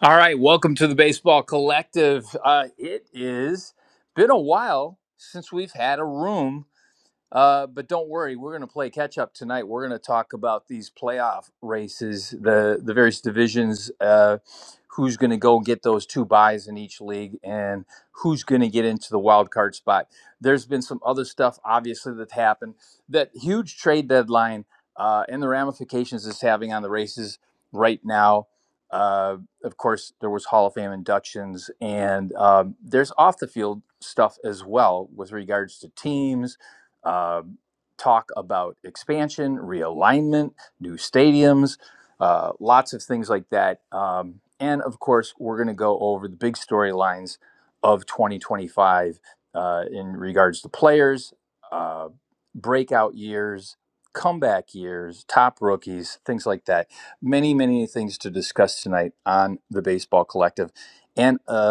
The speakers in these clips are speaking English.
All right, welcome to the Baseball Collective. Uh, it is been a while since we've had a room uh, but don't worry, we're going to play catch up tonight. We're going to talk about these playoff races, the the various divisions, uh, who's going to go get those two buys in each league, and who's going to get into the wild card spot. There's been some other stuff, obviously, that happened. That huge trade deadline uh, and the ramifications it's having on the races right now. Uh, of course, there was Hall of Fame inductions, and um, there's off the field stuff as well with regards to teams uh, talk about expansion, realignment, new stadiums, uh, lots of things like that. Um, and of course, we're going to go over the big storylines of 2025 uh, in regards to players, uh, breakout years, comeback years, top rookies, things like that. Many, many things to discuss tonight on the Baseball Collective. And uh,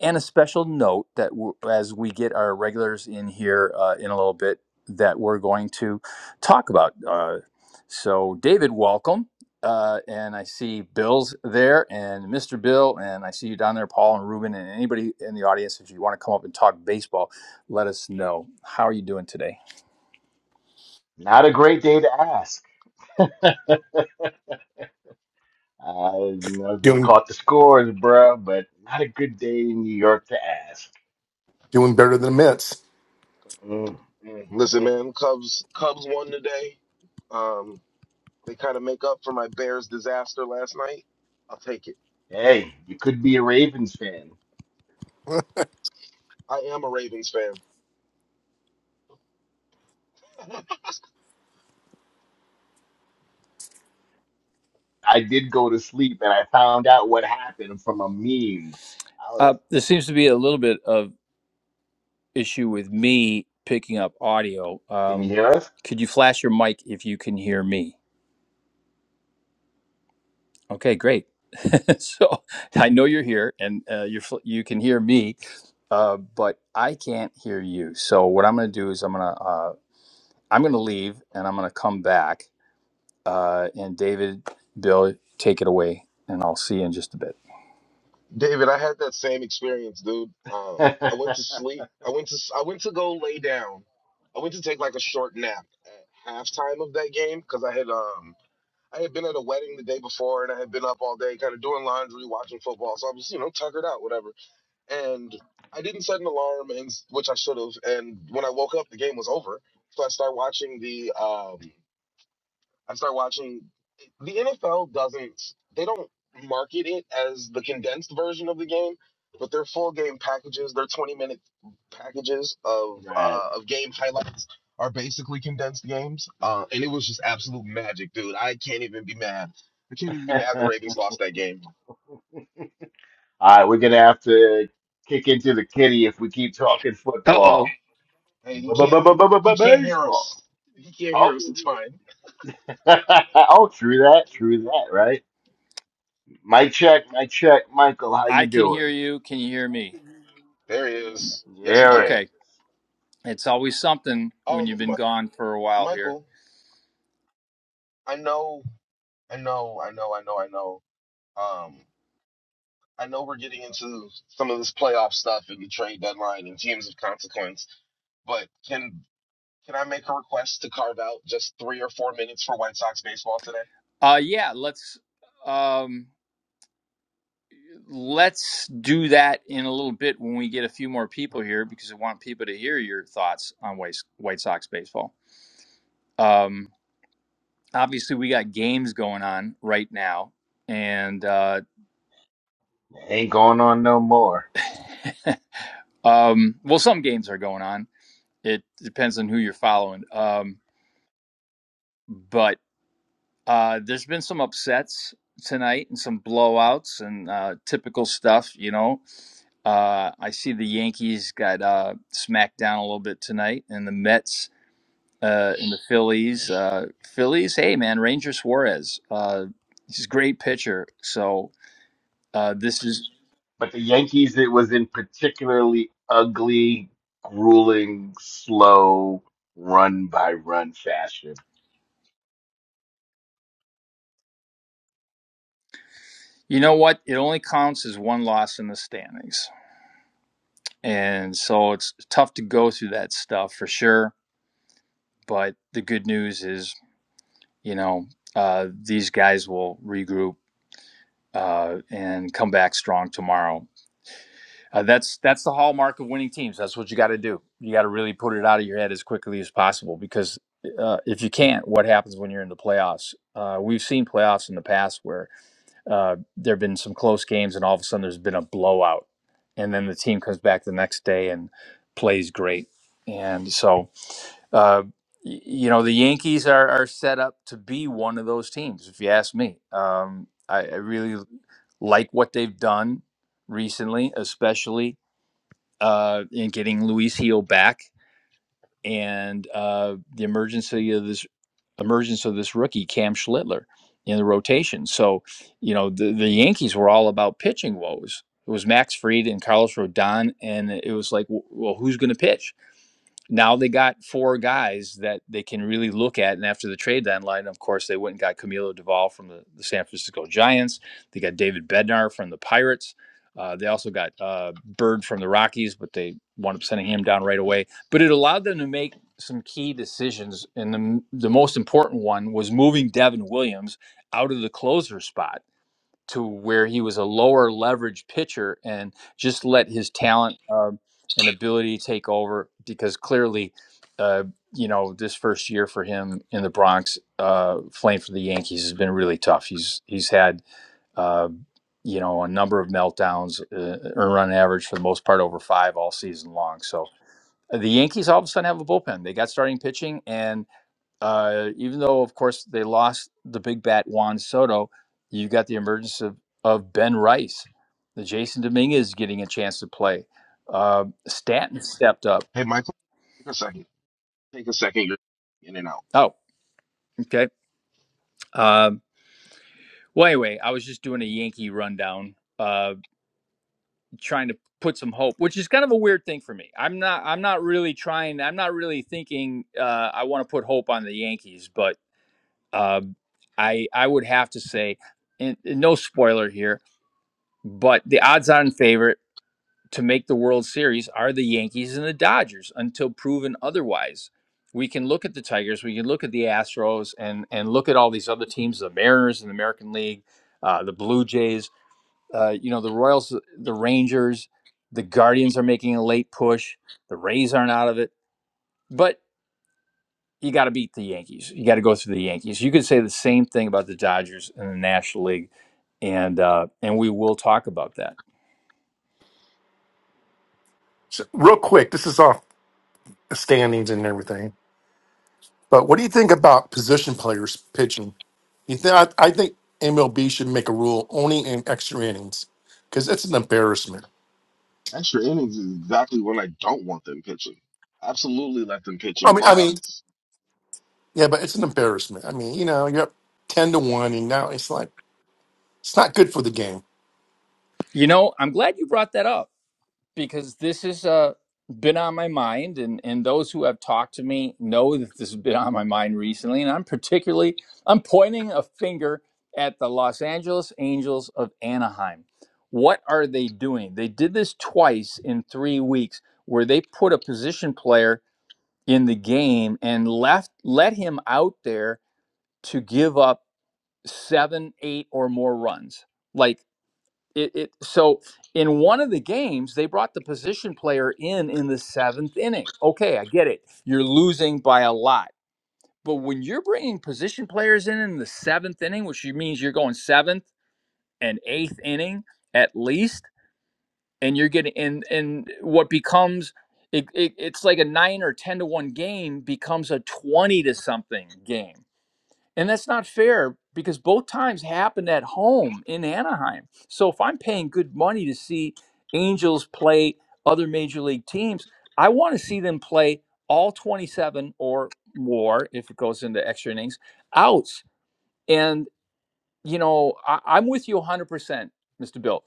and a special note that w- as we get our regulars in here uh, in a little bit, that we're going to talk about. Uh, so, David, welcome. Uh, and I see Bill's there and Mr. Bill, and I see you down there, Paul and Ruben, and anybody in the audience. If you want to come up and talk baseball, let us know. How are you doing today? Not a great day to ask. I know you doing caught the scores, bro, but not a good day in New York to ask. doing better than the Mets. Mm, mm, Listen, mm. man, Cubs Cubs won today. Um, they kind of make up for my Bears disaster last night. I'll take it. Hey, you could be a Ravens fan. I am a Ravens fan. I did go to sleep and I found out what happened from a meme. Oh, Uh, there seems to be a little bit of issue with me picking up audio. can you Um, hear us? could you flash your mic if you can hear me? Okay, great. so I know you're here, and uh, you you can hear me, uh, but I can't hear you. So what I'm going to do is I'm going to uh, I'm going to leave, and I'm going to come back. Uh, and David, Bill, take it away, and I'll see you in just a bit. David, I had that same experience, dude. Um, I went to sleep. I went to s- I went to go lay down. I went to take like a short nap at halftime of that game because I had um I had been at a wedding the day before and I had been up all day, kind of doing laundry, watching football. So I was you know tuckered out, whatever. and I didn't set an alarm, and which I should have. And when I woke up, the game was over. So I start watching the. Um, I start watching. The NFL doesn't. They don't market it as the condensed version of the game, but their full game packages, their twenty minute packages of Right. uh, of game highlights are basically condensed games. Uh, and it was just absolute magic, dude. I can't even be mad. I can't even be mad the All Ravens lost that game. right, we're gonna have to kick into the kitty if we keep talking Uh oh, football. Hey, he can't hear. He can't hear us. Baseball. He can't Oh, hear us. It's fine. oh, true that, true that, right? Mic check, mic check, Michael. How I you can hear doing? you. Can you hear me? There he is. Yes, we There it is. can. Okay, it's always something when Um, you've been M- gone for a while here. Michael, I know, I know, I know, I know, I know. Um, I know we're getting into some of this playoff stuff and the trade deadline and teams of consequence, but can can I make a request to carve out just three or four minutes for White Sox baseball today? Uh, yeah, let's. Um, Let's do that in a little bit when we get a few more people here because I want people to hear your thoughts on White, White Sox baseball. Um, obviously, we got games going on right now, and uh, It ain't going on no more. um, well, some games are going on. It depends on who you're following. Um, but uh, there's been some upsets tonight and some blowouts and uh, typical stuff, you know. Uh, I see the Yankees got uh, smacked down a little bit tonight, and the Mets uh, in the Phillies. Uh, Phillies, hey man, Ranger Suarez. Uh, he's a great pitcher. So uh, this is, But the Yankees, it was in particularly ugly, grueling, slow, run by run fashion. you know what? It only counts as one loss in the standings, and so it's tough to go through that stuff for sure. But the good news is, you know, uh, these guys will regroup uh, and come back strong tomorrow. Uh, that's that's the hallmark of winning teams. That's what you got to do. You got to really put it out of your head as quickly as possible because uh, if you can't, what happens when you're in the playoffs? Uh, we've seen playoffs in the past where uh, there have been some close games and all of a sudden there's been a blowout, and then the team comes back the next day and plays great. And so, uh, y- you know, the Yankees are, are set up to be one of those teams, if you ask me. Um, I, I really like what they've done recently, especially uh, in getting Luis Heel back and uh, the emergency of this emergence of this rookie Cam Schlittler in the rotation. So, you know, the, the Yankees were all about pitching woes. It was Max Fried and Carlos Rodon, and it was like, well, who's going to pitch? now they got four guys that they can really look at. And after the trade deadline, of course, they went and got Camilo Duvall from the, the San Francisco Giants. They got David Bednar from the Pirates. Uh, they also got uh, Bird from the Rockies, but they wound up sending him down right away. But it allowed them to make some key decisions. And the, the most important one was moving Devin Williams out of the closer spot to where he was a lower leverage pitcher and just let his talent um, and ability take over because clearly, uh, you know, this first year for him in the Bronx, uh, playing for the Yankees has been really tough. He's he's had uh, you know a number of meltdowns, uh, earn run average for the most part over five all season long. So uh, the Yankees all of a sudden have a bullpen. They got starting pitching and uh, even though, of course, they lost the big bat Juan Soto, you've got the emergence of, of Ben Rice. The Jason Dominguez getting a chance to play. Uh, Stanton stepped up. Hey, Michael, take a second. Take a second. You're in and out. Oh, okay. Um, well, anyway, I was just doing a Yankee rundown, uh, trying to put some hope, which is kind of a weird thing for me. I'm not. I'm not really trying. I'm not really thinking. Uh, I want to put hope on the Yankees, but uh, I I would have to say, and, and no spoiler here But the odds-on favorite to make the World Series are the Yankees and the Dodgers until proven otherwise. We can look at the Tigers, we can look at the Astros, and and look at all these other teams, the Mariners in the American League, uh, the Blue Jays, uh, you know, the Royals, the Rangers, the Guardians are making a late push. The Rays aren't out of it, but you got to beat the Yankees. You got to go through the Yankees. You could say the same thing about the Dodgers in the National League, and uh, and we will talk about that. So, real quick, this is off the standings and everything, but what do you think about position players pitching? You think I, I think MLB should make a rule only in extra innings because it's an embarrassment. Extra innings is exactly when I don't want them pitching. Absolutely, let them pitch I in mean, I mean, blowouts. yeah, but it's an embarrassment. I mean, you know, you're up ten to one, and now it's like it's not good for the game. You know, I'm glad you brought that up because this has uh, been on my mind, and, and those who have talked to me know that this has been on my mind recently. And I'm particularly I'm pointing a finger at the Los Angeles Angels of Anaheim. What are they doing? They did this twice in three weeks, where they put a position player in the game and left let him out there to give up seven, eight, or more runs. Like it, it so in one of the games they brought the position player in in the seventh inning okay i get it you're losing by a lot but when you're bringing position players in in the seventh inning which you- means you're going seventh and eighth inning at least and you're getting in and what becomes it, it, it's like a nine or ten to one game becomes a 20 to something game and that's not fair because both times happened at home in Anaheim. So if I'm paying good money to see Angels play other major league teams, I want to see them play all 27 or more if it goes into extra innings outs. And, you know, I, I'm with you 100%. Mr. Bill,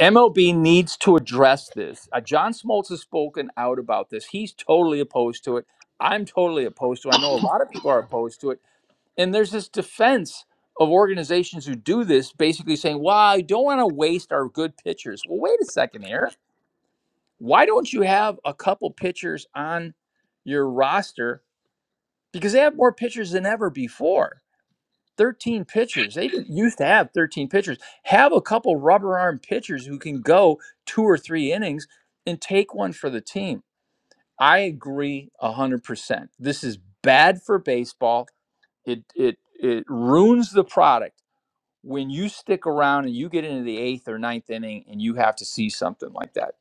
MLB needs to address this. Uh, John Smoltz has spoken out about this. He's totally opposed to it. I'm totally opposed to it. I know a lot of people are opposed to it and there's this defense of organizations who do this basically saying, well, I don't want to waste our good pitchers. Well, wait a second here. Why don't you have a couple pitchers on your roster? Because they have more pitchers than ever before. 13 pitchers. They didn't used to have 13 pitchers. Have a couple rubber arm pitchers who can go two or three innings and take one for the team. I agree 100%. This is bad for baseball. It it it ruins the product when you stick around and you get into the eighth or ninth inning and you have to see something like that.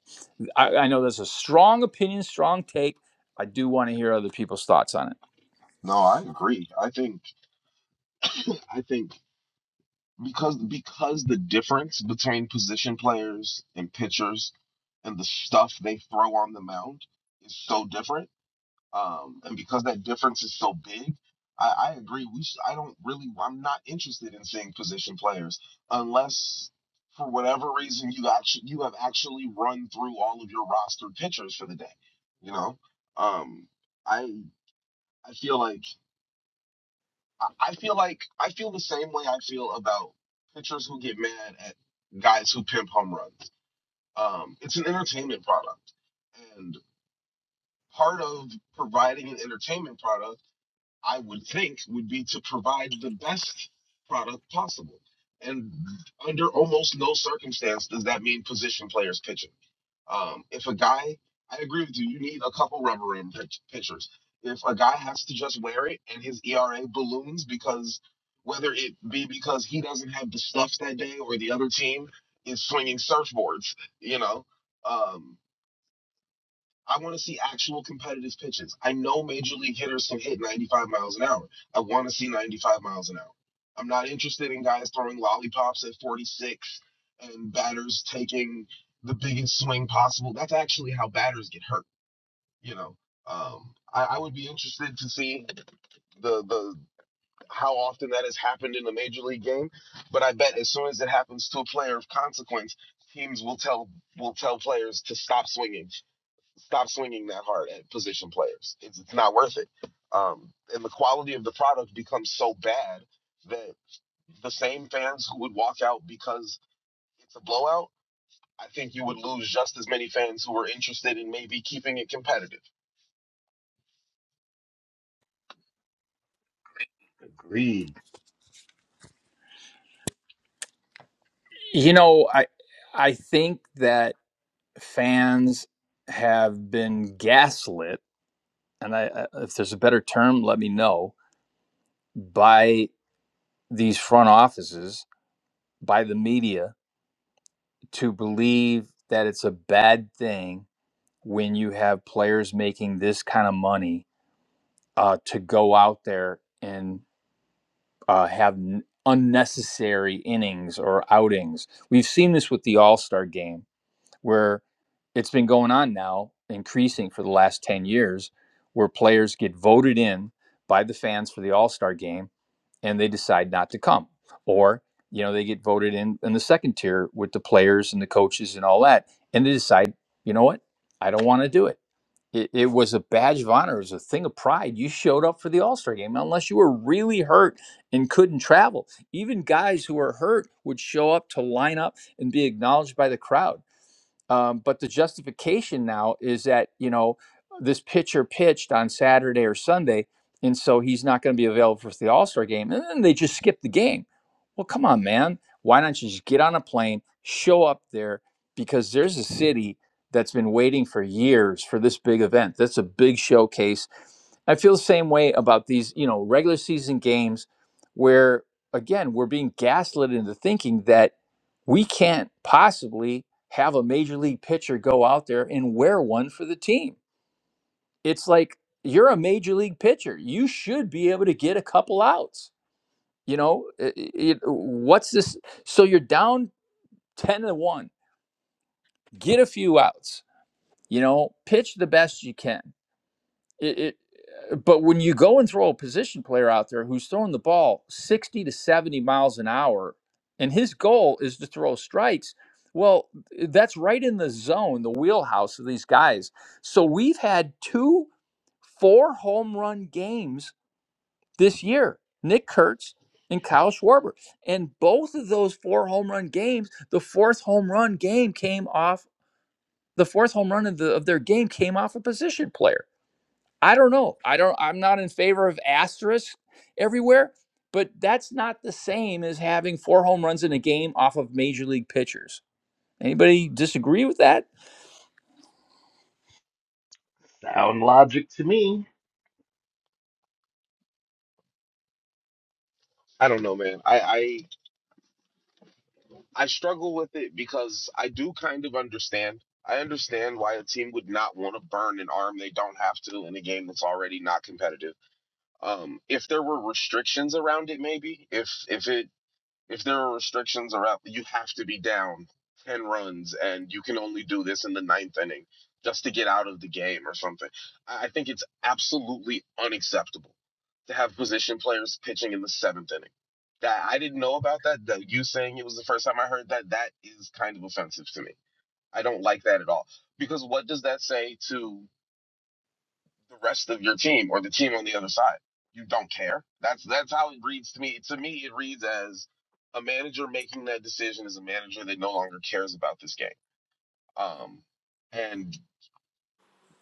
I, I know that's a strong opinion, strong take. I do want to hear other people's thoughts on it. No, I agree. I think. I think. because because the difference between position players and pitchers and the stuff they throw on the mound is so different, um, and because that difference is so big, I, I agree. We sh- I don't really I'm not interested in seeing position players unless for whatever reason you actually you have actually run through all of your roster pitchers for the day. You know, um, I I feel like. I I feel like I feel the same way I feel about pitchers who get mad at guys who pimp home runs. Um, it's an entertainment product, and part of providing an entertainment product I would think would be to provide the best product possible. And under almost no circumstance does that mean position players pitching. Um, if a guy, I agree with you, you need a couple rubber room pitch, pitchers. If a guy has to just wear it and his ERA balloons because whether it be because he doesn't have the stuff that day or the other team is swinging surfboards, you know, um, I want to see actual competitive pitches. I know major league hitters can hit 95 miles an hour. I want to see 95 miles an hour. I'm not interested in guys throwing lollipops at 46 and batters taking the biggest swing possible. That's actually how batters get hurt, you know. Um, I, I would be interested to see the the how often that has happened in a major league game, but I bet as soon as it happens to a player of consequence, teams will tell will tell players to stop swinging stop swinging that hard at position players. It's, it's not worth it. Um, and the quality of the product becomes so bad that the same fans who would walk out because it's a blowout, I think you would lose just as many fans who were interested in maybe keeping it competitive. Agreed. You know, I I think that fans have been gaslit, and I, if there's a better term, let me know, by these front offices, by the media, to believe that it's a bad thing when you have players making this kind of money uh, to go out there and uh, have n- unnecessary innings or outings. We've seen this with the All Star game where it's been going on now, increasing for the last 10 years, where players get voted in by the fans for the All Star game and they decide not to come. Or, you know, they get voted in in the second tier with the players and the coaches and all that. And they decide, you know what? I don't want to do it. it. It was a badge of honor, it was a thing of pride. You showed up for the All Star game, unless you were really hurt and couldn't travel. Even guys who were hurt would show up to line up and be acknowledged by the crowd um, but the justification now is that, you know, this pitcher pitched on Saturday or Sunday, and so he's not going to be available for the All Star game. And then they just skip the game. Well, come on, man. Why don't you just get on a plane, show up there? Because there's a city that's been waiting for years for this big event. That's a big showcase. I feel the same way about these, you know, regular season games where, again, we're being gaslit into thinking that we can't possibly have a major league pitcher go out there and wear one for the team. It's like you're a major league pitcher. You should be able to get a couple outs. You know, i- it- what's this? So you're down 10 to 1. Get a few outs. You know, pitch the best you can. It, it, uh, but when you go and throw a position player out there who's throwing the ball 60 to 70 miles an hour, and his goal is to throw strikes, well, that's right in the zone, the wheelhouse of these guys. So we've had two four home run games this year Nick Kurtz and Kyle Schwarber. And both of those four home run games, the fourth home run game came off. The fourth home run of, the, of their game came off a position player. I don't know. I don't I'm not in favor of asterisks everywhere, but that's not the same as having four home runs in a game off of major league pitchers. Anybody disagree with that? Sound logic to me. I don't know, man. I I, I struggle with it because I do kind of understand. I understand why a team would not want to burn an arm they don't have to in a game that's already not competitive um if there were restrictions around it maybe if if it if there are restrictions around, you have to be down 10 runs and you can only do this in the ninth inning just to get out of the game or something. I think it's absolutely unacceptable to have position players pitching in the seventh inning. That I didn't know about that. That you saying it was the first time I heard that, that is kind of offensive to me. I don't like that at all. Because what does that say to the rest of your team or the team on the other side. You don't care. That's that's how it reads to me. To me, it reads as a manager making that decision is a manager that no longer cares about this game. Um, and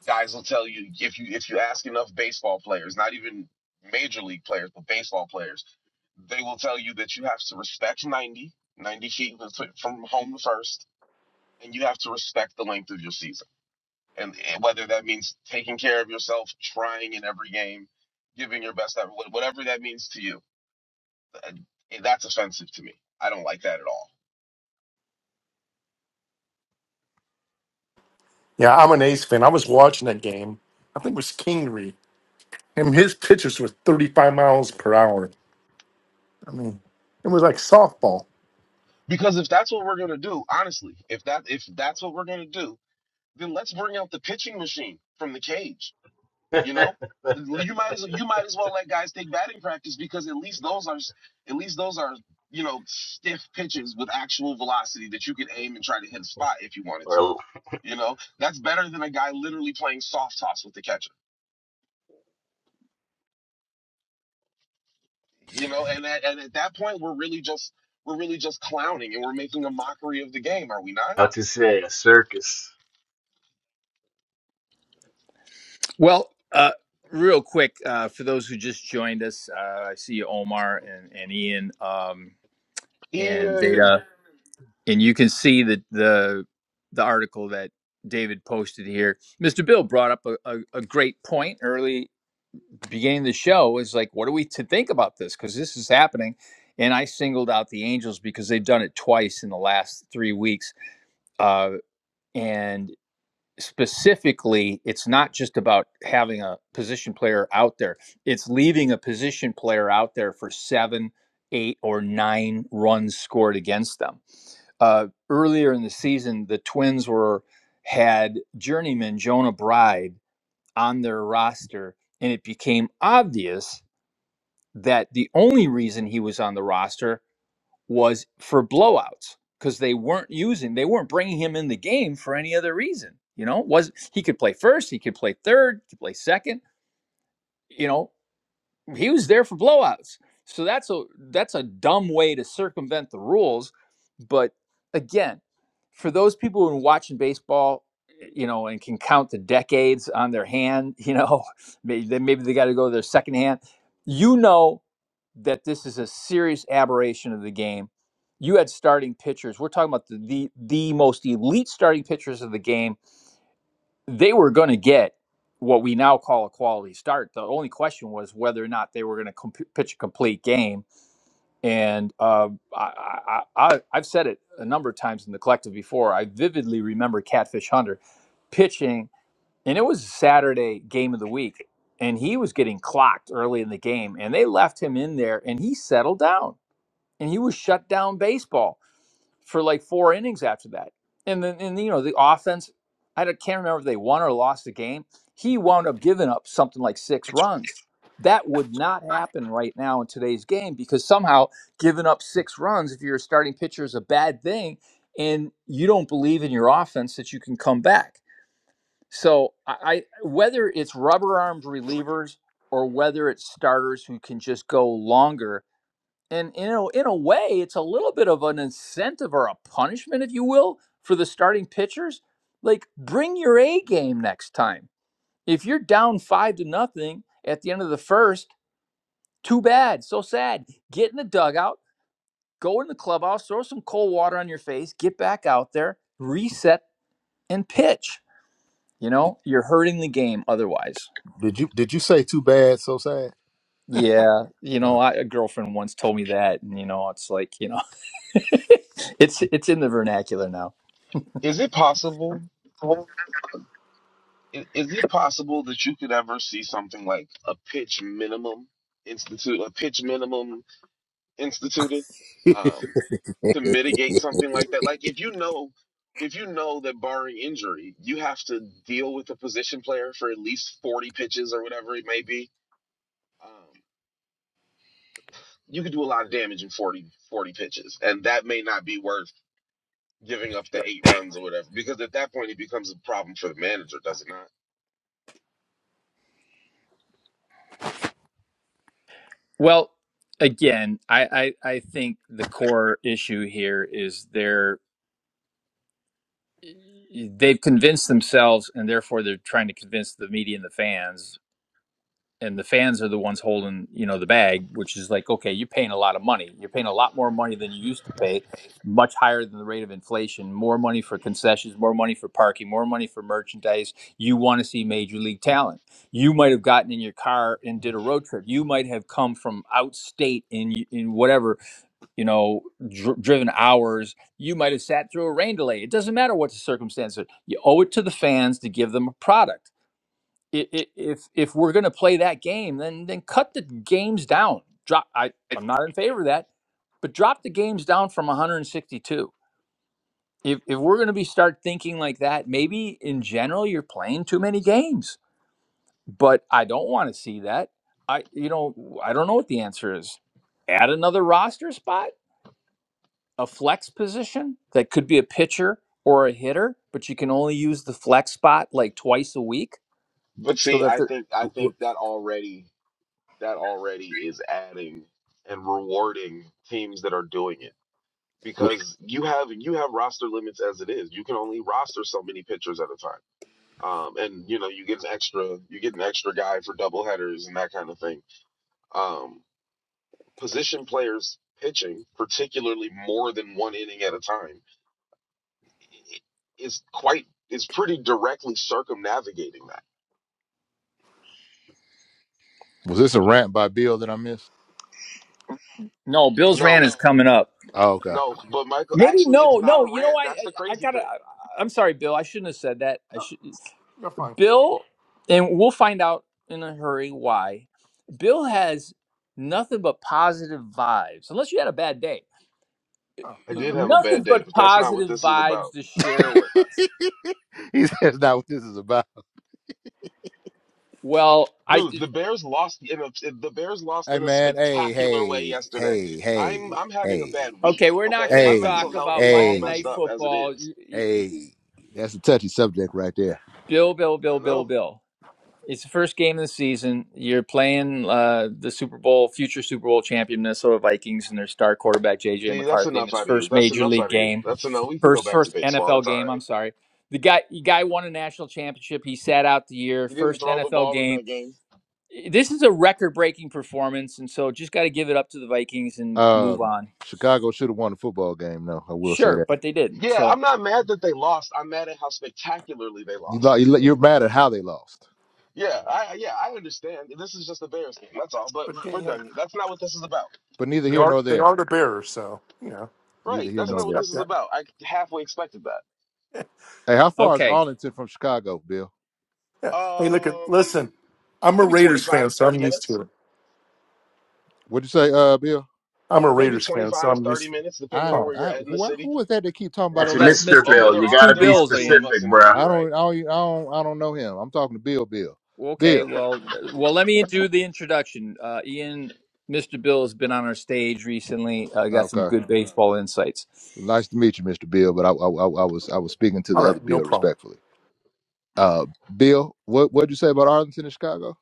guys will tell you if you if you ask enough baseball players, not even major league players, but baseball players, they will tell you that you have to respect 90 90 feet from home to first, and you have to respect the length of your season and whether that means taking care of yourself, trying in every game, giving your best effort, whatever that means to you, uh, eh, that's offensive to me. I don't like that at all. Yeah, I'm an Ace fan. I was watching that game. I think it was Kingery. and his pitches were 35 miles per hour. I mean, it was like softball. Because if that's what we're gonna do, honestly, if that if that's what we're gonna do, then let's bring out the pitching machine from the cage. You know, you might as well, you might as well let guys take batting practice because at least those are at least those are you know stiff pitches with actual velocity that you can aim and try to hit a spot if you wanted to Or You know, that's better than a guy literally playing soft toss with the catcher. You know, and at, and at that point, we're really just we're really just clowning and we're making a mockery of the game, are we not? how to say a circus. Well, uh, real quick, uh, for those who just joined us, uh, I see Omar and, and Ian um, and Yeah. Veda, and you can see the the the article that David posted here. Mr. Bill brought up a, a, a great point early beginning of the show is like, what are we to think about this? Because this is happening. And I singled out the Angels because they've done it twice in the last three weeks. Uh, and specifically, it's not just about having a position player out there, it's leaving a position player out there for seven, eight, or nine runs scored against them. Uh, earlier in the season, the Twins were had journeyman Jonah Bride on their roster, and it became obvious that the only reason he was on the roster was for blowouts because they weren't using they weren't bringing him in the game for any other reason you know was he could play first he could play third he could play second you know he was there for blowouts. So that's a that's a dumb way to circumvent the rules. But again, for those people who are watching baseball, you know, and can count the decades on their hand, you know, maybe they, maybe they got to go to their second hand. You know that this is a serious aberration of the game. You had starting pitchers. We're talking about the the, the most elite starting pitchers of the game they were going to get what we now call a quality start. The only question was whether or not they were going to comp- pitch a complete game. And uh, I, I, I, I've said it a number of times in the collective before. I vividly remember Catfish Hunter pitching, and it was a Saturday game of the week, and he was getting clocked early in the game, and they left him in there, and he settled down, and he was shut down baseball for like four innings after that. And then, and you know, the offense, I can't remember if they won or lost the game. He wound up giving up something like six runs. That would not happen right now in today's game because somehow giving up six runs if you're a starting pitcher is a bad thing, and you don't believe in your offense that you can come back. So, I, I whether it's rubber armed relievers or whether it's starters who can just go longer and you know in a way it's a little bit of an incentive or a punishment if you will for the starting pitchers like bring your a game next time if you're down five to nothing at the end of the first too bad so sad get in the dugout go in the clubhouse throw some cold water on your face get back out there reset and pitch you know you're hurting the game otherwise Did you did you say too bad, so sad? yeah you know Uh, I, a girlfriend once told me that and you know it's like you know it's it's in the vernacular now is it possible? i- Is it possible that you could ever see something like a pitch minimum institute, a pitch minimum instituted, w- um, to mitigate something like that? Like if you know, if you know that barring injury, you have to deal with a position player for at least forty pitches or whatever it may be Um, you could do a lot of damage in 40 40 pitches, and that may not be worth giving up the eight runs or whatever, because at that point it becomes a problem for the manager, does it not? Well, again, I, I, I think the core issue here is they're they've convinced themselves, and therefore they're trying to convince the media and the fans and the fans are the ones holding you know the bag which is like okay you're paying a lot of money you're paying a lot more money than you used to pay much higher than the rate of inflation more money for concessions more money for parking more money for merchandise you want to see major league talent you might have gotten in your car and did a road trip you might have come from outstate in in whatever you know dr- driven hours you might have sat through a rain delay it doesn't matter what the circumstances are. you owe it to the fans to give them a product i- i- if if we're going to play that game, then then cut the games down. Drop. I I'm not in favor of that, but drop the games down from 162. If if we're going to be start thinking like that, maybe in general you're playing too many games. But I don't want to see that. I you know I don't know what the answer is. Add another roster spot, a flex position that could be a pitcher or a hitter, but you can only use the flex spot like twice a week But so see, that I the think I w- think that already that already is adding and rewarding teams that are doing it w- because you have you have roster limits as it is. You can only roster so many pitchers at a time. Um, and you know you get an extra you get an extra guy for double headers and that kind of thing. Um, position players pitching, particularly more than one inning at a time, is quite is pretty directly circumnavigating that. was this a rant by Bill that I missed? no Bills ran is No, coming up. Oh, okay. no, but Michael, Maybe actually, it's no, not a no. You know, rant. I That's the I, I crazy gotta. thing. I, I'm sorry, Bill. I shouldn't have said that. I should. You're fine. Bill, and we'll find out in a hurry why. Bill has nothing but positive vibes, unless you had a bad day. Oh, I no, did no. have a bad Nothing day, but but that's not what positive this is vibes about. to share with us. he says not what this is about. Well, I Dude, the Bears lost in a the Bears lost Hey in a man, hey, spectacular way hey, yesterday. hey, hey, I'm I'm having a hey, bad week. okay. We're not Okay, going my to mental talk health about is all Monday hey, messed Night hey, up as it Football. is. Y- y- y- hey. That's a touchy subject right there. Bill, Bill, I Bill, Bill, know. Bill. It's the first game of the season. You're playing uh, the Super Bowl, future Super Bowl champion Minnesota Vikings, and their star quarterback JJ See, that's McCarthy in enough his out of you. first That's major enough league out of you. game, That's enough. We can go first back to first baseball. NFL It's all game. right. I'm sorry, the guy the guy won a national championship. He sat out the year, He didn't first throw the NFL ball in game. that game. This is a record breaking performance, and so just got to give it up to the Vikings and move Um, on. Chicago should have won the football game, though. I will say Sure, that. but they didn't. Yeah, So I'm not mad that they lost. I'm mad at how spectacularly they You lo- lost. you lo- you're mad at how they lost, Yeah, I yeah, I understand. This is just a Bears game. That's all. But But yeah, we're yeah, done here. That's not what this is about. but neither they here are nor they there. are the Bears, so you know, Neither Right. here That's nor not what there. this expect is that. about. I halfway expected that. Hey, how far is okay, Arlington from Chicago, Bill? Yeah. Hey, look at listen. Um I'm a maybe Raiders fan, 25, so 30 I'm used minutes. to it. What'd you say, uh, Bill? I'm a Maybe Raiders fan, so 25, I'm 30 used. minutes depending I on Oh, where you're I at in the who, city. who was that that keep talking about no, That's the a that's Raiders? Mr. Mister Oh, Bill. Bill. there You There's are two gotta there be are Bills, two of Ian. us specific, in here. bruh. I You're right. don't I don't I don't, I don't know him. I'm talking to Bill. Bill. Okay, Bill. well, uh, well, let me yeah. do the introduction. Uh, Ian, Mr. Bill has been on our stage recently. Uh, got some Okay. good baseball insights. Nice to meet you, Mr. Bill. But I I, I I was I was speaking to All the other right, no Bill problem. respectfully. Uh, Bill, what what'd you say about Arlington and Chicago?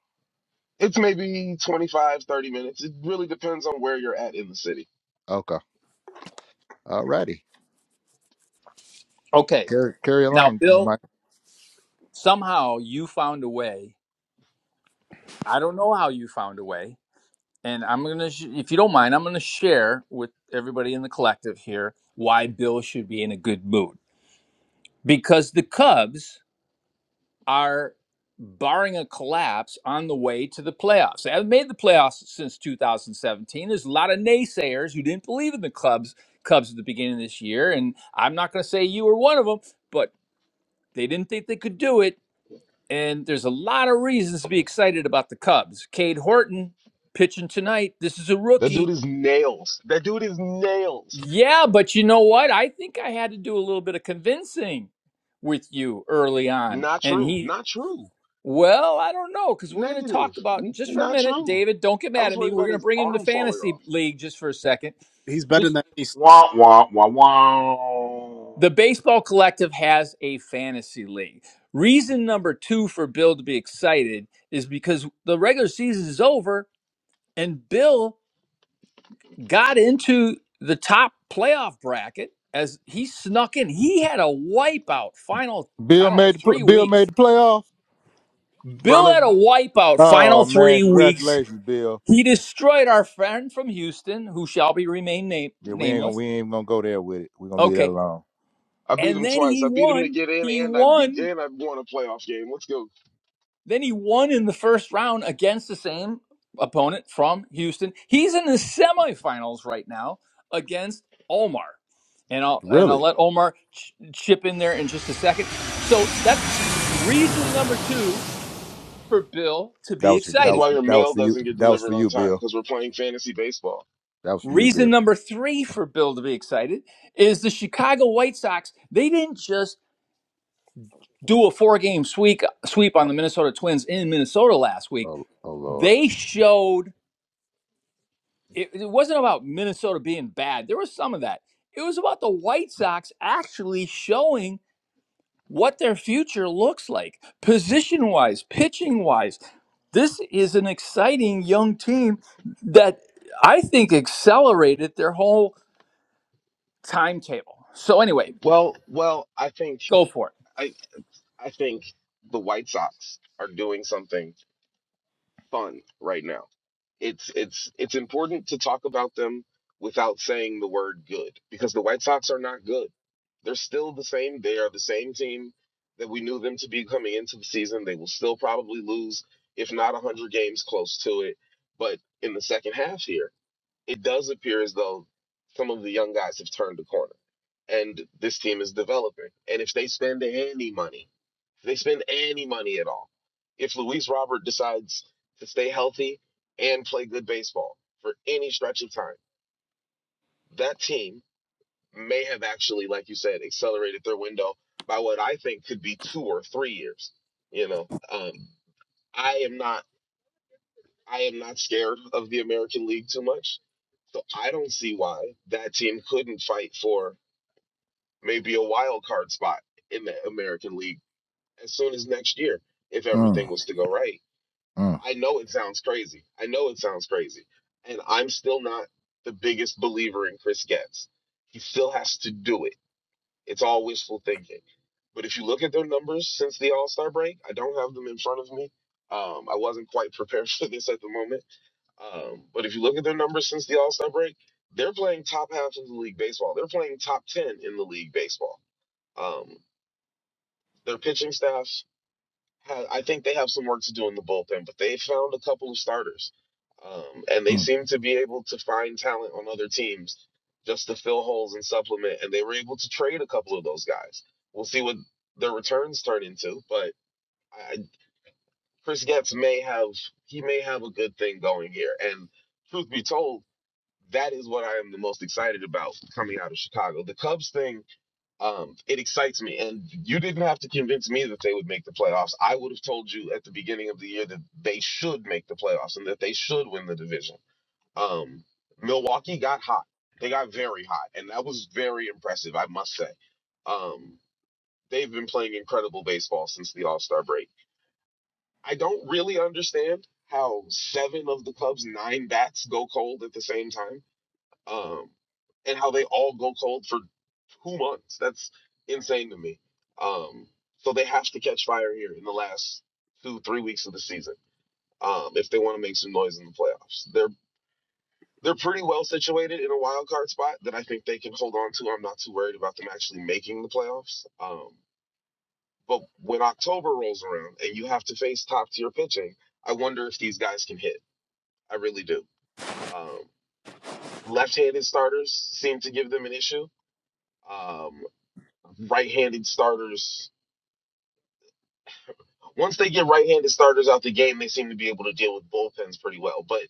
It's maybe 25, 30 minutes. It really depends on where you're at in the city. Okay. All righty. Okay, Carry carry now, along, uh, Bill, Mike. somehow you found a way. I don't know how you found a way, and I'm gonna, sh- if you don't mind, I'm gonna share with everybody in the collective here why Bill should be in a good mood because the Cubs. are barring a collapse on the way to the playoffs. They haven't made the playoffs since 2017. There's a lot of naysayers who didn't believe in the Cubs, Cubs at the beginning of this year, and I'm not going to say you were one of them, but they didn't think they could do it. And there's a lot of reasons to be excited about the Cubs. Cade Horton pitching tonight. This is a That rookie. dude is nails. That dude is nails. Yeah, but you know what? I think I had to do a little bit of convincing with you early on, Not and true. he Not true. Well, I don't know because we're going to Negative. talk about N- just for a not minute, true. David. Don't get I mad was at me. worried We're about going to his bring him to arm falling fantasy off. league just for a second. He's better Just than he's Wah wah wah wah. the baseball collective has a fantasy league. Reason number two for Bill to be excited is because the regular season is over and Bill got into the top playoff bracket as he snuck in. He had a wipeout final, I Bill don't know, made the pl- three Bill made weeks. the playoff. Bill Brother, had a wipeout final Oh man, three weeks congratulations, Bill. He destroyed our friend from Houston, who shall be remain name- Yeah, we ain't gonna nameless. we ain't gonna go there with it. We're gonna leave that Okay. alone. I beat And him then twice. he I beat him to won. get in He and I beat won. and I won a playoff game. Let's go. Then he won in the first round against the same opponent from Houston. He's in the semifinals right now against Omar. And I'll and I'll Really? let Omar ch- chip in there in just a second. So that's reason number 2 for Bill to That be was This is that excited. was why your that was mail for you. doesn't get That was for delivered on you, time, Bill. because we're playing fantasy baseball. That was for you, Bill. Reason number 3 for Bill to be excited is the Chicago White Sox, they didn't just do a four game sweep sweep on the Minnesota Twins in Minnesota last week, Oh, oh Lord. they showed it, it wasn't about Minnesota being bad. There was some of that. It was about the White Sox actually showing what their future looks like, position wise, pitching wise. This is an exciting young team that I think accelerated their whole timetable. So anyway, Well, well, I think go for it. I I think the White Sox are doing something fun right now. It's it's it's important to talk about them without saying the word good because the White Sox are not good. They're still the same. They are the same team that we knew them to be coming into the season. They will still probably lose, if not 100 games close to it. But in the second half here, it does appear as though some of the young guys have turned the corner and this team is developing. And if they spend any money, if they spend any money at all, if Luis Robert decides to stay healthy and play good baseball for any stretch of time, that team may have actually, like you said, accelerated their window by what I think could be two or three years. You know, um, I am not, I am not scared of the American League too much So I don't see why that team couldn't fight for maybe a wild card spot in the American League as soon as next year if everything Mm, was to go right. mm, I know it sounds crazy. I know it sounds crazy. And I'm still not the biggest believer in Chris Getz. He still has to do it. It's all wishful thinking. But if you look at their numbers since the All Star break, I don't have them in front of me. Um, I wasn't quite prepared for this at the moment um, but if you look at their numbers since the All Star break, they're playing top half of the league baseball. They're playing top ten in the league baseball. Um, their pitching staff, ha I think they have some work to do in the bullpen, but they found a couple of starters, um, and they mm. seem to be able to find talent on other teams just to fill holes and supplement. And they were able to trade a couple of those guys. We'll see what their returns turn into, but I, Chris Getz may have he may have a good thing going here. And truth be told that is what I am the most excited about coming out of Chicago. The Cubs thing, um, it excites me. And you didn't have to convince me that they would make the playoffs. I would have told you at the beginning of the year that they should make the playoffs and that they should win the division. Um, Milwaukee got hot. They got very hot, and that was very impressive, I must say. Um, they've been playing incredible baseball since the All Star break. I don't really understand how seven of the Cubs' nine bats go cold at the same time um, and how they all go cold for two months. That's insane to me. Um, so they have to catch fire here in the last two, three weeks of the season um, if they want to make some noise in the playoffs. They're they're pretty well situated in a wild card spot that I think they can hold on to. I'm not too worried about them actually making the playoffs. Um, but when October rolls around and you have to face top tier pitching, I wonder if these guys can hit. I really do. Um, left-handed starters seem to give them an issue. Um, right-handed starters. Once they get right-handed starters out the game, they seem to be able to deal with bullpens pretty well. But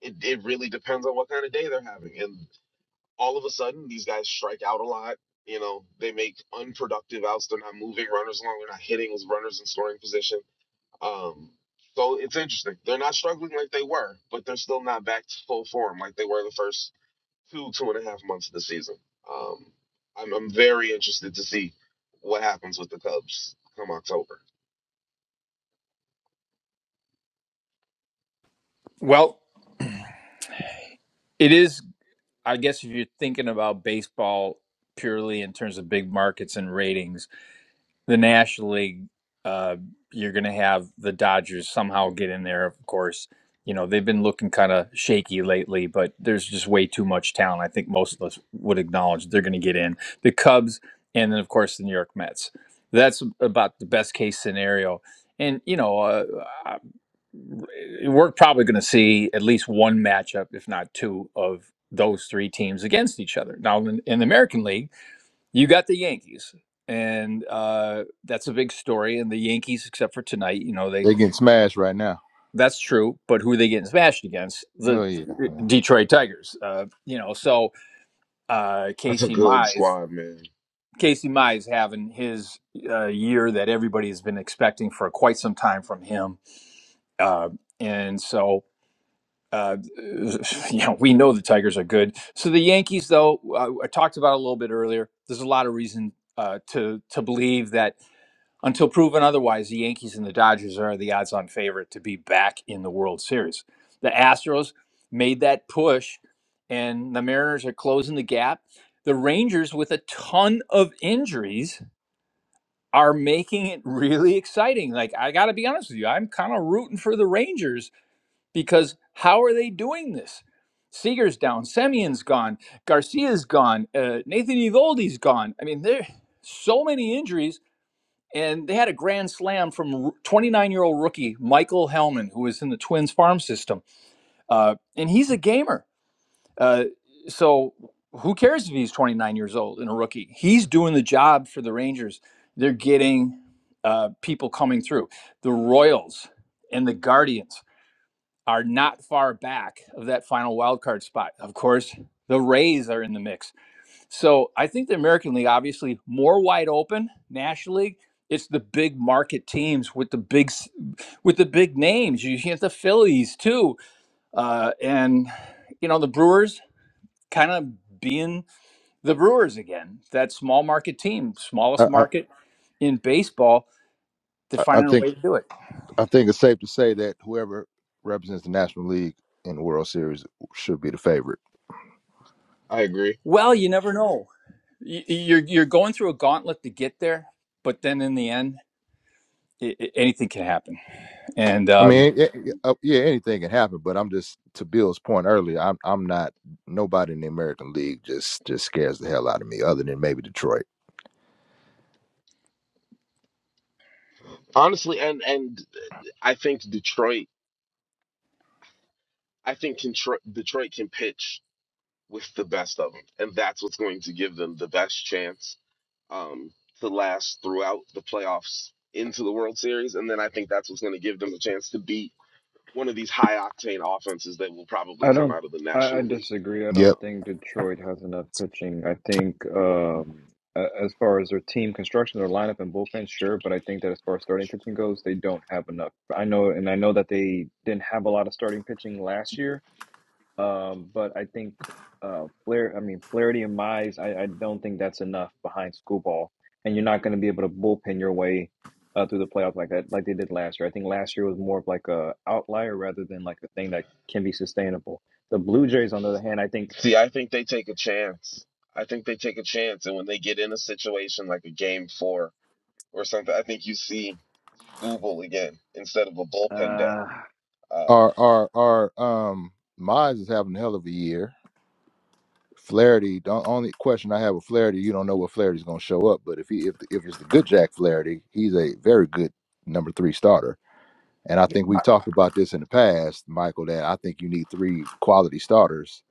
it, it really depends on what kind of day they're having. And all of a sudden, these guys strike out a lot. You know, they make unproductive outs. They're not moving runners along. They're not hitting with runners in scoring position. Um, so it's interesting. They're not struggling like they were, but they're still not back to full form like they were the first two, two and a half months of the season. Um, I'm, I'm very interested to see what happens with the Cubs come October. Well, it is. I guess if you're thinking about baseball purely in terms of big markets and ratings, the National League, uh, you're going to have the Dodgers somehow get in there. Of course, you know they've been looking kind of shaky lately, but there's just way too much talent. I think most of us would acknowledge they're going to get in. The Cubs, and then of course the New York Mets. That's about the best case scenario. And you know, uh, we're probably going to see at least one matchup, if not two, of those three teams against each other. Now, in, in the American League, you got the Yankees, and uh, that's a big story. And the Yankees, except for tonight, you know they They're getting smashed right now. that's true. But who are they getting smashed against? The Oh yeah. uh, yeah. Detroit Tigers. Uh, you know, so uh, That's a Casey good Mize. squad, man. Casey Mize having his uh, year that everybody has been expecting for quite some time from him, uh, and so uh, you know, we know the Tigers are good. So the Yankees, though, uh, I talked about a little bit earlier. There's a lot of reason uh, to to believe that until proven otherwise, the Yankees and the Dodgers are the odds-on favorite to be back in the World Series. The Astros made that push, and the Mariners are closing the gap. The Rangers, with a ton of injuries, are making it really exciting. Like I got to be honest with you, I'm kind of rooting for the Rangers because how are they doing this? Seeger's down, Semyon's gone, Garcia's gone, uh, Nathan eovaldi has gone. I mean, there so many injuries, and they had a grand slam from 29 year old rookie Michael Hellman, who was in the Twins farm system, uh, and he's a gamer. Uh, so who cares if he's 29 years old and a rookie? He's doing the job for the Rangers. They're getting uh, people coming through. The Royals and the Guardians are not far back of that final wild card spot. Of course, the Rays are in the mix. So I think the American League, obviously, more wide open. National League, it's the big market teams with the big s- with the big names. You get the Phillies too, uh, and you know the Brewers kind of being the Brewers again. That small market team, I, smallest I market in baseball, to I I find a way think to do it. I think it's safe to say that whoever represents the National League in the World Series should be the favorite. I agree. Well, you never know. Y- You're you're going through a gauntlet to get there, but then in the end, i i anything can happen. And I um, mean, eh, eh, uh, yeah, anything can happen, but I'm just to Bill's point earlier. I'm I'm not nobody in the American League just just scares the hell out of me, other than maybe Detroit. Honestly, and and I think Detroit, I think Contro- Detroit can pitch with the best of them, and that's what's going to give them the best chance um to last throughout the playoffs into the World Series, and then I think that's what's going to give them a chance to beat one of these high octane offenses that will probably I come don't. out of the I, I National League. disagree. I Yep. don't Um, think Detroit has enough pitching. I think um, a- as far as their team construction, their lineup and bullpen, sure, but I think that as far as starting pitching goes, they don't have enough. I know, and I know that they didn't have a lot of starting pitching last year, um, but I think uh, Flair, I mean Flaherty and Mize, I, I don't think that's enough behind school ball, and you're not going to be able to bullpen your way uh, through the playoffs like that, like they did last year. I think last year was more of like a outlier rather than like a thing that can be sustainable. The Blue Jays, on the other hand, I think, see, I think they take a chance. I think they take a chance, and when they get in a situation like a game four or something, I think you see. Google again instead of a bullpen day. uh, Our Um, our our um Mize is having a hell of a year. Flaherty, the only question I have with Flaherty, you don't know what Flaherty's going to show up, but if he if if it's the good Jack Flaherty, he's a very good number three starter. And I think we've talked about this in the past, Michael, that I think you need three quality starters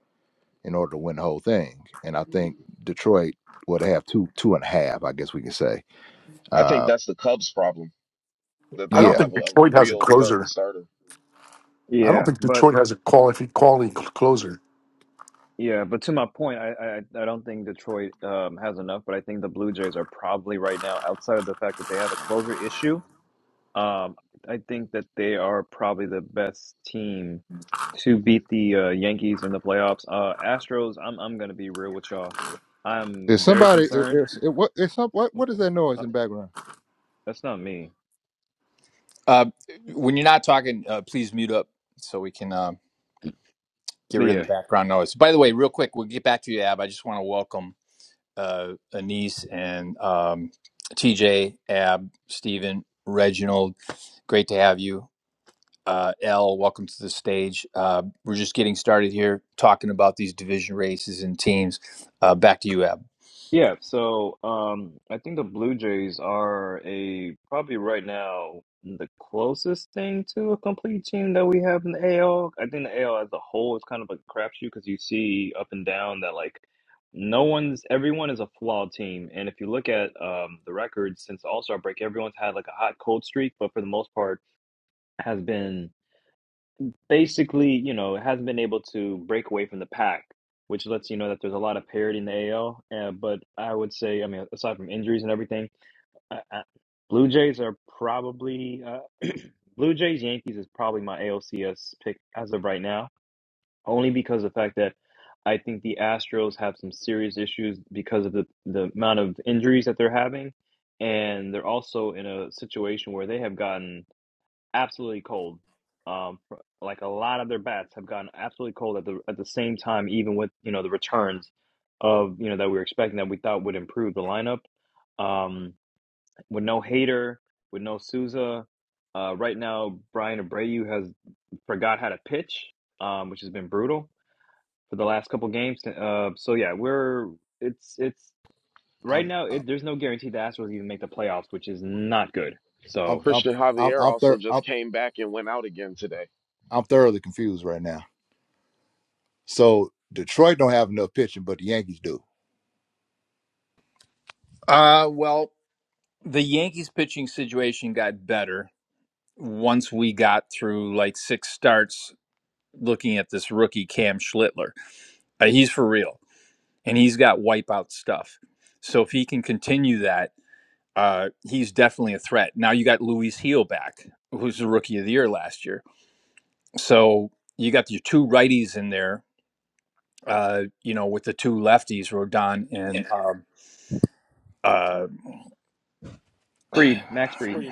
in order to win the whole thing. And I think Detroit would have two two and a half, I guess we can say. I think Uh, that's the Cubs' problem that they I don't don't yeah. have think a, a Detroit has a real third closer. starter. I don't yeah, think but Detroit has a quality quality cl- closer. yeah, but to my point, I, I I don't think Detroit um, has enough, but I think the Blue Jays are probably right now, outside of the fact that they have a closer issue Um, I think that they are probably the best team to beat the uh, Yankees in the playoffs. Uh, Astros, I'm I'm gonna be real with y'all. Is I'm very somebody? i- concerned. Is, i- what? Is some, what? Uh, What is that noise uh, in the background? that's not me, uh, when you're not talking, uh, please mute up so we can uh, get but rid of yeah. the background noise. By the way, real quick, we'll get back to you, Ab. I just want to welcome uh, Anise and um, TJ, Ab, Stephen, Reginald. Great to have you. uh, L, welcome to the stage. Uh, we're just getting started here talking about these division races and teams. Uh, back to you, Ab. Yeah, so um, I think the Blue Jays are a probably right now the closest thing to a complete team that we have in the AL. I think the AL as a whole is kind of a crapshoot because you see up and down that like no one's everyone is a flawed team, and if you look at um, the records since the All-Star break, everyone's had like a hot cold streak, but for the most part has been basically, you know, hasn't been able to break away from the pack, which lets you know that there's a lot of parity in the AL. Uh, but I would say, I mean, aside from injuries and everything, I, I, Blue Jays are probably uh, Blue Jays Yankees is probably my ALCS pick as of right now, only because of the fact that I think the Astros have some serious issues because of the the amount of injuries that they're having, and they're also in a situation where they have gotten absolutely cold. Um, fr- like a lot of their bats have gotten absolutely cold at the at the same time, even with you know the returns of you know that we were expecting that we thought would improve the lineup. Um, with no Hater, with no Souza, uh, right now Brian Abreu has forgot how to pitch, um, which has been brutal for the last couple games. Uh, so yeah, we're it's it's right I'm now I'm it, there's no guarantee the Astros even make the playoffs, which is not good. I'm So I'm Christian I'm, Javier I'm, also thor- I'm, just came back and went out again today. I'm thoroughly confused right now. So Detroit don't have enough pitching, but the Yankees do. Uh, well, the Yankees pitching situation got better once we got through like six starts looking at this rookie Cam Schlittler. Uh, he's for real, and he's got wipeout stuff. So if he can continue that, uh, he's definitely a threat. Now you got Luis Heel back, who's the rookie of the year last year. So you got your two righties in there, uh, you know, with the two lefties, Rodon and um, uh, Freed, Max Freed.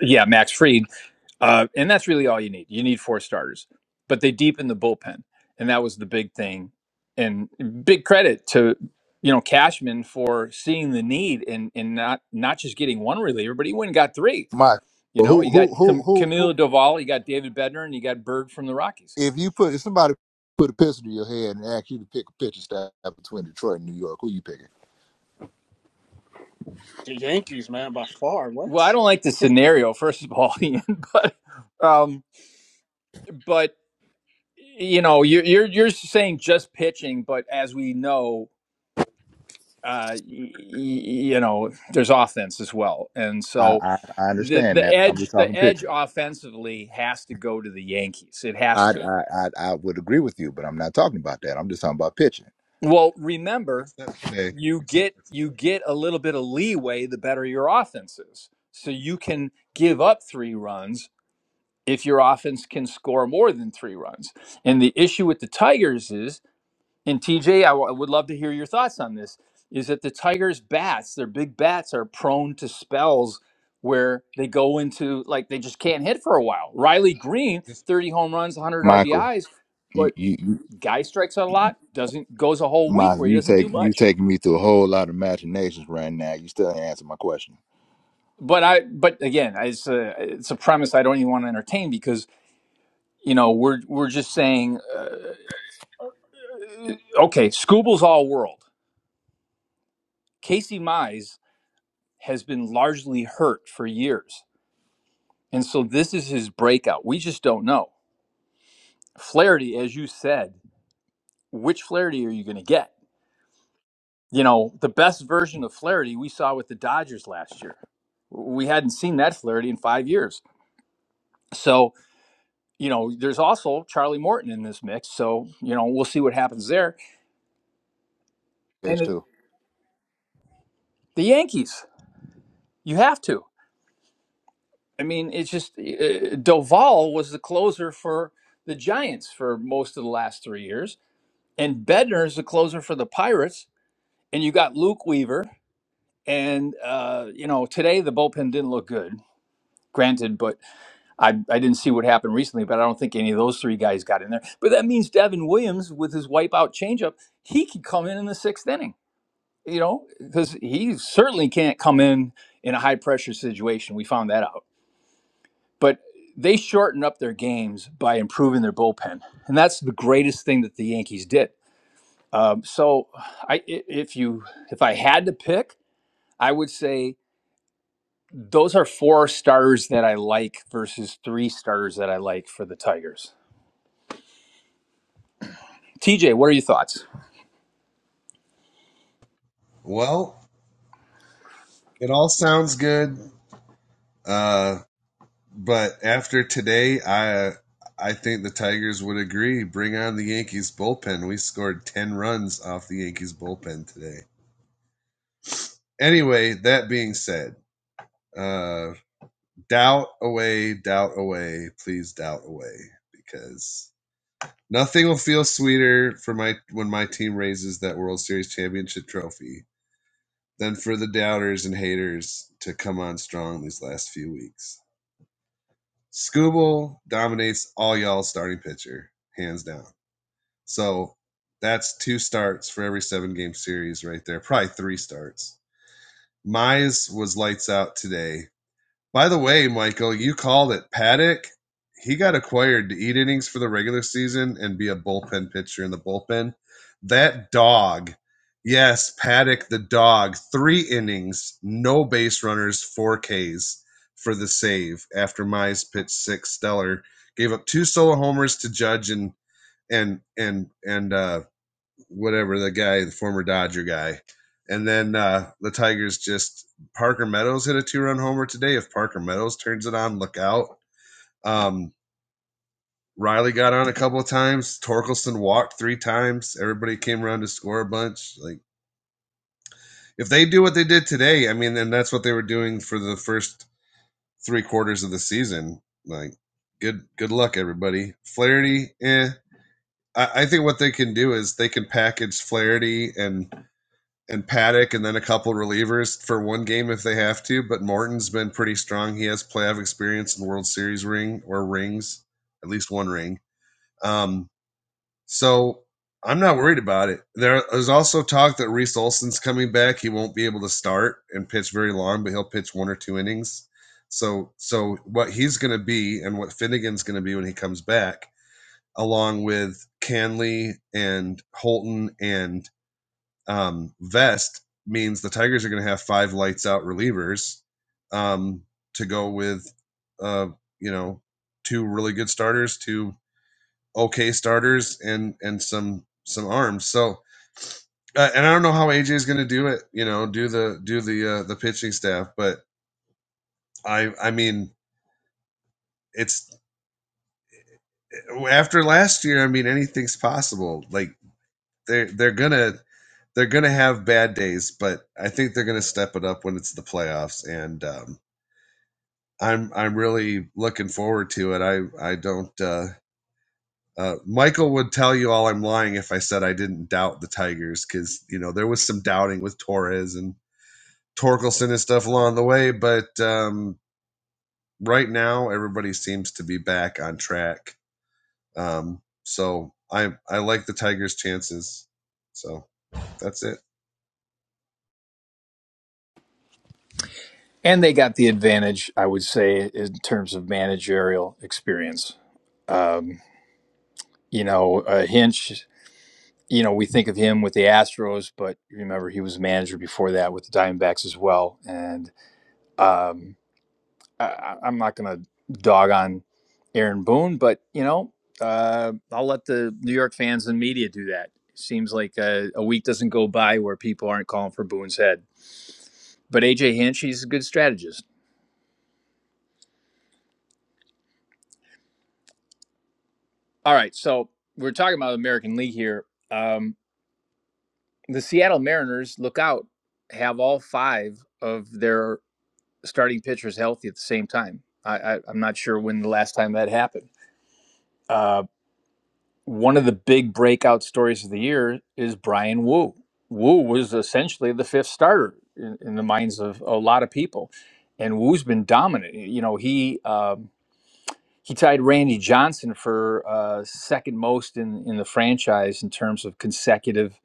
yeah, Max Freed, uh, and that's really all you need. You need four starters, but they deepened the bullpen, and that was the big thing. And big credit to you know Cashman for seeing the need and and not not just getting one reliever, but he went and got three. Mike, You know, who you got who who Cam- who, Camilo who Doval, you got David Bednar, and you got Berg from the Rockies. if you put if somebody put a pistol to your head and ask you to pick a pitching staff between Detroit and New York, who you picking? the Yankees, man, by far. Well, I What? don't like the scenario, first of all, Ian, but um, but you know you're you're you're saying just pitching but as we know uh y- y- you know there's offense as well and I so I, I the understand the that. I'm just edge the talking edge pitching. offensively has to go to the Yankees it has I, to I I I would agree with you, but I'm not talking about that. I'm just talking about pitching. well remember except today, you except get for you today. get a little bit of leeway the better your offense is so you can give up 3 runs if your offense can score more than 3 runs and the issue with the Tigers is And TJ, I w- I would love to hear your thoughts on this. Is that the Tigers' bats, their big bats, are prone to spells where they go into like they just can't hit for a while. Riley Green, Just 30 home runs, 100 Michael, RBIs, you but you, you guy strikes out a lot, doesn't goes a whole week my where he you doesn't do take you much. taking me through a whole lot of imaginations right now. You still ain't answer my question. But I, but again, it's a it's a premise I don't even want to entertain because you know we're we're just saying, uh, okay, Scooble's all world. Casey Mize has been largely hurt for years And so this is his breakout. We just don't know. Flaherty, as you said, which Flaherty are you going to get? You know, the best version of Flaherty we saw with the Dodgers last year. We hadn't seen that Flaherty in five years. So, you know, there's also Charlie Morton in this mix. So, you know, we'll see what happens there. And Yes, it- too. the Yankees, you have to. I mean, it's just uh, Doval was the closer for the Giants for most of the last three years, and Bednar is the closer for the Pirates. And you got Luke Weaver, And uh, you know, today the bullpen didn't look good. Granted, but I, I didn't see what happened recently, but I don't think any of those three guys got in there. But that means Devin Williams, with his wipeout changeup, he could come in in the sixth inning, you know, because he certainly can't come in in a high pressure situation. We found that out. But they shortened up their games by improving their bullpen. And that's the greatest thing that the Yankees did. Um, so I, i- if you, if I had to pick, I would say Those are four starters that I like versus three starters that I like for the Tigers. TJ, what are your thoughts? well, it all sounds good, uh, but after today, I I think the Tigers would agree. Bring on the Yankees bullpen. We scored ten runs off the Yankees bullpen today. Anyway, that being said, uh, doubt away, doubt away, please doubt away, because. Nothing will feel sweeter for my when my team raises that World Series championship trophy than for the doubters and haters to come on strong these last few weeks. Scooble dominates all y'all starting pitcher, hands down. So that's two starts for every seven game series right there, probably three starts. Mize was lights out today. By the way, Michael, you called it. Paddock, he got acquired to eat innings for the regular season and be a bullpen pitcher in the bullpen. That dog, yes, Paddock the dog, three innings, no base runners, four Ks for the save after Mize pitched six stellar. Gave up two solo homers to Judge and and and and uh whatever the guy, the former Dodger guy. And then uh, the Tigers just Parker Meadows hit a two run homer today. If Parker Meadows turns it on, look out. Um, Riley got on a couple of times. Torkelson walked three times. Everybody came around to score a bunch. Like if they do what they did today, I mean, then that's what they were doing for the first three quarters of the season. Like good good luck everybody. Flaherty, eh. I, I think what they can do is they can package Flaherty and and Paddock and then a couple relievers for one game if they have to. But Morton's been pretty strong. He has playoff experience and World Series ring or rings, at least one ring. Um, so I'm not worried about it. There, there's also talk that Reese Olson's coming back. He won't be able to start and pitch very long, but he'll pitch one or two innings. So, so what he's going to be and what Finnegan's going to be when he comes back, along with Canley and Holton and um, vest means the Tigers are going to have five lights out relievers um, to go with, uh, you know, two really good starters, two okay starters, and and some some arms. So, uh, and I don't know how AJ is going to do it. You know, do the do the uh, the pitching staff, but I I mean it's after last year. I mean anything's possible. Like they they're gonna they're gonna have bad days, but I think they're gonna step it up when it's the playoffs. And um, I'm I'm really looking forward to it. I I don't. Uh, uh, Michael would tell you all I'm lying if I said I didn't doubt the Tigers because you know there was some doubting with Torres and Torkelson and stuff along the way, but um, right now everybody seems to be back on track. Um, so I I like the Tigers' chances. So that's it. And they got the advantage, I would say, in terms of managerial experience. Um, you know, uh, Hinch, you know, we think of him with the Astros, but remember he was manager before that with the Diamondbacks as well. And, um, I, I- am not going to dog on Aaron Boone, but you know, uh, I'll let the New York fans and media do that. Seems like a, a week doesn't go by where people aren't calling for Boone's head. But AJ Hinch, he's a good strategist. All right, so we're talking about the American League here. Um, the Seattle Mariners look out have all five of their starting pitchers healthy at the same time. I, I, I'm not sure when the last time that happened. Uh, one of the big breakout stories of the year is Brian Wu. Wu was essentially the fifth starter in, in the minds of a lot of people, and Wu's been dominant. You know, he uh, he tied Randy Johnson for uh, second most in, in the franchise in terms of consecutive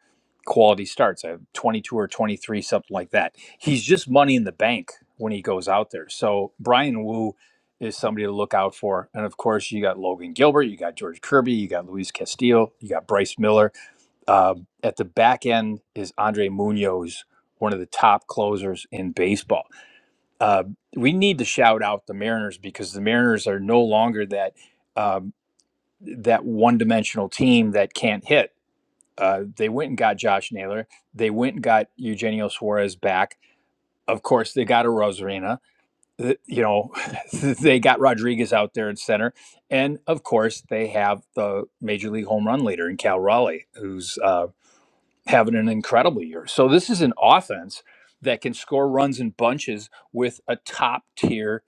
quality starts. I have 22 or 23, something like that. He's just money in the bank when he goes out there. So Brian Wu is somebody to look out for. And of course, you got Logan Gilbert, you got George Kirby, you got Luis Castillo, you got Bryce Miller. Um, at the back end is Andre Munoz, one of the top closers in baseball uh, we need to shout out the Mariners because the Mariners are no longer that um, that one dimensional team that can't hit. Uh, they went and got Josh Naylor. They went and got Eugenio Suarez back. Of course, they got a Rosarina. You know, they got Rodriguez out there in center, and of course, they have the major league home run leader in Cal Raleigh, who's uh, having an incredible year. So this is an offense that can score runs in bunches with a top tier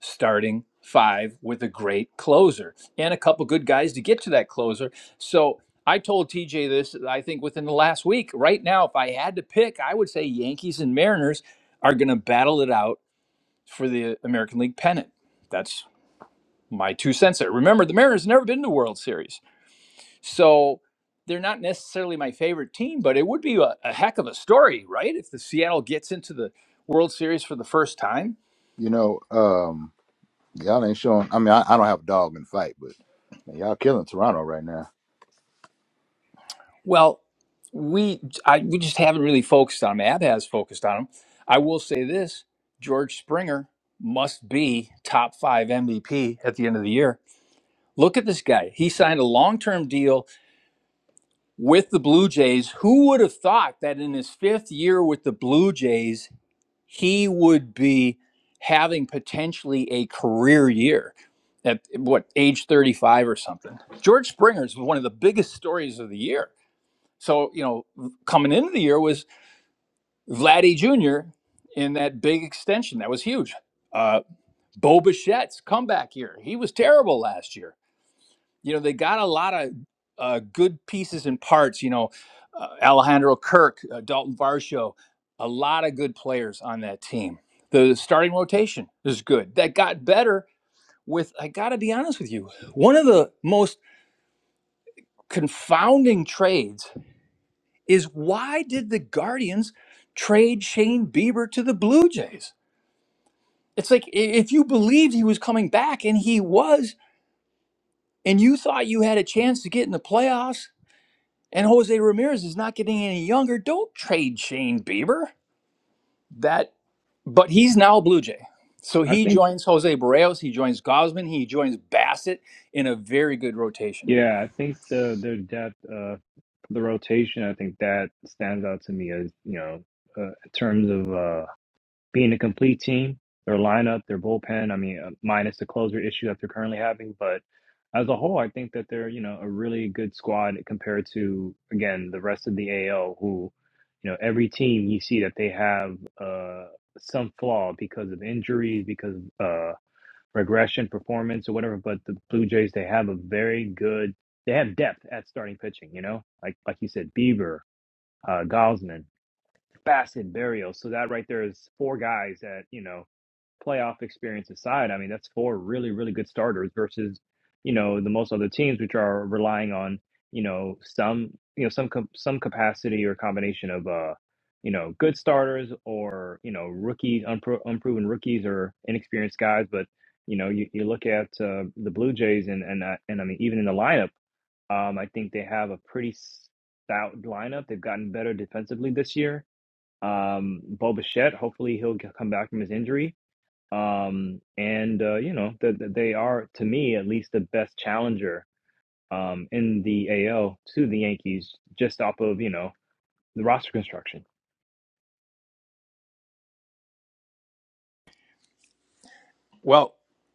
starting five with a great closer and a couple good guys to get to that closer. So I told TJ this I think within the last week. Right now, if I had to pick, I would say Yankees and Mariners are going to battle it out for the American League pennant. That's my two cents there. Remember, the Mariners never been to the World Series. So they're not necessarily my favorite team, but it would be a, a heck of a story, right? If the Seattle gets into the World Series for the first time. You know, um, Y'all ain't showing. I mean, I, I don't have a dog in the fight, but man, y'all killing Toronto right now. Well, we I, we just haven't really focused on them. Ab has focused on them. I will say this: George Springer must be top five MVP at the end of the year. Look at this guy. He signed a long-term deal with the Blue Jays. Who would have thought that in his fifth year with the Blue Jays he would be having potentially a career year at what age 35 or something. George Springer's one of the biggest stories of the year. So, you know, coming into the year was Vladdy Jr. in that big extension. That was huge. Uh, Bo Bichette's comeback year. He was terrible last year you know they got a lot of uh, good pieces and parts. You know, uh, Alejandro Kirk, uh, Dalton Varsho, a lot of good players on that team. The starting rotation is good. That got better with. I got to be honest with you. One of the most confounding trades is why did the Guardians trade Shane Bieber to the Blue Jays? It's like i- if you believed he was coming back and he was, and you thought you had a chance to get in the playoffs And Jose Ramirez is not getting any younger. Don't trade Shane Bieber. That, but he's now a Blue Jay. So I he think joins Jose Barrios. He joins Gosman. He joins Bassett in a very good rotation. Yeah, I think the their depth, uh, the rotation, I think that stands out to me as you know, uh, in terms of uh, being a complete team, their lineup, their bullpen. I mean, uh, minus the closer issue that they're currently having, but as a whole, I think that they're you know a really good squad compared to again the rest of the AL, who you know every team you see that they have uh, some flaw because of injuries, because uh, regression performance or whatever. But the Blue Jays, they have a very good, they have depth at starting pitching. You know, like like you said, Bieber, uh, Gosman, Bassett, Berrios. So that right there is four guys that you know playoff experience aside, I mean, that's four really, really good starters versus, you know, the most other teams, which are relying on, you know, some, you know, some, com- some capacity or combination of, uh, you know, good starters or, you know, rookies, unpro- unproven rookies or inexperienced guys. But, you know, you, you look at uh, the Blue Jays and, and, uh, and I mean, even in the lineup, um, I think they have a pretty stout lineup. They've gotten better defensively this year. Um, Bo Bichette, hopefully he'll g- come back from his injury um, and uh, you know that that they are to me at least the best challenger um, in the AL to the Yankees just off of you know the roster construction. Well,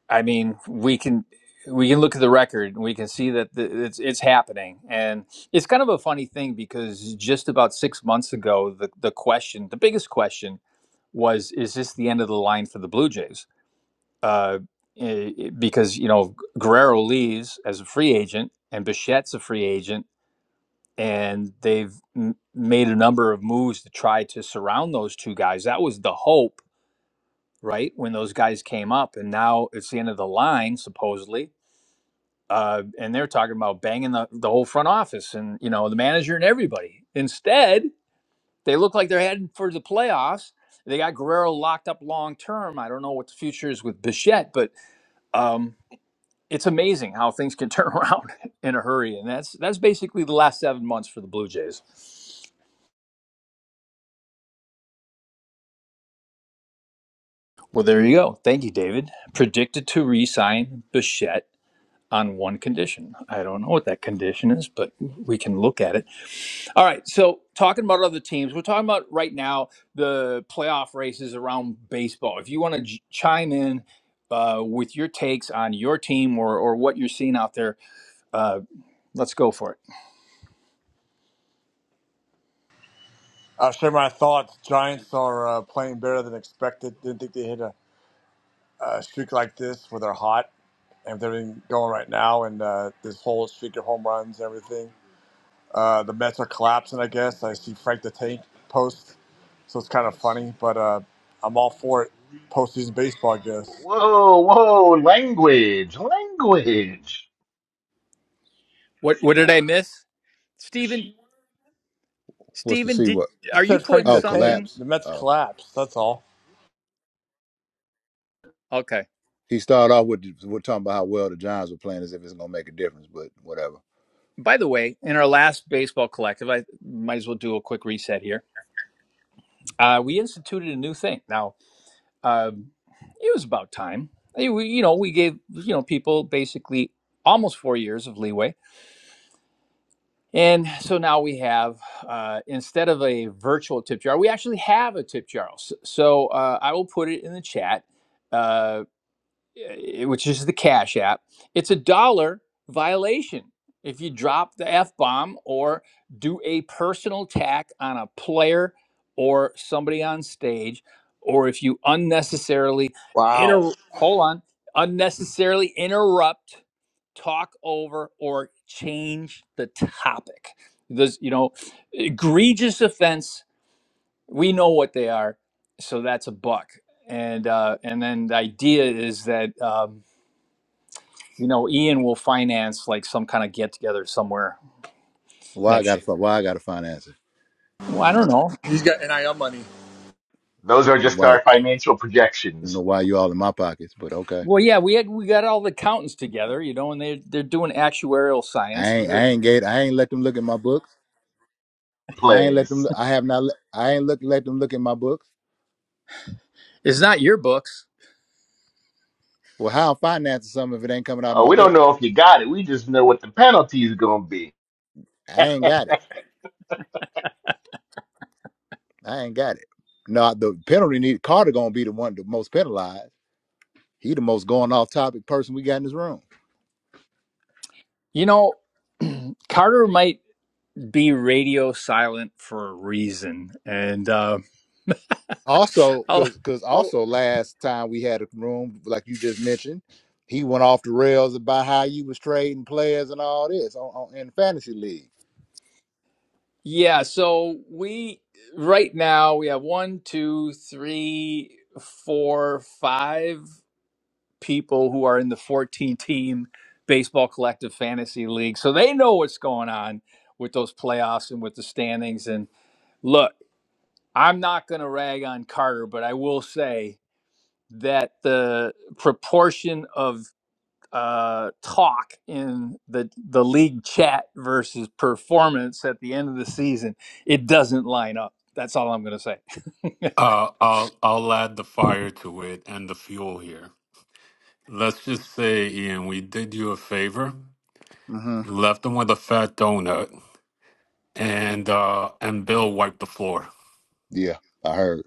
I mean, we can we can look at the record and we can see that th- it's it's happening. And it's kind of a funny thing because just about six months ago, the the question, the biggest question was, is this the end of the line for the Blue Jays? uh, eh, eh, because you know Guerrero leaves as a free agent and Bichette's a free agent, and they've m- made a number of moves to try to surround those two guys. That was the hope, right, when those guys came up, and now it's the end of the line supposedly, uh, and they're talking about banging the, the whole front office and you know the manager and everybody. Instead, they look like they're heading for the playoffs. They got Guerrero locked up long term. I don't know what the future is with Bichette, but um. it's amazing how things can turn around in a hurry. And that's that's basically the last seven months for the Blue Jays. Well, there you go. Thank you, David. Predicted to re-sign Bichette on one condition. I don't know what that condition is, but we can look at it. All right. So talking about other teams, we're talking about right now the playoff races around baseball. If you want to j- chime in uh, with your takes on your team or, or what you're seeing out there, uh, let's go for it. I'll share my thoughts. Giants are uh, playing better than expected. Didn't think they hit a, a streak like this where they're hot and everything going right now, and uh, this whole streak of home runs, everything. Uh, the Mets are collapsing, I guess. I see Frank the Tank post, so it's kind of funny, but uh, I'm all for it. Postseason baseball, I guess. Whoa, whoa, language, language. What what did I miss, Steven? What's to Steven, see? did What? are Just you said putting Frank the Oh, Tank. something? collapse. The Mets Oh, collapsed. That's all. Okay. he started off with we're talking about how well the Giants were playing as if it's gonna make a difference, but whatever. By the way, in our last baseball collective, I might as well do a quick reset here. Uh, we instituted a new thing. Now, um, it was about time. Eh, We, you know, we gave you know people basically almost four years of leeway, and so now we have uh, instead of a virtual tip jar, we actually have a tip jar. S- So uh, I will put it in the chat. Uh, eh, which is the Cash App, it's a dollar violation if you drop the F bomb or do a personal attack on a player or somebody on stage, or if you unnecessarily Wow. inter hold on, unnecessarily interrupt, talk over, or change the topic. There's, you know, egregious offense. We know what they are, so that's a buck. And uh, and then the idea is that. Um, you know, Ian will finance like some kind of get together somewhere Why I next gotta year. fi- why I gotta finance it? Well, I don't know. He's got NIL money. Those are just Why? I our financial don't know projections why you all in my pockets, but okay. Well, yeah, we had we got all the accountants together, you know, and they they're doing actuarial I science. ain't I ain't gate. I ain't let them look at my books. I ain't let them. plays. look- I have not. let- I ain't look let them look at my books. It's not your books, Well, how I'm financing something if it ain't coming out of Uh, my we don't books? know if you got it. We just know what the penalty is going to be. I ain't got it. I ain't got it. No, the penalty need Carter gonna be the one the most penalized He the most going off topic person we got in this room. you know. Carter might be radio silent for a reason, and uh, Also, I'll, cause cause I'll also last time we had a room, like you just mentioned, he went off the rails about how you was trading players and all this on, on in fantasy league. yeah. So we right now we have one, two, three, four, five. people who are in the 14 team baseball collective fantasy league. So they know what's going on with those playoffs and with the standings. And look, I'm not going to rag on Carter, but I will say that the proportion of uh, talk in the the league chat versus performance at the end of the season, it doesn't line up. That's all I'm going to say. Uh, I'll I'll add the fire to it and the fuel here. Let's just say, Ian, we did you a favor, hmm left them with a fat donut, and uh, and Bill wiped the floor. Yeah, I heard.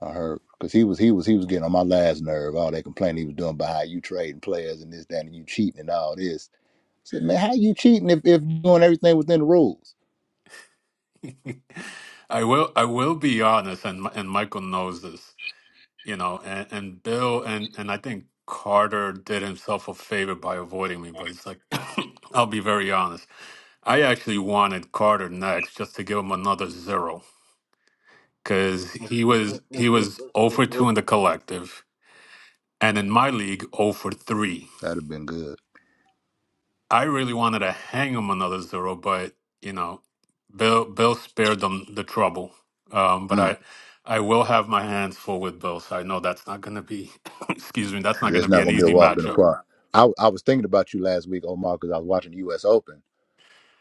I heard. Cause he was he was he was getting on my last nerve. All that complaining he was doing about how you trading players and this, that, and you cheating and all this. I said, man, how you cheating if if you doing everything within the rules? I will I will be honest, and and Michael knows this, you know, and, and Bill and and I think Carter did himself a favor by avoiding me, but it's like I'll be very honest. I actually wanted Carter next just to give him another zero because he was he was 0 for 2 in the collective, and in my league 0 for 3. That'd have been good. I really wanted to hang him another zero, but you know, Bill Bill spared them the trouble. Um, but Mm. I I will have my hands full with Bill, so I know that's not going to be excuse me, that's not Yeah, going to It's be not an going to be a easy walk in the matchup. park. I, I was thinking about you last week, Omar, because I was watching the U.S. Open,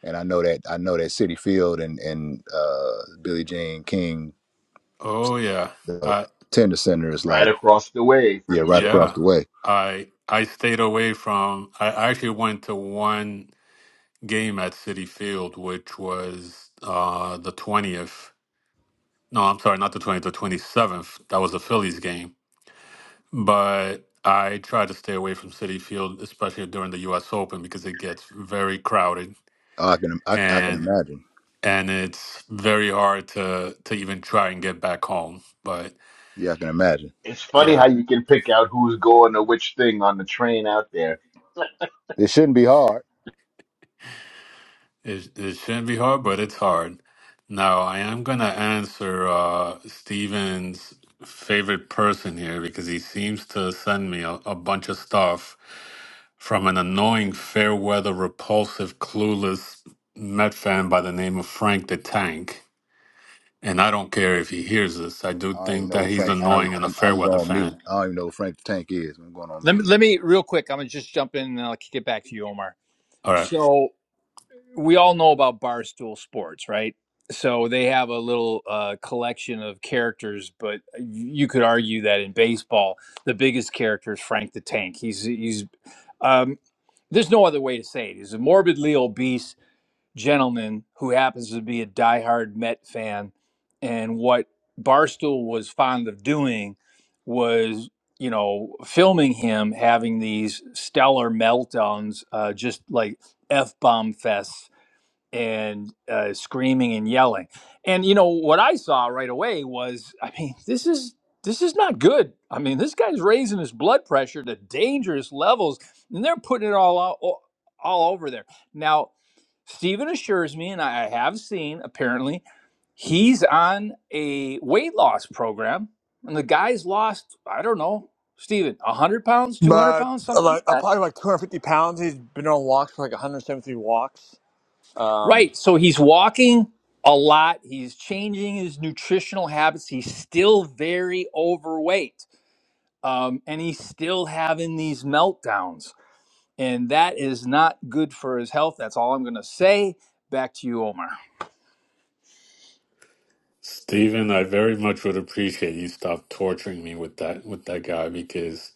and I know that I know that City Field and and uh, Billie Jean King, Oh yeah, the uh, tender center is right like across the way yeah, from each right other. across yeah. the way. I I stayed away from. I actually went to one game at City Field, which was uh, the twentieth. No, I'm sorry, not the 20th, the 27th. That was the Phillies game. But I try to stay away from Citi Field, especially during the U.S. Open, because it gets very crowded Oh, I can I, I can and imagine. and it's very hard to to even try and get back home. But Yeah, I can imagine. It's funny yeah, how you can pick out who's going to which thing on the train out there. It shouldn't be hard. It, it shouldn't be hard, but it's hard. Now, I am going to answer uh, Steven's favorite person here because he seems to send me a, a bunch of stuff from an annoying, fair weather, repulsive, clueless Met fan by the name of Frank the Tank. And I don't care if he hears this. I do I don't even think know that who he's Frank. I don't, annoying and a I'm, fair I'm weather going on mute. fan. I don't even know who Frank the Tank is. I'm going on let me mute. let me real quick. I'm gonna just jump in and I'll kick it back to you, Omar. All right. So we all know about Barstool Sports, right? So they have a little uh, collection of characters, but you could argue that in baseball, the biggest character is Frank the Tank. He's he's um, there's no other way to say it. He's a morbidly obese gentleman who happens to be a diehard Met fan, and what Barstool was fond of doing was you know filming him having these stellar meltdowns, uh, just like f bomb fests and uh, screaming and yelling. And you know what I saw right away was, I mean, this is this is not good. I mean, this guy's raising his blood pressure to dangerous levels, and they're putting it all out, all all over there. Now, Stephen assures me, and I have seen apparently, he's on a weight loss program, and the guy's lost, I don't know, Stephen, one hundred pounds, two hundred But pounds, uh, something like like, uh, that probably like 250 pounds. He's been on walks for like 173 walks. Um, Right. So he's walking a lot. He's changing his nutritional habits. He's still very overweight. Um, and he's still having these meltdowns. And that is not good for his health. That's all I'm going to say. Back to you, Omar. Steven, I very much would appreciate you stop torturing me with that with that guy because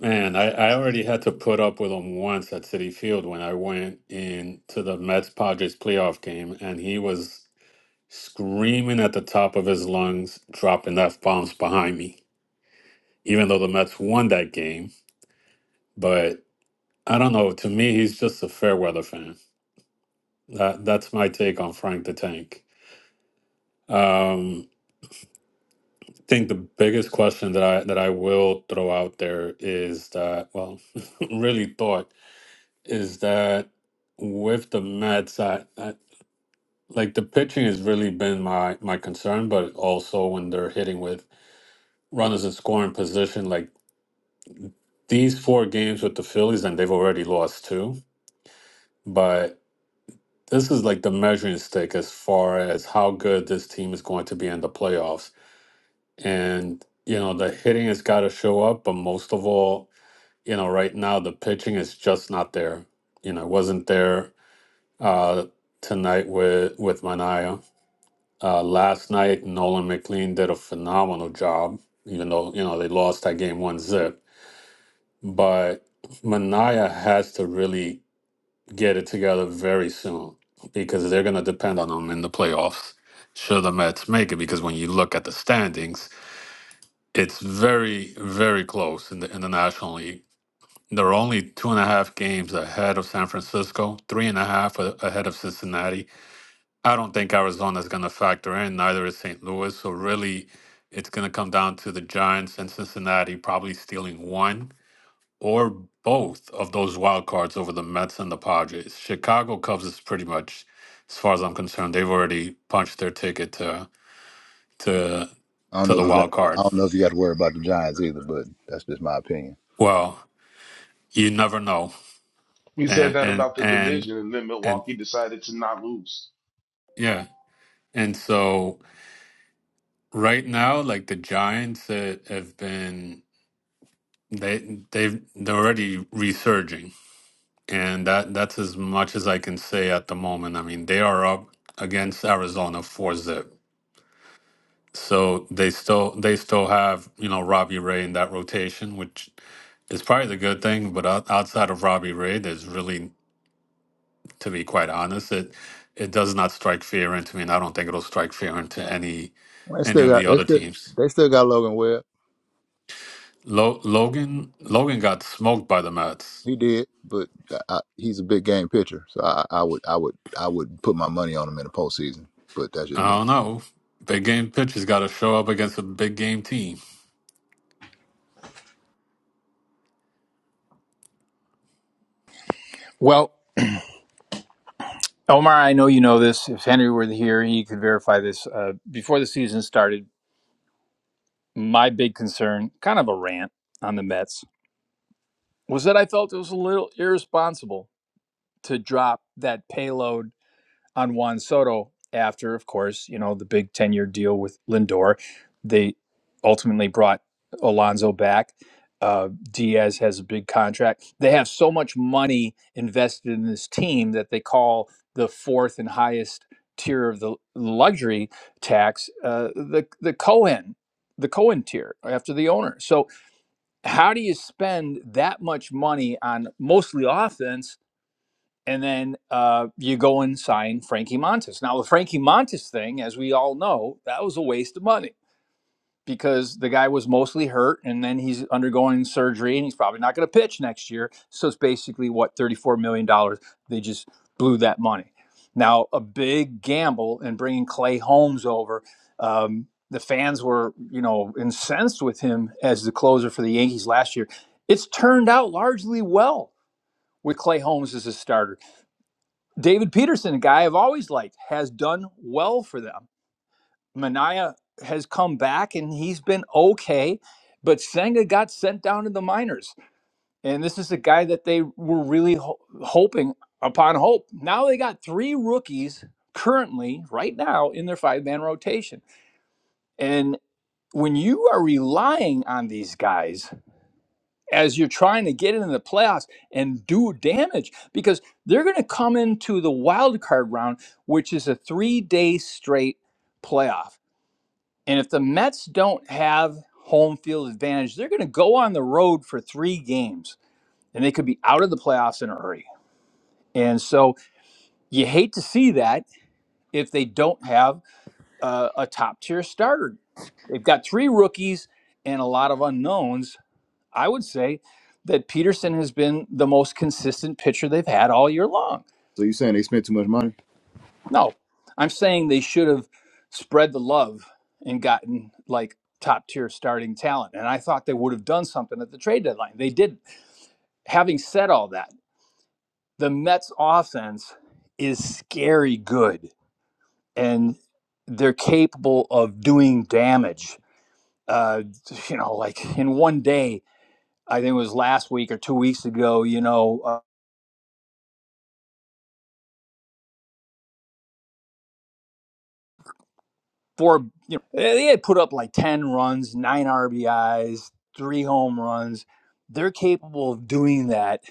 Man, I, I already had to put up with him once at City Field when I went in to the Mets Padres playoff game, and he was screaming at the top of his lungs, dropping F bombs behind me, even though the Mets won that game. But I don't know. To me, he's just a fair weather fan. That that's my take on Frank the Tank. Um, I think the biggest question that I that I will throw out there is that, well, really thought. is that with the Mets, I, I like the pitching has really been my my concern, but also when they're hitting with runners in scoring position, like these four games with the Phillies, and they've already lost two. But this is like the measuring stick as far as how good this team is going to be in the playoffs. And you know the hitting has got to show up, but most of all, you know right now the pitching is just not there. You know, it wasn't there uh, tonight with with Mania Uh, last night, Nolan McLean did a phenomenal job, even though, you know, they lost that game one zip. But Mania has to really get it together very soon because they're going to depend on him in the playoffs. Should the Mets make it? Because when you look at the standings, it's very, very close in the, in the National League. They're only two and a half games ahead of San Francisco, three and a half a- ahead of Cincinnati, I don't think Arizona's going to factor in, neither is St. Louis. So really, it's going to come down to the Giants and Cincinnati probably stealing one or both of those wild cards over the Mets and the Padres. Chicago Cubs is pretty much, as far as I'm concerned, they've already punched their ticket to to I don't to know the if you got. wild I card. don't know if you got to worry about the Giants either, but that's just my opinion. Well, you never know, We said and that and about the and division, and then and Milwaukee decided to not lose. yeah, and so right now, like the Giants uh, have been. They they've they're already resurging, and that that's as much as I can say at the moment. I mean, they are up against Arizona four zip, so they still they still have you know Robbie Ray in that rotation, which is probably the good thing. But out- outside of Robbie Ray, there's really, to be quite honest, it it does not strike fear into me, and I don't think it'll strike fear into any Well, They any still of the got. They other still. teams. They still got Logan Webb. Lo- Logan Logan got smoked by the Mets. He did, but I, I, he's a big game pitcher, so I, I would, I would, I would put my money on him in the postseason. But that's just I me. don't know. Big game pitcher's got to show up against a big game team. Well, Omar, I know you know this. If Henry were here, he could verify this. Uh, before the season started, my big concern, kind of a rant on the Mets, was that I felt it was a little irresponsible to drop that payload on Juan Soto after, of course, you know, the big 10 year deal with Lindor. They ultimately brought Alonso back. Uh, Diaz has a big contract. They have so much money invested in this team that they call the fourth and highest tier of the luxury tax uh, the the Cohen the Cohen tier after the owner. So how do you spend that much money on mostly offense and then uh, you go and sign Frankie Montes. Now, the Frankie Montes thing, as we all know, that was a waste of money because the guy was mostly hurt, and then he's undergoing surgery, and he's probably not going to pitch next year. So it's basically what thirty-four million dollars they just blew that money. Now, a big gamble in bringing Clay Holmes over. Um, the fans were, you know, incensed with him as the closer for the Yankees last year. It's turned out largely well with Clay Holmes as a starter David Peterson, a guy I've always liked, has done well for them. Mania has come back and he's been okay, but Senga got sent down to the minors. And this is a guy that they were really ho- hoping upon hope. Now they got three rookies currently, right now, in their five man rotation. And when you are relying on these guys, as you're trying to get into the playoffs and do damage because they're going to come into the wild card round, which is a three day straight playoff. And if the Mets don't have home field advantage, they're going to go on the road for three games and they could be out of the playoffs in a hurry. And so you hate to see that if they don't have uh, a top tier starter. They've got three rookies and a lot of unknowns I would say that Peterson has been the most consistent pitcher they've had all year long. So you saying they spent too much money? No, I'm saying they should have spread the love and gotten like top tier starting talent. And I thought they would have done something at the trade deadline. They did. not Having said all that, the Mets offense is scary good and they're capable of doing damage. Uh, you know, like in one day, I think it was last week or two weeks ago, you know, uh, four, you know, they had put up like 10 runs, nine RBIs, three home runs. They're capable of doing that,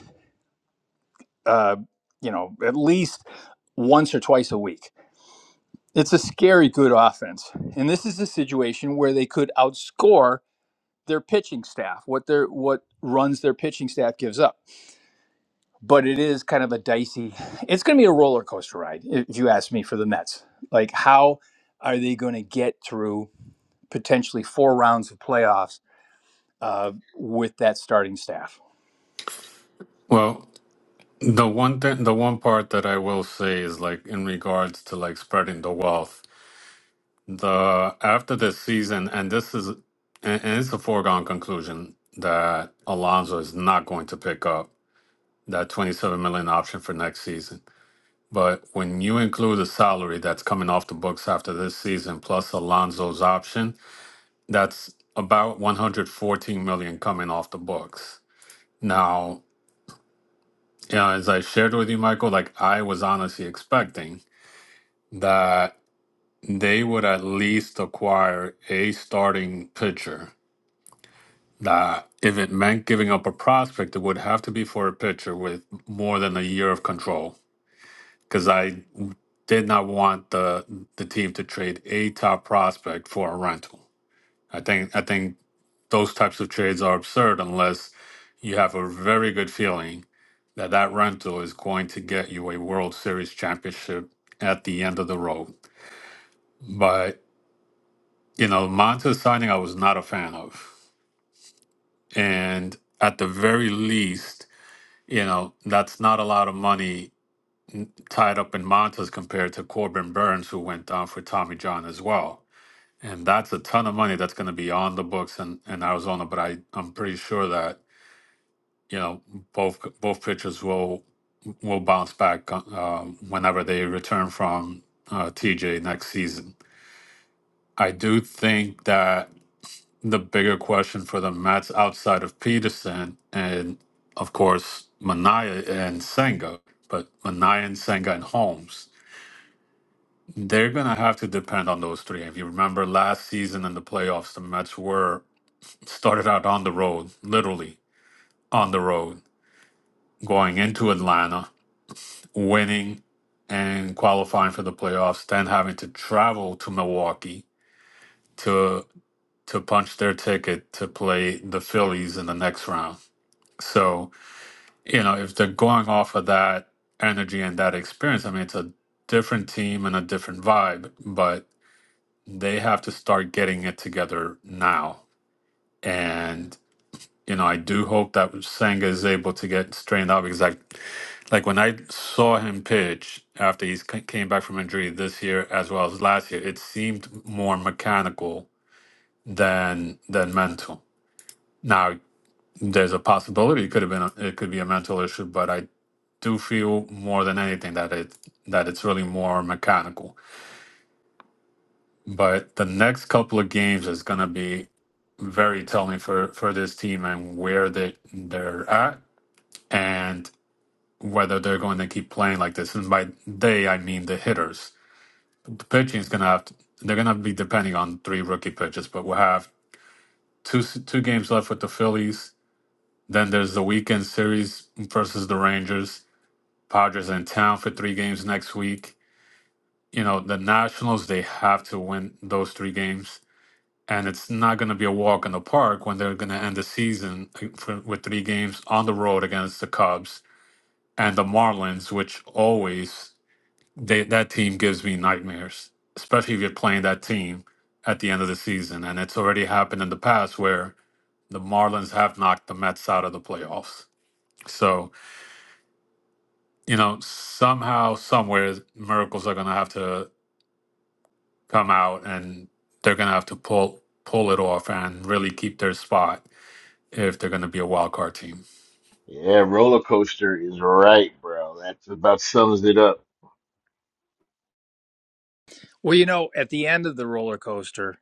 uh, you know, at least once or twice a week. It's a scary good offense. And this is a situation where they could outscore their pitching staff, what their what runs their pitching staff gives up. But it is kind of a dicey. It's going to be a roller coaster ride if you ask me for the Mets. Like how are they going to get through potentially four rounds of playoffs uh, with that starting staff. Well, the one thing, the one part that I will say is like in regards to like spreading the wealth. The after this season, and this is, and, and it's a foregone conclusion that Alonso is not going to pick up that twenty-seven million option for next season. But when you include the salary that's coming off the books after this season, plus Alonso's option, that's about 114 million coming off the books Now, you know, as I shared with you, Michael, like I was honestly expecting that they would at least acquire a starting pitcher. That if it meant giving up a prospect, it would have to be for a pitcher with more than a year of control. Because I did not want the the team to trade a top prospect for a rental. I think I think those types of trades are absurd unless you have a very good feeling that that rental is going to get you a World Series championship at the end of the road. But, you know, Monta's signing I was not a fan of. And at the very least, you know, that's not a lot of money tied up in Montas compared to Corbin Burns, who went down for Tommy John as well. And that's a ton of money that's going to be on the books in, in Arizona. But I, I'm pretty sure that you know both both pitchers will will bounce back uh, whenever they return from uh, TJ next season. I do think that the bigger question for the Mets outside of Peterson and of course Mania and Senga, but Mania and Senga and Holmes, they're gonna have to depend on those three. If you remember last season in the playoffs, the Mets were started out on the road, literally on the road, going into Atlanta winning and qualifying for the playoffs, then having to travel to Milwaukee to to punch their ticket to play the Phillies in the next round. So, you know, if they're going off of that energy and that experience, I mean it's a different team and a different vibe, but they have to start getting it together now. and. you know, I do hope that Senga is able to get straightened out because I, like when I saw him pitch after he came back from injury this year as well as last year, it seemed more mechanical than than mental. Now, there's a possibility it could have been a, it could be a mental issue, but I do feel more than anything that it that it's really more mechanical. But the next couple of games is going to be very telling for for this team and where they they're at. And whether they're going to keep playing like this. And by they, I mean the hitters. The pitching is going to have to, they're going to be depending on three rookie pitches, but we'll have two two games left with the Phillies. Then there's the weekend series versus the Rangers. Padres in town for three games next week. You know, the Nationals, they have to win those three games. And it's not going to be a walk in the park when they're going to end the season uh, for, with three games on the road against the Cubs and the Marlins, which always They, that team gives me nightmares, especially if you're playing that team at the end of the season. And it's already happened in the past where the Marlins have knocked the Mets out of the playoffs. So, you know, somehow, somewhere, miracles are going to have to come out and they're going to have to pull pull it off and really keep their spot if they're going to be a wild card team. Yeah, roller coaster is right, bro. That's about sums it up. Well, you know, at the end of the roller coaster,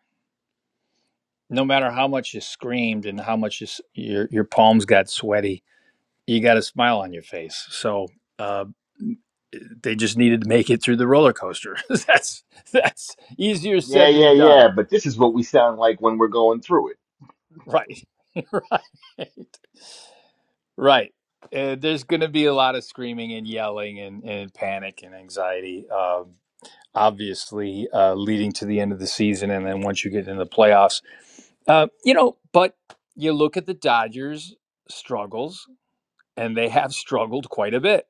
no matter how much you screamed and how much you, your your palms got sweaty, you got a smile on your face. So uh, they just needed to make it through the roller coaster. that's that's easier Yeah, said yeah, than done, yeah. But this is what we sound like when we're going through it. right? right, right. Uh, there's going to be a lot of screaming and yelling and, and panic and anxiety. Um obviously uh, leading to the end of the season, and then once you get into the playoffs, uh, you know. But you look at the Dodgers' struggles, and they have struggled quite a bit.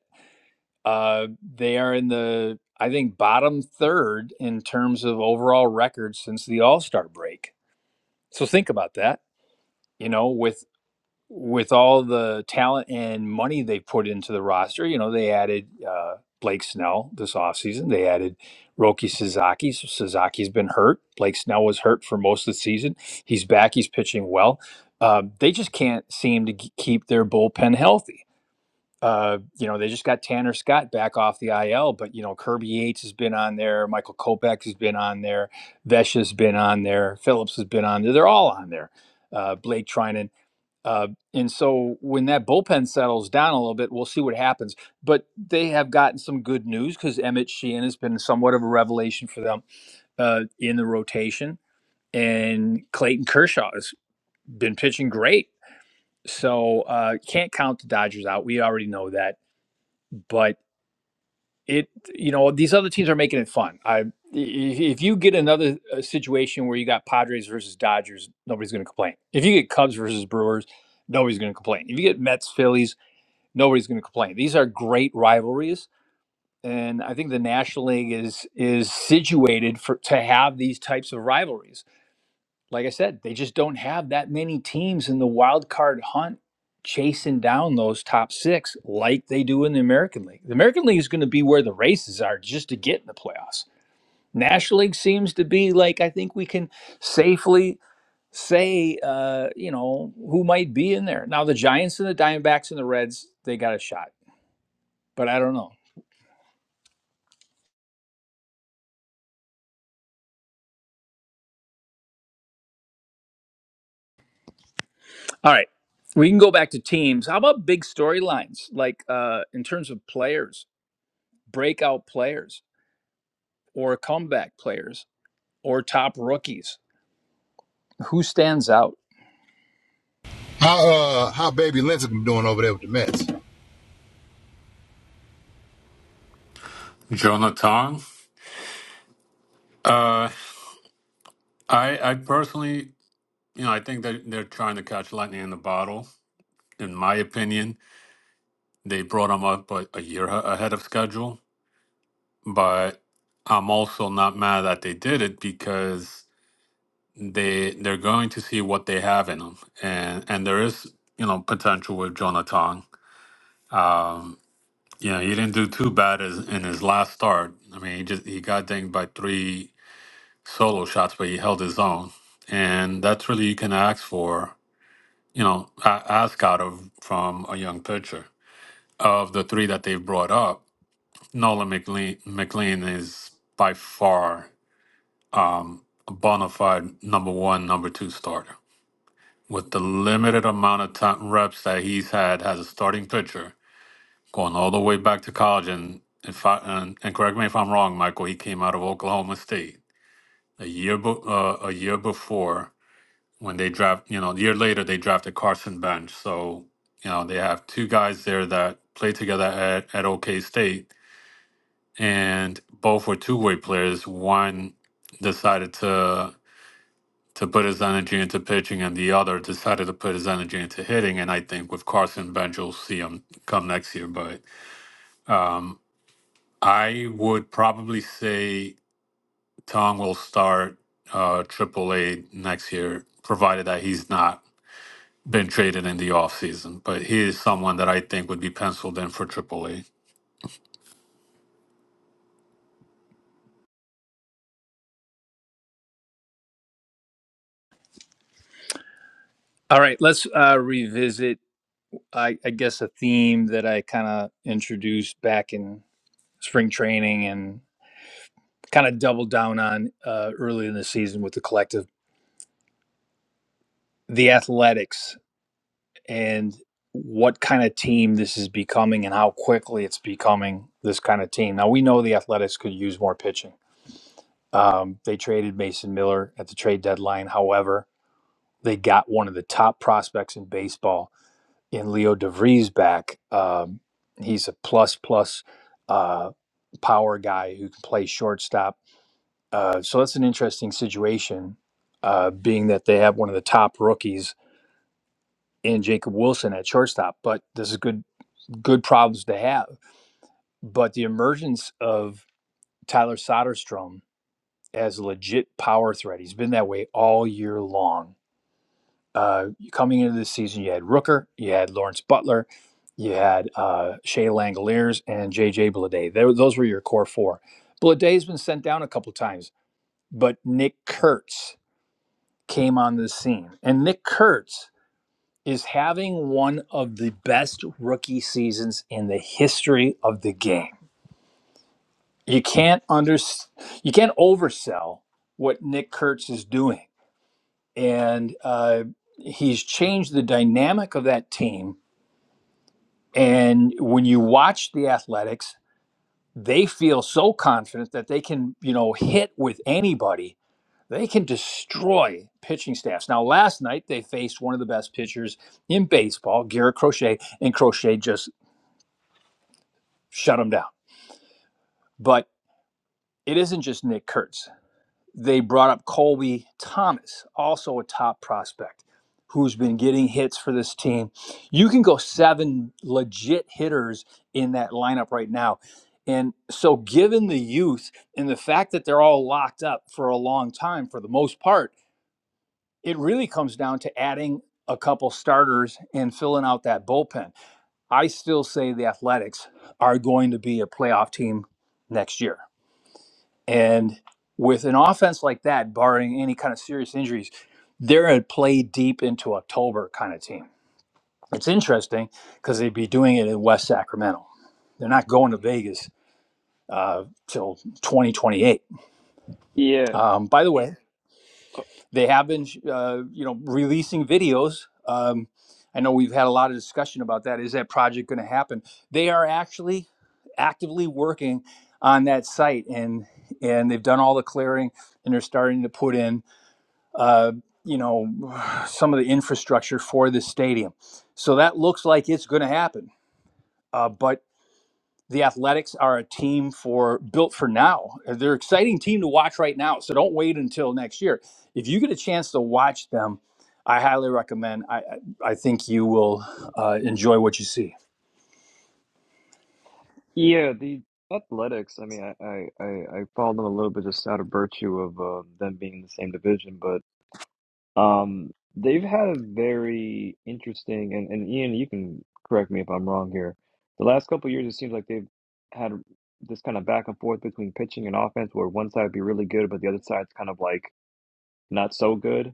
Uh, they are in the, I think, bottom third in terms of overall record since the All Star break. So think about that. You know, with with all the talent and money they put into the roster, you know, they added uh, Blake Snell this offseason. They added Roki Sasaki. So Sasaki's been hurt. Blake Snell was hurt for most of the season. He's back. He's pitching well. Uh, they just can't seem to g- keep their bullpen healthy. Uh, you know, they just got Tanner Scott back off the IL, but, you know, Kirby Yates has been on there. Michael Kopech has been on there. Vesha's been on there. Phillips has been on there. They're all on there uh, Blake Trinan. Uh, and so when that bullpen settles down a little bit, we'll see what happens. But they have gotten some good news because Emmett Sheehan has been somewhat of a revelation for them uh, in the rotation, and Clayton Kershaw has been pitching great. So uh, can't count the Dodgers out. We already know that. But it, you know, these other teams are making it fun. I, i- if you get another uh, situation where you got Padres versus Dodgers, nobody's going to complain. If you get Cubs versus Brewers, nobody's going to complain. If you get Mets, Phillies nobody's going to complain. These are great rivalries, and I think the National League is is situated for to have these types of rivalries. Like I said, they just don't have that many teams in the wild card hunt chasing down those top six like they do in the American League. The American League is going to be where the races are just to get in the playoffs. National League seems to be like I think we can safely say uh, you know who might be in there. Now the Giants and the Diamondbacks and the Reds they got a shot but I don't know. All right. We can go back to teams. How about big storylines, like uh, in terms of players, breakout players, or comeback players, or top rookies? Who stands out? How uh how baby Lincecum doing over there with the Mets? Jonah Tong, uh, I, I personally, you know, I think that they're trying to catch lightning in the bottle, in my opinion They brought him up a, a year a- ahead of schedule, but I'm also not mad that they did it because they they're going to see what they have in him, and and there is you know potential with Jonathan. Um, you know, he didn't do too bad as, in his last start. I mean, he just he got dinged by three solo shots, but he held his own, and that's really you can ask for. You know, a- ask out of from a young pitcher of the three that they've brought up Nolan McLean, McLean is by far um, a bona fide number one, number two starter. With the limited amount of time, reps that he's had as a starting pitcher, going all the way back to college, and if I, and, and correct me if I'm wrong, Michael, he came out of Oklahoma State a year be, uh, a year before when they draft. You know, a year later they drafted Carson Bench. So you know they have two guys there that played together at, at OK State and both were two-way players. One decided to to put his energy into pitching, and the other decided to put his energy into hitting. And I think with Carson Bench, you'll see him come next year. But I would probably say Tong will start uh, AAA next year, provided that he's not been traded in the offseason. But he is someone that I think would be penciled in for AAA. All right, let's uh, revisit, I, I guess, a theme that I kind of introduced back in spring training and kind of doubled down on uh, early in the season with the collective the athletics and what kind of team this is becoming and how quickly it's becoming this kind of team. Now, we know the Athletics could use more pitching. Um, they traded Mason Miller at the trade deadline. However, they got one of the top prospects in baseball in Leo DeVries back. Um, he's a plus plus uh, power guy who can play shortstop. Uh, so that's an interesting situation, uh, being that they have one of the top rookies in Jacob Wilson at shortstop. But this is good good problems to have. But the emergence of Tyler Soderstrom as a legit power threat, he's been that way all year long. Uh, coming into this season, you had Rooker, you had Lawrence Butler, you had uh, Shea Langoliers, and JJ Blade. Those were your core four. Blade has been sent down a couple times, but Nick Kurtz came on the scene. And Nick Kurtz is having one of the best rookie seasons in the history of the game you can't under you can't oversell what Nick Kurtz is doing, and uh, he's changed the dynamic of that team. And when you watch the Athletics, they feel so confident that they can you know hit with anybody. They can destroy pitching staffs. Now, last night they faced one of the best pitchers in baseball, Garrett Crochet, and Crochet just shut him down. But it isn't just Nick Kurtz they brought up Colby Thomas, also a top prospect who's been getting hits for this team. You can go seven legit hitters in that lineup right now. And so, given the youth and the fact that they're all locked up for a long time for the most part, it really comes down to adding a couple starters and filling out that bullpen. I still say the Athletics are going to be a playoff team next year. And with an offense like that, barring any kind of serious injuries, they're a play deep into October kind of team. It's interesting because they'd be doing it in West Sacramento. They're not going to Vegas uh, till 2028. Yeah, Um, by the way, they have been, uh, you know, releasing videos. Um, I know we've had a lot of discussion about that. Is that project going to happen? They are actually actively working on that site, and and they've done all the clearing, and they're starting to put in uh, you know, some of the infrastructure for this stadium. So that looks like it's going to happen. Uh, but the Athletics are a team for built for now. They're an exciting team to watch right now. So don't wait until next year. If you get a chance to watch them, I highly recommend. I I I think you will uh, enjoy what you see. yeah. The Athletics. I mean, I I I I followed them a little bit just out of virtue of uh, them being in the same division, but. Um, they've had a very interesting, and, and Ian, you can correct me if I'm wrong here. The last couple years, it seems like they've had this kind of back and forth between pitching and offense, where one side would be really good, but the other side's kind of like not so good.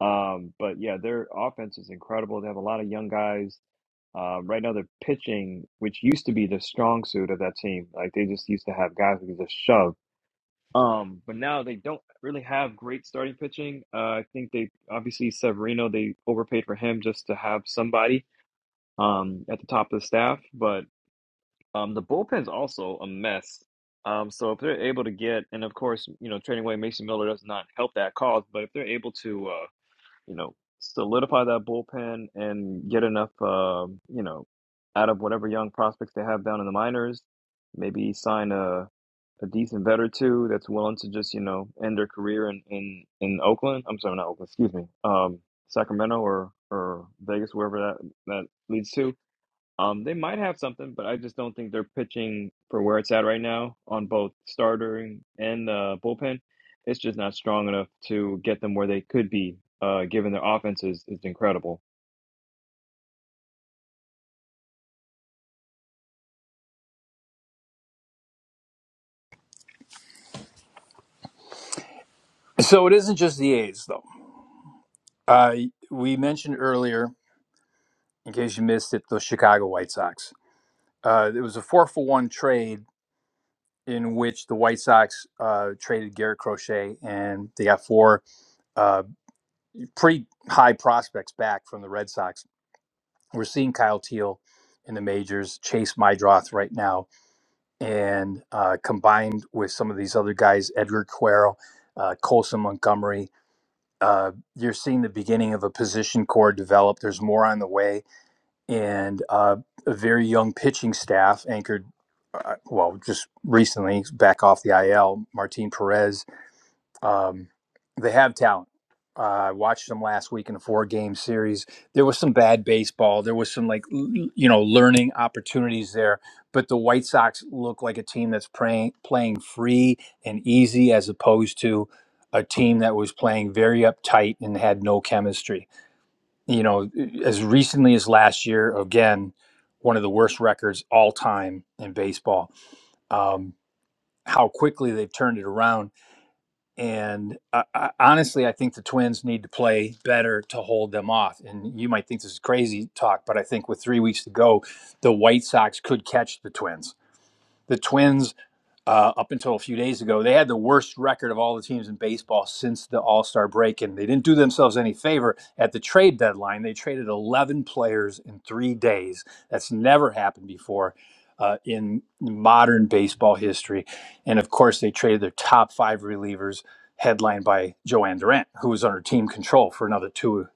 Um, but yeah, their offense is incredible. They have a lot of young guys. Um, right now, they're pitching, which used to be the strong suit of that team. Like they just used to have guys who could just shove. Um, but now they don't really have great starting pitching. Uh, I think they obviously Severino they overpaid for him just to have somebody um at the top of the staff, but um the bullpen's also a mess. Um, so if they're able to get, and of course, you know, trading away Mason Miller does not help that cause, but if they're able to uh, you know, solidify that bullpen and get enough, uh, you know, out of whatever young prospects they have down in the minors. Maybe sign a a decent vet or two that's willing to just you know end their career in in in Oakland. I'm sorry, not Oakland. Excuse me, um, Sacramento or or Vegas, wherever that that leads to um, they might have something, but I just don't think they're pitching for where it's at right now on both starter and and, uh, bullpen. It's just not strong enough to get them where they could be, uh, given their offense is, is incredible. So it isn't just the A's though. Uh, we mentioned earlier, in case you missed it, the Chicago White Sox. Uh, it was a four for one trade in which the White Sox uh, traded Garrett Crochet and they got four uh, pretty high prospects back from the Red Sox. We're seeing Kyle Teal in the majors, Chase Mydroth right now, and uh, combined with some of these other guys, Edgar Cuero, uh, Colson Montgomery. Uh, you're seeing the beginning of a position core develop. There's more on the way, and uh, a very young pitching staff anchored, uh, well, just recently back off the IL, Martin Perez Um, they have talent. Uh, I watched them last week in a four game series. There was some bad baseball. There was some like l- you know learning opportunities there. But the White Sox look like a team that's playing playing free and easy as opposed to a team that was playing very uptight and had no chemistry. You know, as recently as last year, again, one of the worst records all time in baseball. Um, how quickly they've turned it around and I, I, honestly, I think the Twins need to play better to hold them off. And you might think this is crazy talk, but I think with three weeks to go, the White Sox could catch the Twins. The Twins uh, up until a few days ago, they had the worst record of all the teams in baseball since the All Star break, and they didn't do themselves any favor at the trade deadline. They traded 11 players in three days. That's never happened before uh, in modern baseball history. And of course, they traded their top five relievers, headlined by Joanne Durant, who was under team control for another two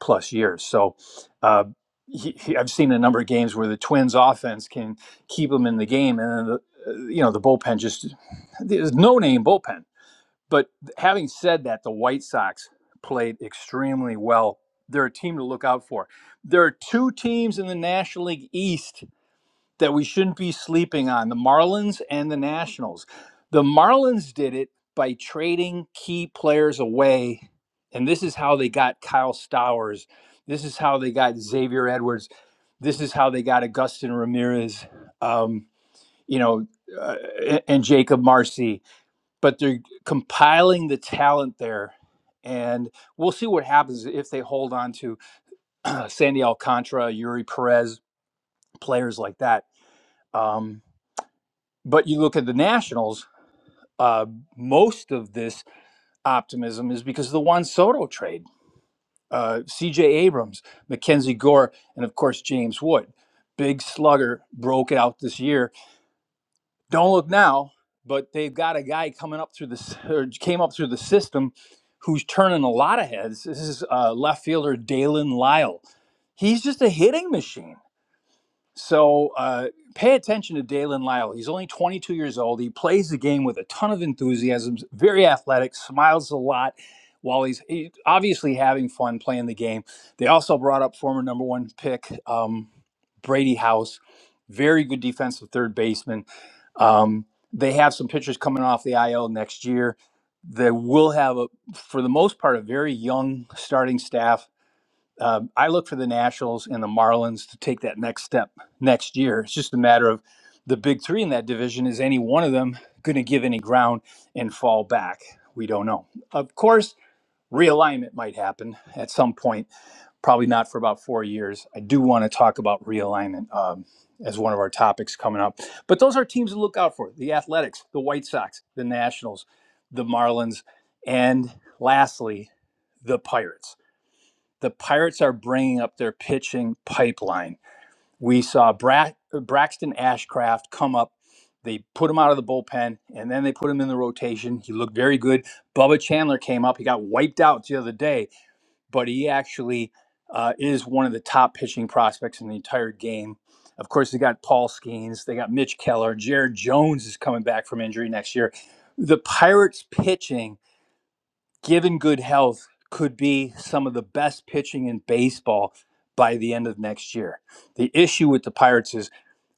plus years. So, uh, he, he- I've seen a number of games where the Twins' offense can keep them in the game, and then the you know, the bullpen just there's no name bullpen. But having said that, the White Sox played extremely well. They're a team to look out for. There are two teams in the National League East that we shouldn't be sleeping on the Marlins and the Nationals. The Marlins did it by trading key players away. And this is how they got Kyle Stowers. This is how they got Xavier Edwards. This is how they got Augustin Ramirez. Um, you know, uh, and Jacob Marcy, but they're compiling the talent there. And we'll see what happens if they hold on to Sandy Alcantara, Yuri Perez, players like that. Um, but you look at the Nationals, uh, most of this optimism is because of the Juan Soto trade, uh, CJ Abrams, Mackenzie Gore, and of course, James Wood. Big slugger broke out this year don't look now, but they've got a guy coming up through the or came up through the system who's turning a lot of heads. This is uh, left fielder Dalen Lyle. He's just a hitting machine. So uh, pay attention to Dalen Lyle. He's only 22 years old. He plays the game with a ton of enthusiasm, very athletic, smiles a lot while he's he, obviously having fun playing the game. They also brought up former number one pick um, Brady House, very good defensive third baseman. Um, they have some pitchers coming off the IL next year. They will have, a, for the most part, a very young starting staff um, I look for the Nationals and the Marlins to take that next step next year. It's just a matter of the big three in that division. Is any one of them going to give any ground and fall back? We don't know. Of course, realignment might happen at some point, probably not for about four years. I do want to talk about realignment um, as one of our topics coming up. But those are teams to look out for the Athletics, the White Sox, the Nationals, the Marlins, and lastly, the Pirates the Pirates are bringing up their pitching pipeline. We saw Bra- Braxton Ashcraft come up. They put him out of the bullpen, and then they put him in the rotation. He looked very good. Bubba Chandler came up. He got wiped out the other day, but he actually uh, is one of the top pitching prospects in the entire game. Of course, they got Paul Skeens. They got Mitch Keller. Jared Jones is coming back from injury next year. The Pirates pitching given good health, could be some of the best pitching in baseball by the end of next year. The issue with the Pirates is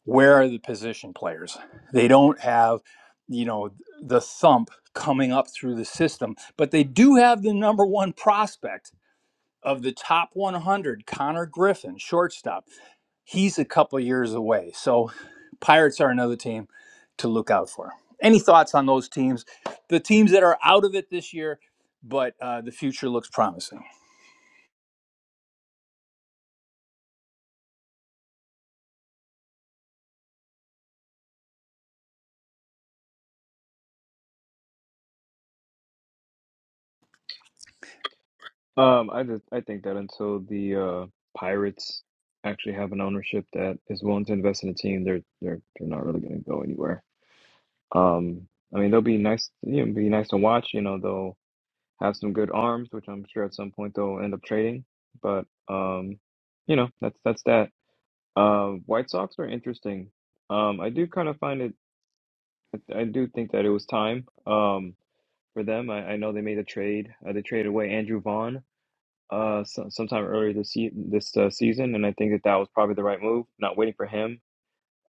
where are the position players? They don't have, you know, the thump coming up through the system, but they do have the number one prospect of the top 100, Connor Griffin, shortstop he's a couple years away. So Pirates are another team to look out for. Any thoughts on those teams? The teams that are out of it this year, but uh, the future looks promising. Um, I just I think that until the uh, Pirates actually have an ownership that is willing to invest in a team, they're they're they're not really going to go anywhere. Um, I mean, they'll be nice, you know, be nice to watch. You know, they'll have some good arms, which I'm sure at some point they'll end up trading. But um, you know, that's that's that. Um, White Sox are interesting. Um, I do kind of find it. I I do think that it was time um, for them. I, I know they made a trade. Uh, they traded away Andrew Vaughn uh, so, sometime earlier this se this uh, season, and I think that that was probably the right move. Not waiting for him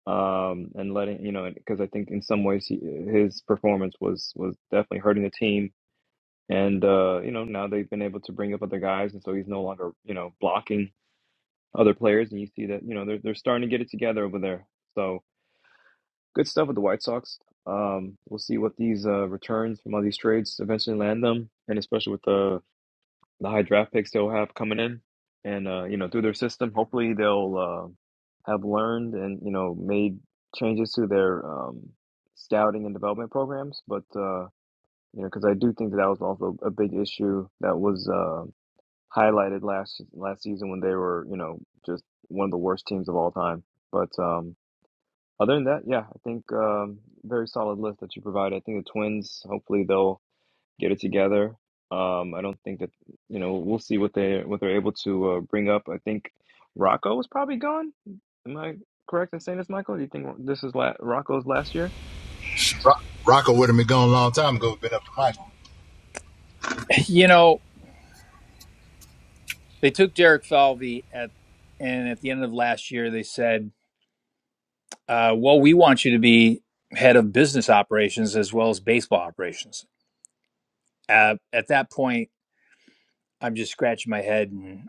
um, and letting you know, because I think in some ways he, his performance was was definitely hurting the team and uh, you know, now they've been able to bring up other guys, and so he's no longer, you know, blocking other players. And you see that, you know, they're they're starting to get it together over there. So good stuff with the White Sox. Um, we'll see what these uh, returns from all these trades eventually land them, and especially with the the high draft picks they'll have coming in, and uh, you know, through their system, hopefully they'll uh, have learned and you know made changes to their um, scouting and development programs. But uh, you know, because I do think that, that was also a big issue that was. Uh, highlighted last last season when they were, you know, just one of the worst teams of all time. But um, other than that, yeah, I think um, very solid list that you provided. I think the Twins, hopefully they'll get it together. Um, I don't think that you know we'll see what they what they're able to uh, bring up. I think Rocco was probably gone. Am I correct in saying this, Michael? Do you think this is la- Rocco's last year? Sh- Rock, Rocco would have been gone a long time ago. Been up to Michael. You know, they took Derek Falvey at, and at the end of last year, they said, uh, "Well, we want you to be head of business operations as well as baseball operations." Uh, at that point, I'm just scratching my head. and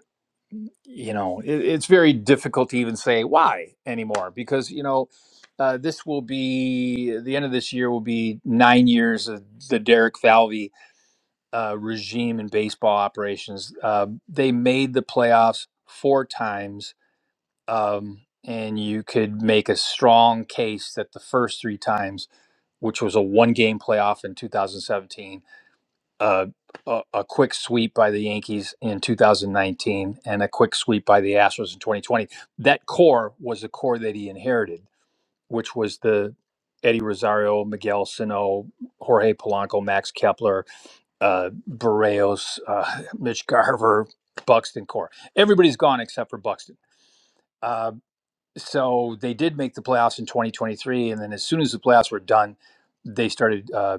you know, it, it's very difficult to even say why anymore because, you know, uh, this will be the end of this year will be nine years of the Derek Falvey uh, regime in baseball operations. Uh, they made the playoffs four times, um, and you could make a strong case that the first three times, which was a one game playoff in 2017, a, a, a quick sweep by the Yankees in 2019 and a quick sweep by the Astros in 2020. That core was the core that he inherited, which was the Eddie Rosario, Miguel Sano, Jorge Polanco, Max Kepler, uh, Barrios, uh, Mitch Garver, Buxton core. Everybody's gone except for Buxton. Uh, so they did make the playoffs in 2023 and then as soon as the playoffs were done they started uh,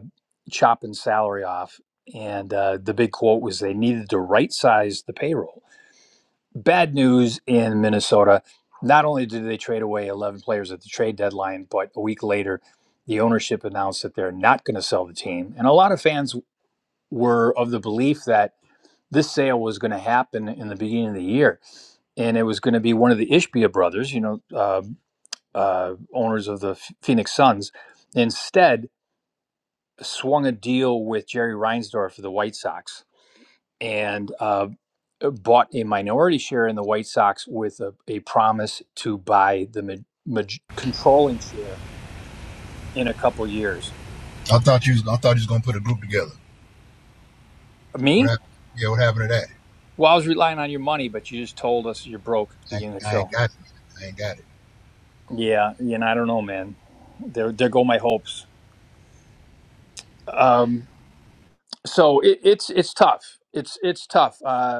chopping salary off and uh, the big quote was they needed to right size the payroll bad news in minnesota not only did they trade away 11 players at the trade deadline but a week later the ownership announced that they're not going to sell the team and a lot of fans were of the belief that this sale was going to happen in the beginning of the year and it was going to be one of the ishbia brothers you know uh, uh, owners of the Phoenix Suns, instead swung a deal with Jerry Reinsdorf of the White Sox and uh, uh, bought a minority share in the White Sox with a, a promise to buy the ma- maj- controlling share in a couple years. I thought you was I thought you was gonna put a group together. What Me? happened? Yeah, what happened to that? Well, I was relying on your money, but you just told us you're broke at the I, beginning of ain't- the I show. ain't got it. man. I ain't got it. Yeah, yeah, and I don't know, man. There, there go my hopes. Um, so it, it's it's tough. It's it's tough. Uh,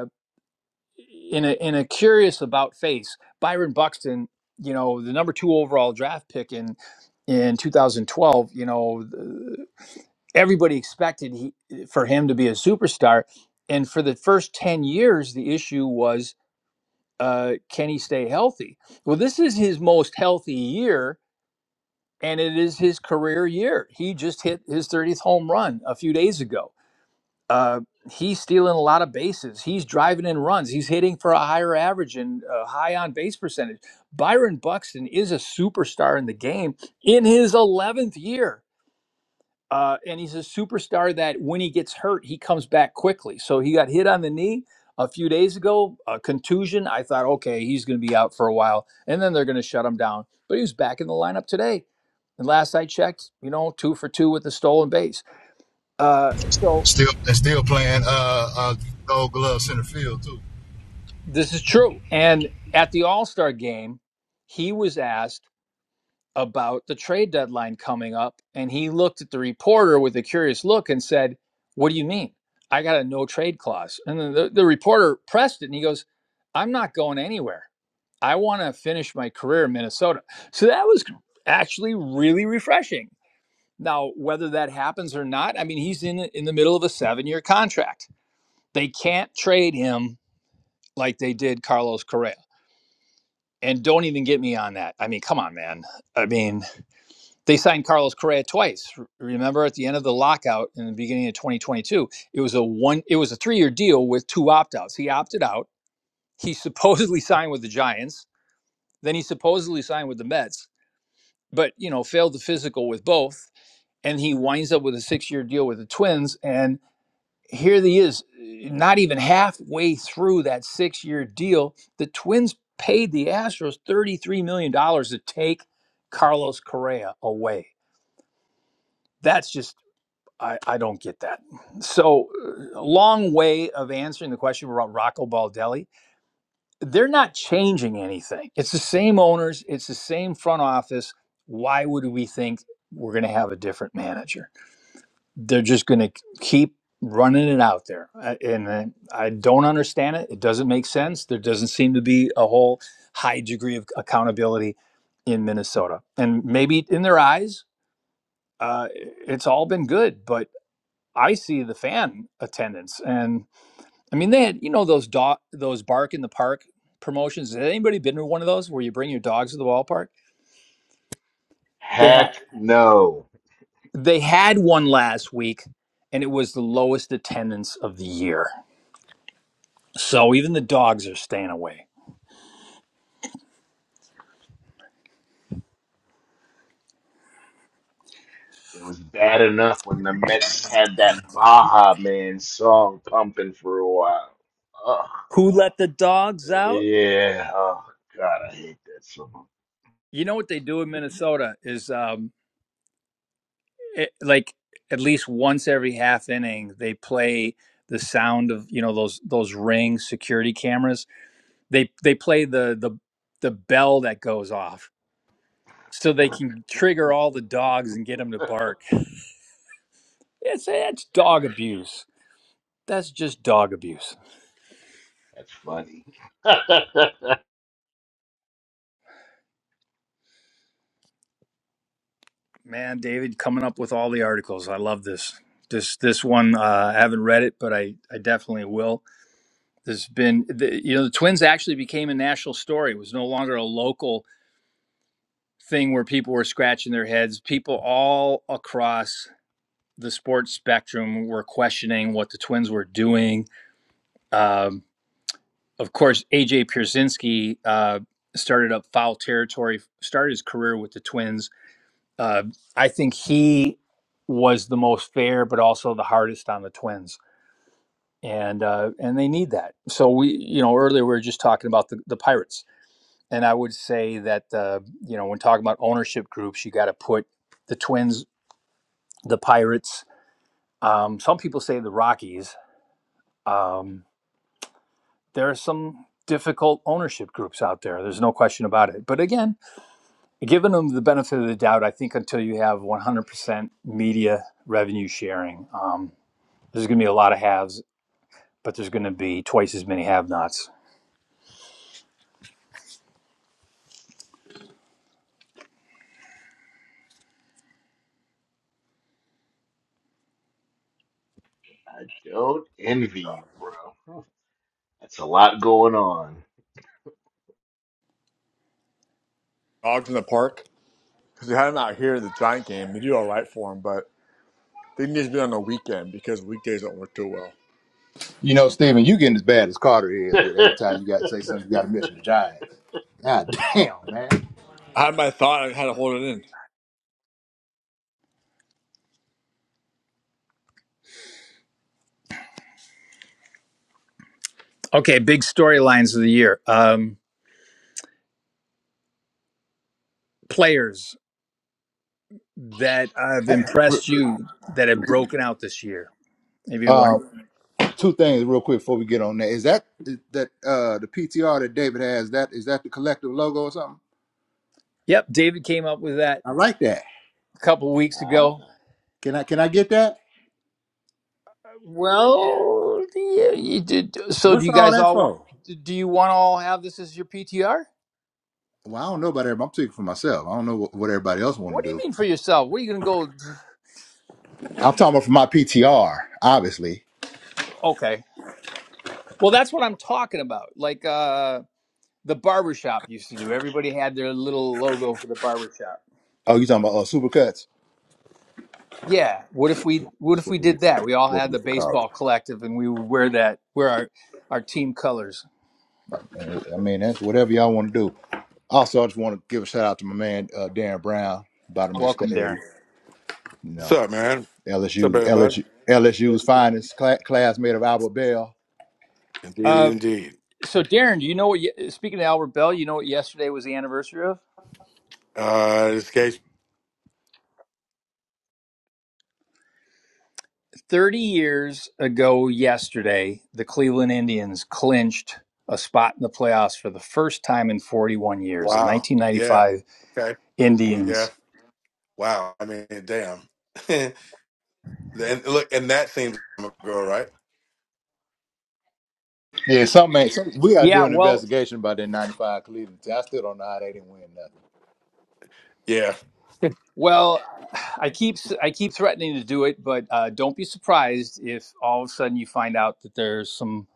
in a in a curious about face, Byron Buxton, you know, the number two overall draft pick in in 2012, you know, th- everybody expected he, for him to be a superstar, and for the first 10 years, the issue was uh, can he stay healthy? Well, this is his most healthy year, and it is his career year. He just hit his 30th home run a few days ago uh, he's stealing a lot of bases. He's driving in runs. He's hitting for a higher average and a high on base percentage. Byron Buxton is a superstar in the game in his 11th year. Uh, and he's a superstar that when he gets hurt, he comes back quickly. So he got hit on the knee a few days ago, a contusion. I thought, okay, he's going to be out for a while. And then they're going to shut him down. But he was back in the lineup today. And last I checked, you know, two for two with the stolen base Uh. Still and still playing uh uh Gold Glove center field too. This is true. And at the All Star game, he was asked about the trade deadline coming up, and he looked at the reporter with a curious look and said, What do you mean? I got a no trade clause. And then the, the reporter pressed it and he goes, I'm not going anywhere. I want to finish my career in Minnesota. So that was actually really refreshing. Now, whether that happens or not, I mean, he's in in the middle of a seven year contract. They can't trade him like they did Carlos Correa. And don't even get me on that. I mean, come on, man. I mean, they signed Carlos Correa twice. Remember at the end of the lockout in the beginning of 2022, it was a one it was a 3-year deal with two opt-outs. He opted out. He supposedly signed with the Giants, then he supposedly signed with the Mets, but you know, failed the physical with both and he winds up with a 6-year deal with the Twins and here he is, not even halfway through that six year deal. The Twins paid the Astros $33 million dollars to take Carlos Correa away. That's just, I, I don't get that. So, uh, a long way of answering the question about Rocco Baldelli. They're not changing anything. It's the same owners, it's the same front office. Why would we think we're going to have a different manager? they're just going to keep running it out there I- and I I don't understand it it doesn't make sense there doesn't seem to be a whole high degree of accountability in Minnesota and maybe in their eyes uh, it's all been good but I see the fan attendance and I mean they had you know those dog those bark in the park promotions has anybody been to one of those where you bring your dogs to the ballpark they had Heck no. they had one last week and it was the lowest attendance of the year So even the dogs are staying away. It was bad enough when the Mets had that Baja Man song pumping for a while. Ugh. Who let the dogs out? Yeah. Oh, God, I hate that song. You know what they do in Minnesota is um, it, like at least once every half inning they play the sound of you know those those ring security cameras. They they play the the the bell that goes off so they can trigger all the dogs and get them to bark. It's it's dog abuse. That's just dog abuse. That's funny. I Man, David, coming up with all the articles. I love this. This this one, uh, I haven't read it, but I, I definitely will. There's been, the, you know, the Twins actually became a national story. It was no longer a local thing where people were scratching their heads. People all across the sports spectrum were questioning what the Twins were doing. Um, of course, AJ Pierzynski uh, started up foul territory, started his career with the Twins Uh, I think he was the most fair, but also the hardest on the Twins, and uh, and they need that. So we, you know, earlier we were just talking about the, the Pirates, and I would say that uh, you know when talking about ownership groups, you got to put the Twins, the Pirates. Um, some people say the Rockies. Um, there are some difficult ownership groups out there. There's no question about it. But again, giving them the benefit of the doubt, I think until you have 100% media revenue sharing. Um, There's going to be a lot of haves, but there's going to be twice as many have-nots. don't envy you, bro. That's a lot going on. dogs in the park because we had them out here at the Giant game. We do all right for them, but they need to be on the weekend because weekdays don't work too well. You know, Steven, you getting as bad as Carter is with every time you got to say something, you got to mention the Giants. God damn, man. I had my thought. I had to hold it in. Okay, big storylines of the year. Um, players that have impressed you that have broken out this year. Maybe Uh, one. two things real quick before we get on that. Is that that uh the PTR that David has? That is that the collective logo or something? Yep, David came up with that I like that. a couple of weeks ah, ago. Can I can I get that? Well, yeah, you did. So, do What's you all guys that all want? for? Do you want to all have this as your PTR? Well, I don't know about everybody. I'm speaking for myself. I don't know what, what everybody else want What do to you do. mean for yourself? What are you going to I'm talking about for my PTR, obviously. go? Okay. Well, that's what I'm talking about. Like, uh, the barbershop used to do. Everybody had their little logo for the barbershop. Oh, you talking about uh, supercuts? Yeah. What if we what That's if what we we did used that? to, We all what we had the used to call it. baseball collective and we would wear that wear our our team colors. Uh, I mean, that's whatever y'all want to do. Also, I just want to give a shout out to my man uh, Darren Brown, bottom of the Welcome, Darren. stage. You What's know, up, man? What's up, LSU, everybody? LSU, LSU's finest cla- classmate of Albert Bell. Indeed, Uh, indeed. so Darren, do you know what? Speaking of Albert Bell, you know what yesterday was the anniversary of? Uh, this case, Thirty years ago yesterday, the Cleveland Indians clinched a spot in the playoffs for the first time in forty-one years. The wow. nineteen Yeah. ninety-five Okay. Yeah. Indians. Wow. I mean, damn. and look, and that seems like a girl, right? Yeah, something ain't. Some, we got to do Yeah, an well, investigation about that '95 Cleveland team. I still don't know how they didn't win Yeah. Well, I keep I keep threatening to do it, but uh, don't be surprised if all of a sudden you find out that there's some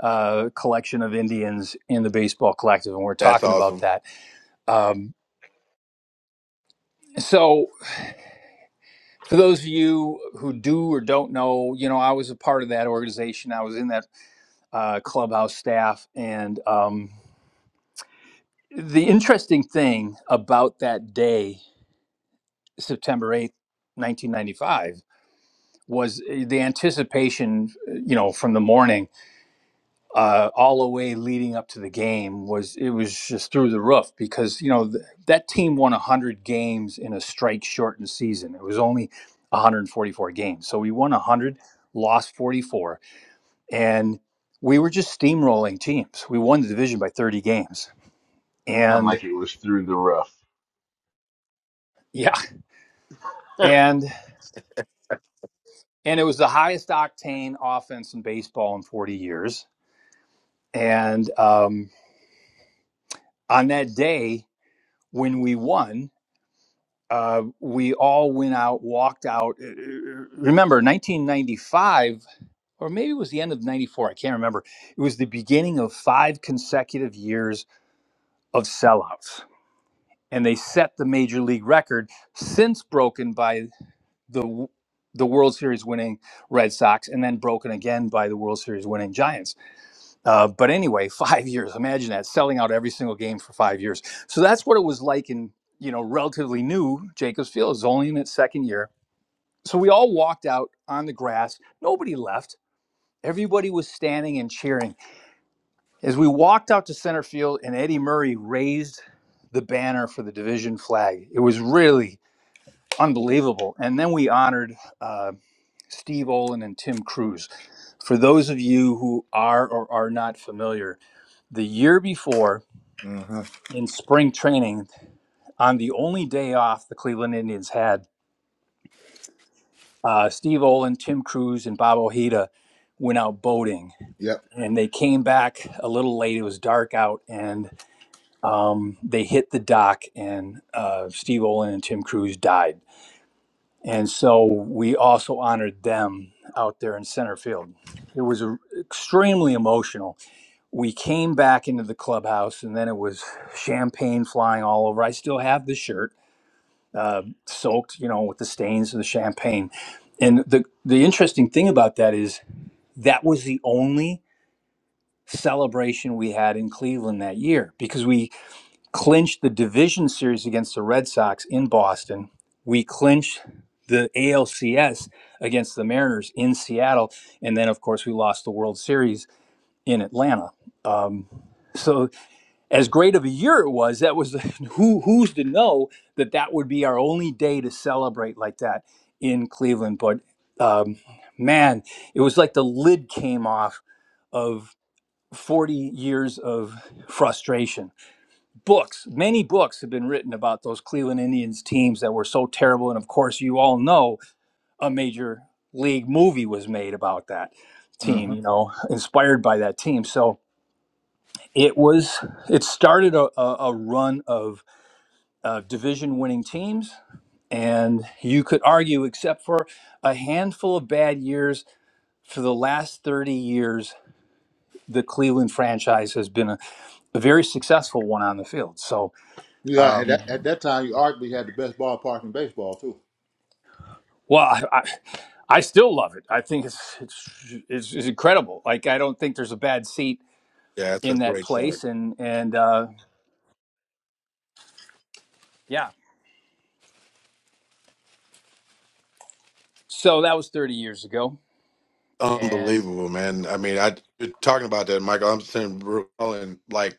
uh, collection of Indians in the baseball collective, and we're That's talking about awesome. that. Um, so, for those of you who do or don't know, you know, I was a part of that organization. I was in that uh, clubhouse staff, and um, the interesting thing about that day, September eighth, nineteen ninety five, was uh, the anticipation. uh, You know, from the morning uh, all the way leading up to the game was it was just through the roof because you know th- that team won 100 games in a strike shortened season. It was only 144 games, so we won 100, lost 44, and we were just steamrolling teams. We won the division by 30 games, sound like and it was through the rough. yeah, and and it was the highest octane offense in baseball in 40 years. And um, on that day when we won. uh, we all went out, walked out. uh, uh, Remember, 1995, or maybe it was the end of 94, I can't remember. It was the beginning of five consecutive years of sellouts. And they set the major league record, since broken by the the World Series winning Red Sox, and then broken again by the World Series winning Giants. Uh, but anyway, five years. Imagine that selling out every single game for five years. So that's what it was like in you know relatively new Jacobs Field. It was only in its second year so we all walked out on the grass. Nobody left. Everybody was standing and cheering. As we walked out to center field and Eddie Murray raised the banner for the division flag, it was really unbelievable. And then we honored uh, Steve Olin and Tim Cruz. For those of you who are or are not familiar, the year before nothing. hmm in spring training, on the only day off the Cleveland Indians had, uh, Steve Olin, Tim Cruz, and Bob Ojeda went out boating Yep. and they came back a little late. It was dark out, and um, they hit the dock, and uh, Steve Olin and Tim Cruz died. And so we also honored them out there in center field. It was a- extremely emotional. We came back into the clubhouse, and then it was champagne flying all over. I still have the shirt uh, soaked, you know, with the stains of the champagne. And the the interesting thing about that is that was the only celebration we had in Cleveland that year because we clinched the division series against the Red Sox in Boston. We clinched the ALCS against the Mariners in Seattle. And then, of course, we lost the World Series in Atlanta. Um, so, as great of a year it was, that was who who's to know that that would be our only day to celebrate like that in Cleveland. But um, man, it was like the lid came off of. 40 years of frustration. Books, many books have been written about those Cleveland Indians teams that were so terrible. And of course, you all know a major league movie was made about that team, hmm you know, inspired by that team. So it was, it started a, a, a run of uh, division winning teams. And you could argue, except for a handful of bad years, for the last 30 years, the Cleveland franchise has been a very successful one on the field. So, Yeah, at that, at um, that time, you arguably had the best ballpark in baseball too. well, I, I, I still love it. I think it's, it's it's it's incredible. Like I don't think there's a bad seat Yeah, that's a in that great start. place. And and uh, yeah, so that was 30 years ago. And Unbelievable, man. I mean, I you're talking about that, Michael. I'm sitting here recalling, like,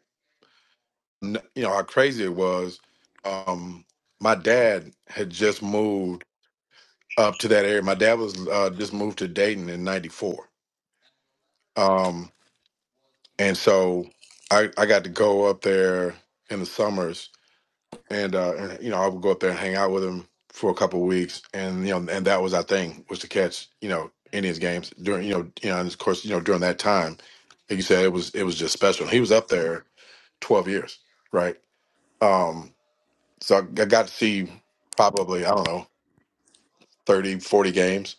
n- you know, how crazy it was. Um, my dad had just moved up to that area. My dad was uh, just moved to Dayton in '94 and so I I got to go up there in the summers, and uh, and you know I would go up there and hang out with him for a couple of weeks, and you know and that was our thing was to catch you know Indians games during you know you know and of course you know during that time, like you said it was it was just special. He was up there twelve years, right? Um, so I I got to see probably I don't know 30 40 games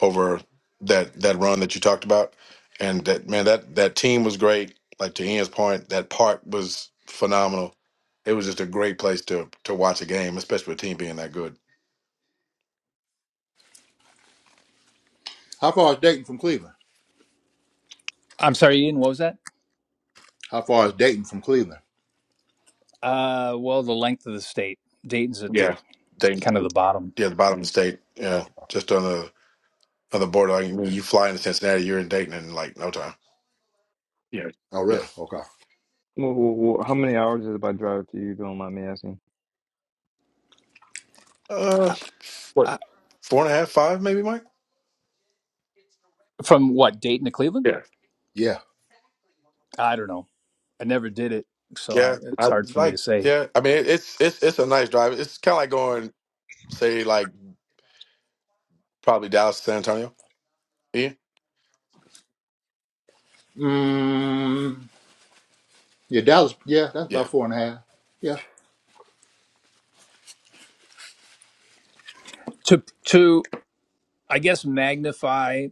over that that run that you talked about, and that man that that team was great. Like to Ian's point, that part was phenomenal. It was just a great place to to watch a game, especially with a team being that good. How far is Dayton from Cleveland? I'm sorry, Ian, what was that? How far is Dayton from Cleveland? Uh, well, the length of the state. Dayton's at Yeah, the they kind of the bottom. yeah the bottom of the state. Yeah, Oh, just on the on the border. Like when you fly into Cincinnati, you're in Dayton in like no time. Yeah, oh, really? yeah. Okay. Wh- wh- wh- How many hours is it by drive to you? Don't mind me asking. Uh, I, what I, four and a half, five maybe, Mike? from what Dayton to Cleveland? Yeah, Yeah. I don't know. I never did it, so I, yeah. I it's hard for me to like say. yeah. I mean, it, it's it's it's a nice drive. It's kind of like going say like probably Dallas, to San Antonio Yeah, Mm. Yeah, Dallas. Yeah, that's yeah, about four and a half. Yeah. To to I guess magnify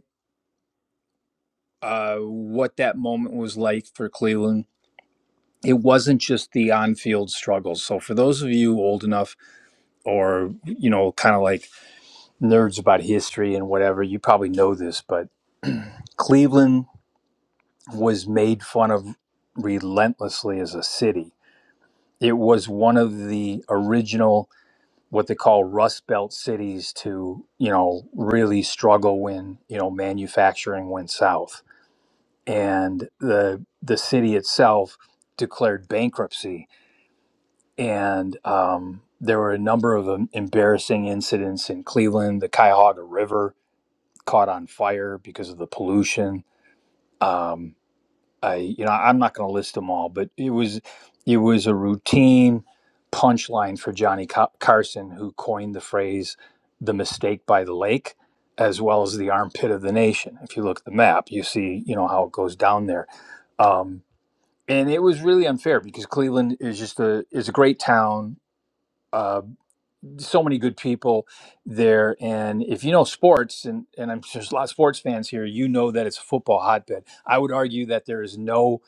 uh, what that moment was like for Cleveland. It wasn't just the on-field struggles. So for those of you old enough, or you know, kind of like nerds about history and whatever, you probably know this, but Cleveland was made fun of relentlessly as a city. It was one of the original what they call Rust Belt cities to you know really struggle when you know manufacturing went south and the the city itself declared bankruptcy and um, there were a number of um, embarrassing incidents in Cleveland. The Cuyahoga River caught on fire because of the pollution. Um, I, you know, I'm not going to list them all, but it was it was a routine punchline for Johnny Ca- Carson, who coined the phrase "the mistake by the lake," as well as the armpit of the nation. If you look at the map, you see, you know, how it goes down there. Um, and it was really unfair because Cleveland is just a is a great town. Uh, so many good people there, and if you know sports, and and I'm sure there's a lot of sports fans here, you know that it's a football hotbed. I would argue that there is no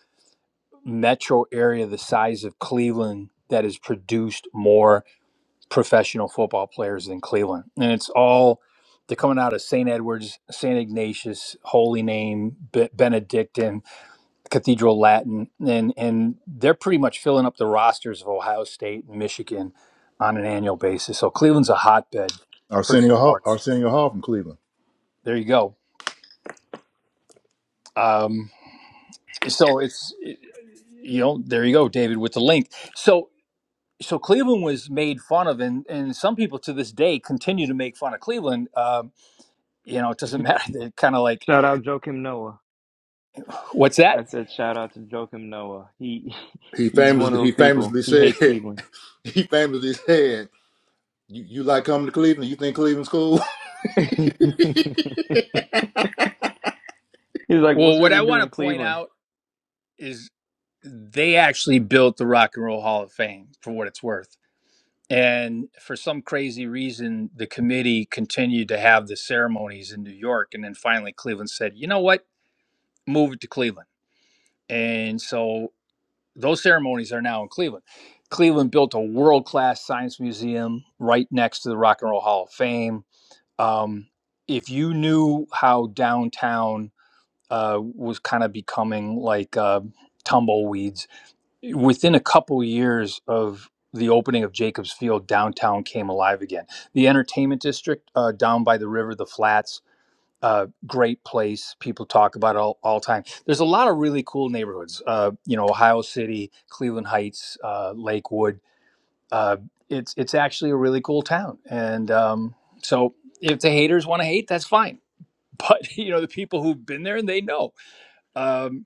metro area the size of Cleveland that has produced more professional football players than Cleveland, and it's all they're coming out of St. Edwards, St. Ignatius, Holy Name, Be- Benedictine Cathedral Latin, and and they're pretty much filling up the rosters of Ohio State and Michigan on an annual basis. So Cleveland's a hotbed for Arsenio Hall, sports. Arsenio Hall from Cleveland. There you go. Um, so it's you know there you go, David, with the link. So so Cleveland was made fun of, and and some people to this day continue to make fun of Cleveland. Um, you know, it doesn't matter. They're kind of like, Shout out Joakim Noah. what's I that? said shout out to Joakim Noah. He He he's one famously of those he people. famously He said hates Cleveland. he famously said you, you like coming to Cleveland. You think Cleveland's cool? He's like, what's Well, there what to I do in want to point Cleveland? out is they actually built the Rock and Roll Hall of Fame for what it's worth And for some crazy reason, the committee continued to have the ceremonies in New York. And then finally, Cleveland said, you know what? Move it to Cleveland. And so those ceremonies are now in Cleveland. Cleveland built a world class science museum right next to the Rock and Roll Hall of Fame. Um, if you knew how downtown uh, was kind of becoming like uh, tumbleweeds, within a couple years of the opening of Jacobs Field, downtown came alive again. The entertainment district uh, down by the river, the flats, uh, great place. People talk about it all, all time. There's a lot of really cool neighborhoods. Uh, you know, Ohio City, Cleveland Heights, uh, Lakewood. Uh, it's it's actually a really cool town. And um, so, if the haters want to hate, that's fine. But you know, the people who've been there and they know. Um,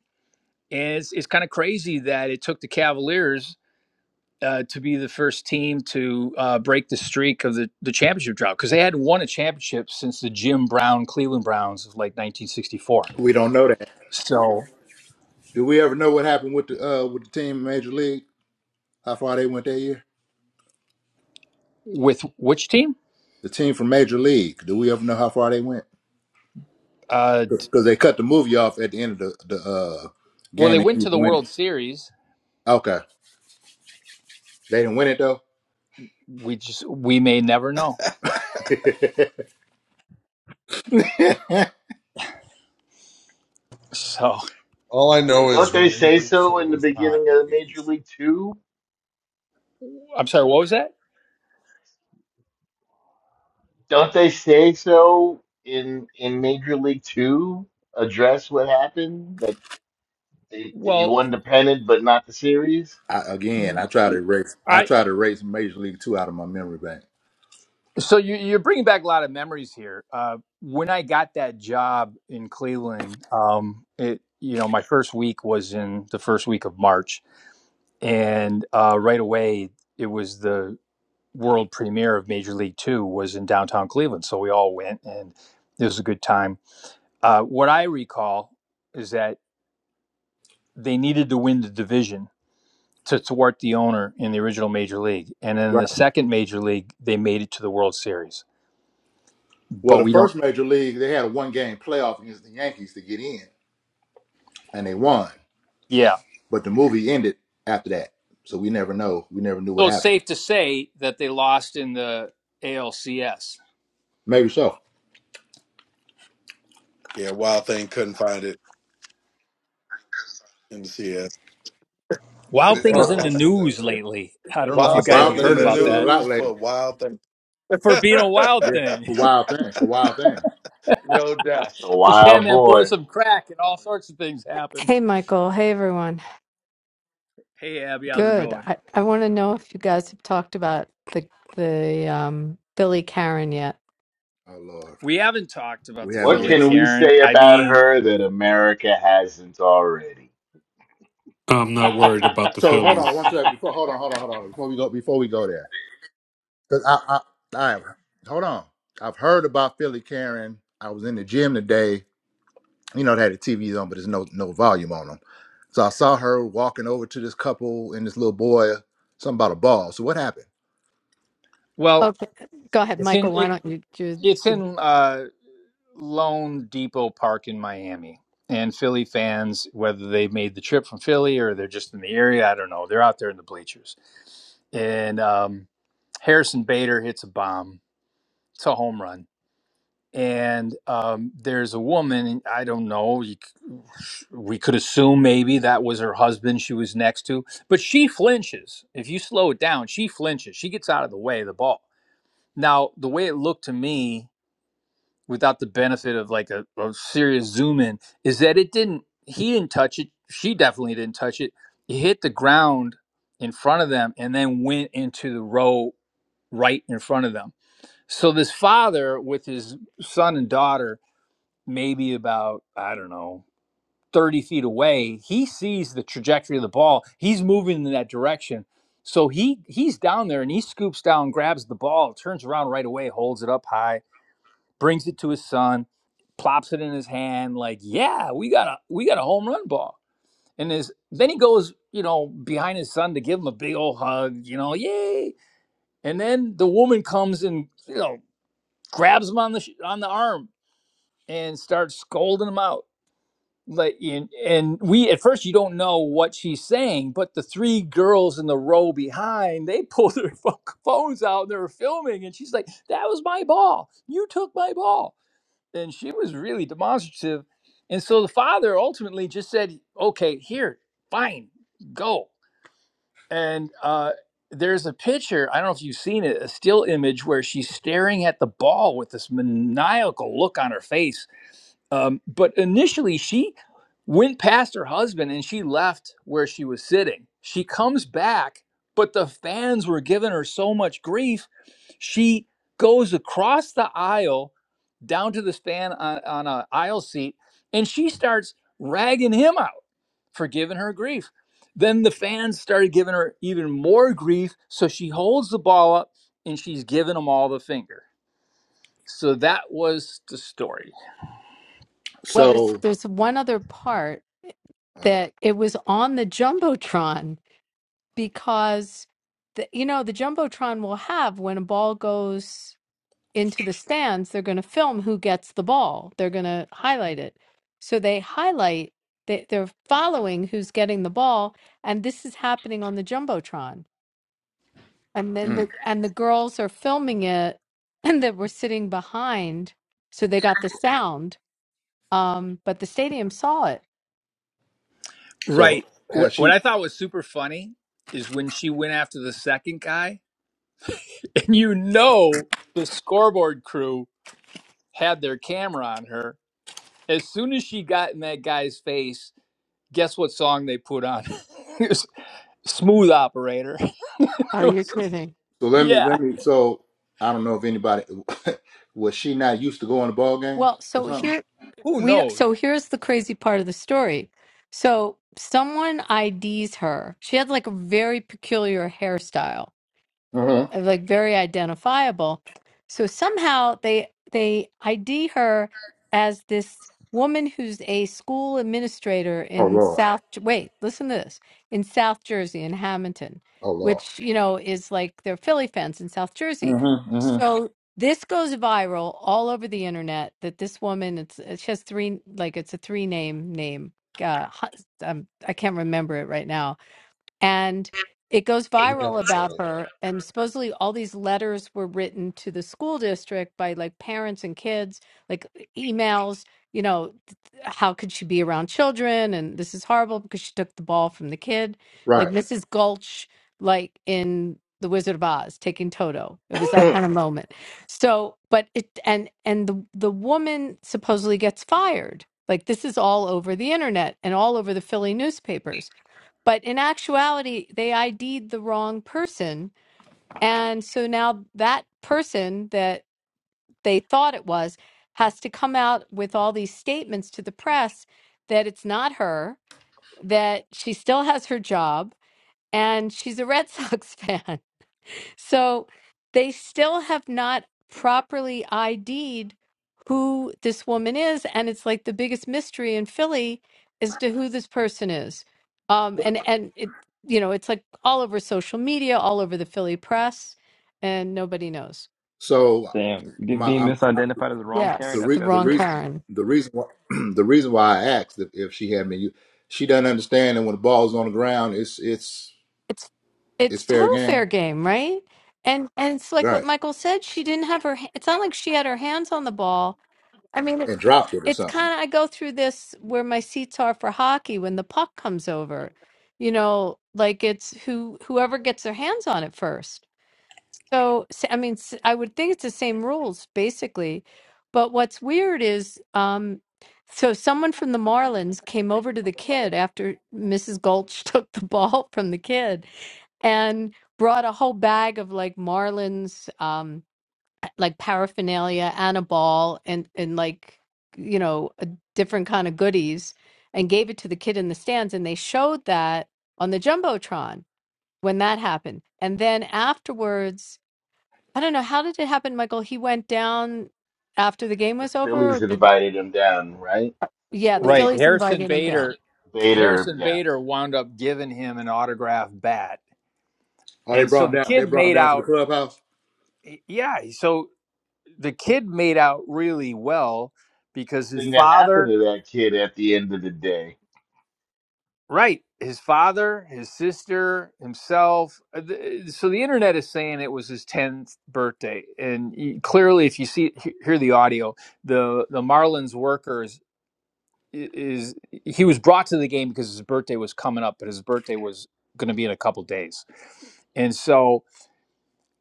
and it's, it's kind of crazy that it took the Cavaliers uh, to be the first team to uh, break the streak of the, the championship drought because they hadn't won a championship since the Jim Brown Cleveland Browns of like 1964. we don't know that. So Do we ever know what happened with the uh with the team in Major League? How far they went that year? with which team? The team from Major League. Do we ever know how far they went? Uh, Because they cut the movie off at the end of the the uh, well, game. they They went to didn't the win it. World Series. Okay, they didn't win it though. We just we may never know. So All I know Wait, is don't they Rene say so Russo in the was hot beginning in the of Major '80s. League Two? I'm sorry. What was that? Don't they say so in in Major League Two? Address what happened that they, they Well, won the pennant but not the series. I, again, n- I try to erase. I I try to erase Major League Two out of my memory bank. so you, you're bringing back a lot of memories here. Uh, when I got that job in Cleveland, um, it you know my first week was in the first week of March and uh, right away it was the world premiere of major league two was in downtown cleveland so we all went and it was a good time uh, what i recall is that they needed to win the division to thwart the owner in the original major league and then in the Right. second major league they made it to the world series Well, but the we don't first Major League, they had a one game playoff against the Yankees to get in, and they won. yeah But the movie ended after that, so we never know. We never knew what so it's happened. safe to say that they lost in the alcs Maybe so. yeah. Wild Thing couldn't find it in the CS. They wild thing is probably Well, in the lost to the news lately i they don't know if you the Wild lost to guys the Wild have Thing's Thing heard in the been in the about A's. news a that lot news for lately. Wild Thing. for being a wild Yeah, thing for Wild Things. For Wild Things. no doubt. That's a Just hand wild that boy boy. some crack and all sorts of things happen. Hey, Michael. Hey, everyone. Hey, Abby, how's it Good. going? I, I want to know if you guys have talked about the the um, Billy Karen yet. Oh Lord, We haven't talked about we the haven't What Philly yet. can we Karen. say I about mean, her that America hasn't already? I'm not worried about the So hold on one Phillies. second. Before hold on, hold on, hold on. Before we go, before we go there, because I, I, I, hold on. I've heard about Philly Karen. I was in the gym today you know, they had the TVs on, but there's no no volume on them. So I saw her walking over to this couple and this little boy, something about a ball. So what happened? well, Okay, go ahead, it's in Michael. Why it. don't you do It's the? in uh, Lone Depot Park in Miami, and Philly fans, whether they made the trip from Philly or they're just in the area, I don't know. They're out there in the bleachers, and um, Harrison Bader hits a bomb. It's a home run and um, there's a woman and i don't know you, c- we could assume maybe that was her husband she was next to but she flinches if you slow it down she flinches she gets out of the way of the ball now the way it looked to me without the benefit of like a, a serious zoom in is that it didn't he didn't touch it she definitely didn't touch it it hit the ground in front of them and then went into the row right in front of them so this father with his son and daughter maybe about I don't know 30 feet away, he sees the trajectory of the ball. He's moving in that direction. So he he's down there and he scoops down, grabs the ball, turns around right away, holds it up high, brings it to his son, plops it in his hand like, "Yeah, we got a we got a home run ball." And his then he goes, you know, behind his son to give him a big old hug, you know, "Yay!" And then the woman comes and, you know, grabs him on the sh- on the arm and starts scolding him out like and, and we at first you don't know what she's saying but the three girls in the row behind they pulled their pho- phones out and they were filming and she's like that was my ball you took my ball and she was really demonstrative and so the father ultimately just said okay here fine go and uh there's a picture i don't know if you've seen it a still image where she's staring at the ball with this maniacal look on her face um, but initially, she went past her husband and she left where she was sitting. She comes back, but the fans were giving her so much grief. She goes across the aisle down to this fan on, on an aisle seat and she starts ragging him out for giving her grief. Then the fans started giving her even more grief. So she holds the ball up and she's giving them all the finger. So that was the story. Well, there's So, there's one other part oh, that it was on the jumbotron because the you know the jumbotron will have when a ball goes. into the stands, they're going to film who gets the ball. They're going to highlight it. So they highlight they, they're following who's getting the ball, and this is happening on the jumbotron. And then mm. the and the girls are filming it, and that were sitting behind, so they got the sound. Um, but the stadium saw it. so Right. What has what she? I thought was super funny is when she went after the second guy, and you know the scoreboard crew had their camera on her. As soon as she got in that guy's face, guess what song they put on? it was Smooth Operator. Oh, It you're was- kidding. So let me yeah. let me. So I don't know if anybody was she not used to going to ball games Well, or so something. here Who we do knows? so here's the crazy part of the story. So someone IDs her. She had like a very peculiar hairstyle Mm-hmm. uh, like very identifiable. So somehow they they ID her as this woman who's a school administrator Oh in Lord, South. Wait, listen to this in South Jersey in Hamilton, oh Lord. which you know is like their Philly fans in South Jersey. Mm-hmm. Mm-hmm. So this goes viral all over the internet that this woman it's uh, she has three like it's a three name name. Uh, hu- um, I can't remember it right now and it goes You viral don't about say. her and supposedly all these letters were written to the school district by like parents and kids like e-, emails you know how could she be around children and this is horrible because she took the ball from the kid like Right. mrs gulch like in the wizard of oz taking toto it was that kind of moment so but it and and the the woman supposedly gets fired like this is all over the internet and all over the philly newspapers but in actuality they id'd the wrong person and so now that person that they thought it was, has to come out with all these statements to the press that it's not her, that she still has her job, and she's a Red Sox fan. So they still have not properly ID'd who this woman is. And it's like the biggest mystery in Philly as to who this person is. Um, and, and it, you know, it's like all over social media, all over the Philly press, and nobody knows. so Damn, get- my being I'm misidentified as the wrong Karen. the Yes, That's the re- that's the wrong crazy. reason Karen. the reason why the reason why I asked if, if she had me, you, she doesn't understand that when the ball's on the ground, it's it's it's it's it's fair total game, fair game, right? And and it's like what right? Michael said. She didn't have her. ha- It's not like she had her hands on the ball. I mean, it, And it- dropped it or it's something. kind of. I go through this where my seats are for hockey when the puck comes over. You know, like it's who whoever gets their hands on it first. So s- I mean, s- I would think it's the same rules basically. But what's weird is, um, so someone from the Marlins came over to the kid after Mrs. Gulch took the ball from the kid and brought a whole bag of like Marlins, um, like paraphernalia and a ball and and like you know a different kind of goodies, and gave it to the kid in the stands, and they showed that on the jumbotron when that happened, and then afterwards, I don't know how did it happen, Michael? He went down after the game The was over, or Phillies did they- invited him down, right? yeah, It the Right. was Phillies Harrison invited him down. Bader Bader, Harrison yeah. Bader wound up giving him an autographed bat. Oh, they And so brought him the down. They kid brought him made down for the out clubhouse. yeah, so the kid made out really well because his Thing that happened father to that kid at the end of the day. right his father his sister himself uh, th- so the internet is saying it was his 10th birthday and y- clearly if you see he- hear the audio the the marlins workers i- is he was brought to the game because his birthday was coming up but his birthday was going to be in a couple days and so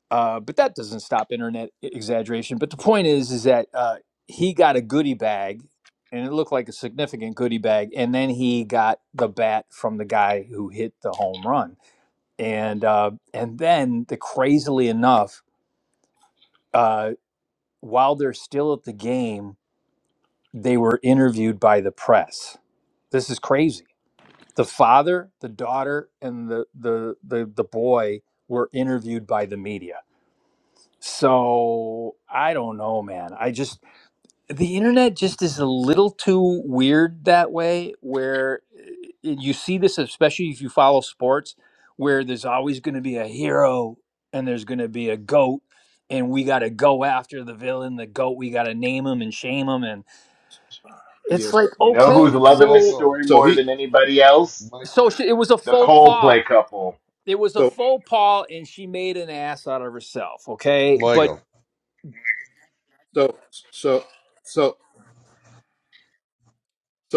Uh, but that doesn't stop internet e- exaggeration. But the point is, is that uh, he got a goodie bag, and it looked like a significant goodie bag. And then he got the bat from the guy who hit the home run. And uh, and then, the crazily enough, uh, while they're still at the game, they were interviewed by the press. This is crazy. The father, the daughter, and the the the, the boy were interviewed by the media. So I don't know, man. I just the internet just is a little too weird that way where uh, you see this especially if you follow sports where there's always going to be a hero and there's going to be a goat and we got to go after the villain the goat we got to name him and shame him and it's Yes. so, like You know who's okay And loving this so Michael, story so more he than anybody else? so Michael, she, it was a The faux pas Coldplay couple. it was a so faux pas and she made an ass out of herself okay but Michael, so so so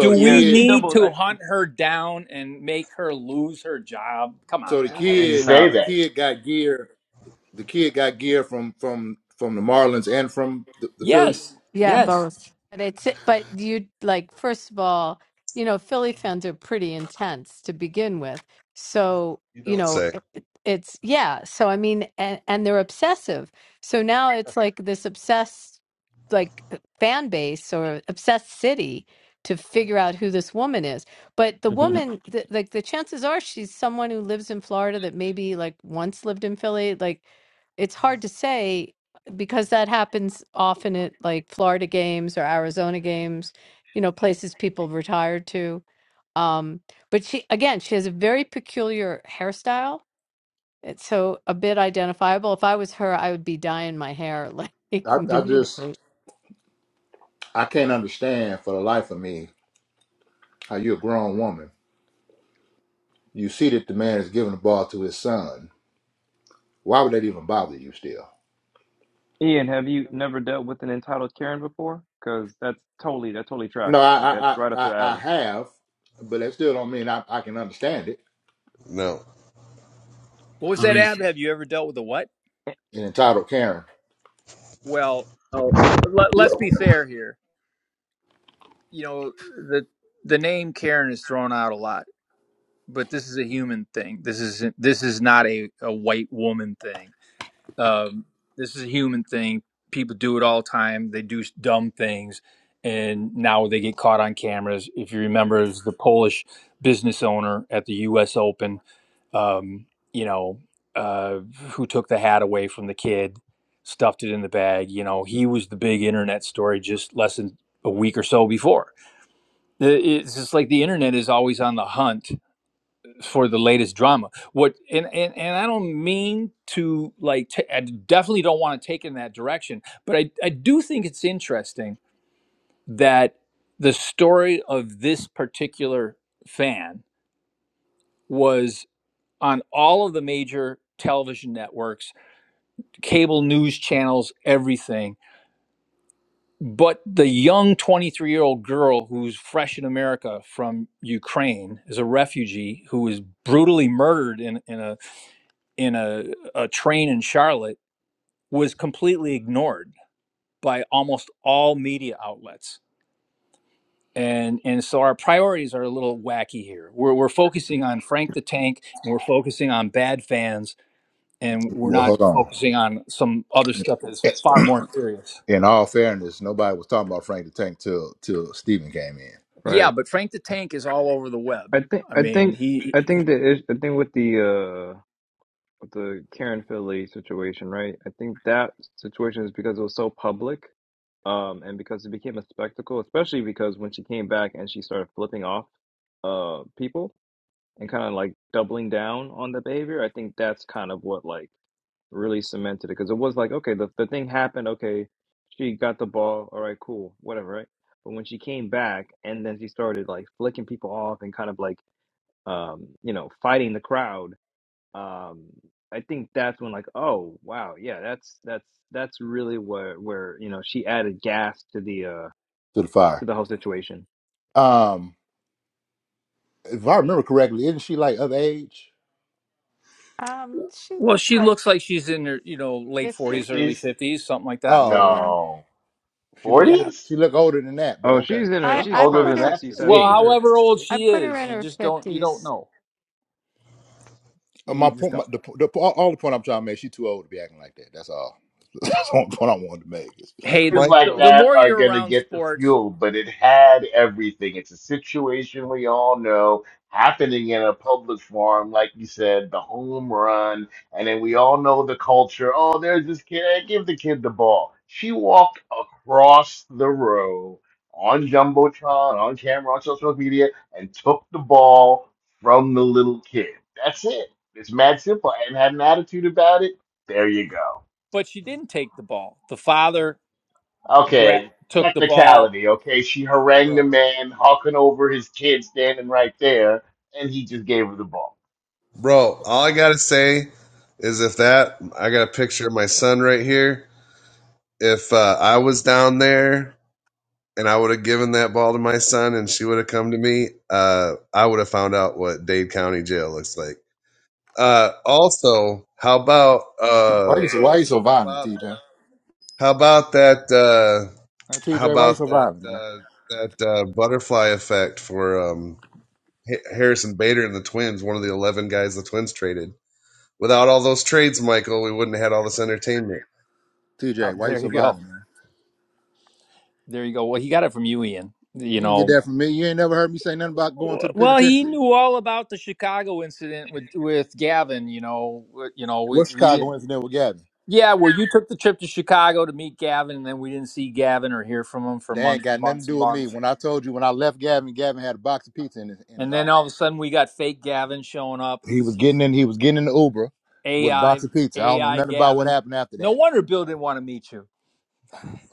do the Yeah, we kid she need doubled. to I hunt her down and make her lose her job come so on the man no. I didn't kid say Nah. the that. kid got gear the kid got gear from from from the Marlins and from the, the Philly. Yes. Yeah, Yes. both. But it's but you like first of all, you know, Philly fans are pretty intense to begin with. So, you you don't know, say it, it- it's yeah, so I mean and and they're obsessive. So now it's like this obsessed like uh, fan base or obsessed city to figure out who this woman is. But the woman the, like the chances are she's someone who lives in Florida that maybe like once lived in Philly, like it's hard to say because that happens often at like Florida games or Arizona games, you know, places people retired to. Um, but she, again, she has a very peculiar hairstyle. It's so a bit identifiable. If I was her, I would be dyeing my hair like I, I just immediately. I can't understand for the life of me how you a grown woman You see that the man is giving the ball to his son. Why would that even bother you still? Ian, have you never dealt with an entitled Karen before? Because that's totally that totally No, tracks. I Like that's I I, right up I their I alley. have, but that still don't mean I, I can understand it. no. What was I that, mean, Ab? Have you ever dealt with a what? An entitled Karen. Well, l- l- let's be fair here. You know, the the name Karen is thrown out a lot, but this is a human thing. This is this is not a, a white woman thing. Um, this is a human thing. People do it all the time. They do dumb things, and now they get caught on cameras. If you remember, it was the Polish business owner at the U.S. Open, um, you know, uh, who took the hat away from the kid, stuffed it in the bag. You know, he was the big internet story just less than a week or so before. The- It's just like the internet is always on the hunt for the latest drama. What and and, and I don't mean to like ta- I definitely don't want to take in that direction, but I I do think it's interesting that the story of this particular fan was on all of the major television networks, cable news channels, everything. But the young 23 year old girl who's fresh in America from Ukraine is a refugee who was brutally murdered in in a. in a, a train in Charlotte was completely ignored by almost all media outlets. And, and so our priorities are a little wacky here. We're, we're focusing on Frank the Tank and we're focusing on bad fans and we're Well, hold not on. focusing on some other stuff that's far more serious. In all fairness, nobody was talking about Frank the Tank till till Stephen came in Yeah, Right. but Frank the Tank is all over the web. I think I I mean, think he, I think the is- I think with the uh with the Karen Philly situation, right? I think that situation is because it was so public, um, and because it became a spectacle, especially because when she came back and she started flipping off, uh, people and kind of like doubling down on the behavior. I think that's kind of what like really cemented it because it was like, okay, the the thing happened. Okay, she got the ball. All right, cool, whatever, right? But when she came back and then she started like flicking people off and kind of like um, you know, fighting the crowd um I think that's when like oh wow yeah that's that's that's really where where you know she added gas to the uh to the to fire. the whole situation. Um, if I remember correctly, isn't she like of age? Uh, well, she looks like she's in her, you know, late Fifty? 40s, early 60s. 50s, something like that. Oh, okay. No. She look Yeah. older. 40s? She look older than that, but Oh, okay. she's in She a I looked she's I older probably put than her that 60s to She's Well, me. in 70s. her however old I she sixties, put her is, in you probably. her just don't, you don't fifties. know. Uh, My we just point, don't. my, the, the all all the point I'm trying to make, she too old to be acting like that. That's all. That's the only point I wanted to make. Mi- Hey, the, Things like the Michael, the that more are you're going to around get the sports, fuel, but it had everything. It's a situation we all know happening in a public forum, like you said, the home run. And then we all know the culture. Oh, there's this kid. Hey, give the kid the ball. She walked across the row on Jumbotron, on camera, on social media, and took the ball from the little kid. That's it. It's mad simple. And had an attitude about it. There you go. but she didn't take the ball. The father gra- Okay, took the ball. technicality. Okay, she harangued the bro, man, hawking over his kid standing right there, and he just gave her the ball. bro. All I gotta say is if that I got a picture of my son right here. If uh, I was down there and I would have given that ball to my son, and she would have come to me, uh, I would have found out what Dade County Jail looks like. Uh, also, how about Why uh, you so why you so how violent, about TJ? How about that? Uh, Huh, how TJ, why you about so that? violent, man? Uh, that uh, butterfly effect for um, Ha- Harrison Bader and the Twins, one of the eleven guys the Twins traded. Without all those trades, Michael, we wouldn't have had all this entertainment. Oh, TJ, why you there so you go. violent, man? There you go. Well, he got it from you, Ian. You You didn't get know. that from me. You ain't never heard me say nothing about going to the Well, he penitentiary. knew all about the Chicago incident with with Gavin. You know. uh, You know. We What we Chicago didn't. incident with Gavin? Yeah, where you took the trip to Chicago to meet Gavin, and then we didn't see Gavin or hear from him for They ain't months and got nothing to months and do with me. months. When I told you when I left Gavin, Gavin had a box of pizza in his in his And arm. then all of a sudden, we got fake Gavin showing up. He He's was getting in, he was getting in the Uber with a AI, box of pizza. I don't know AI, nothing about what Gavin. happened after No that. wonder Bill didn't want to meet you.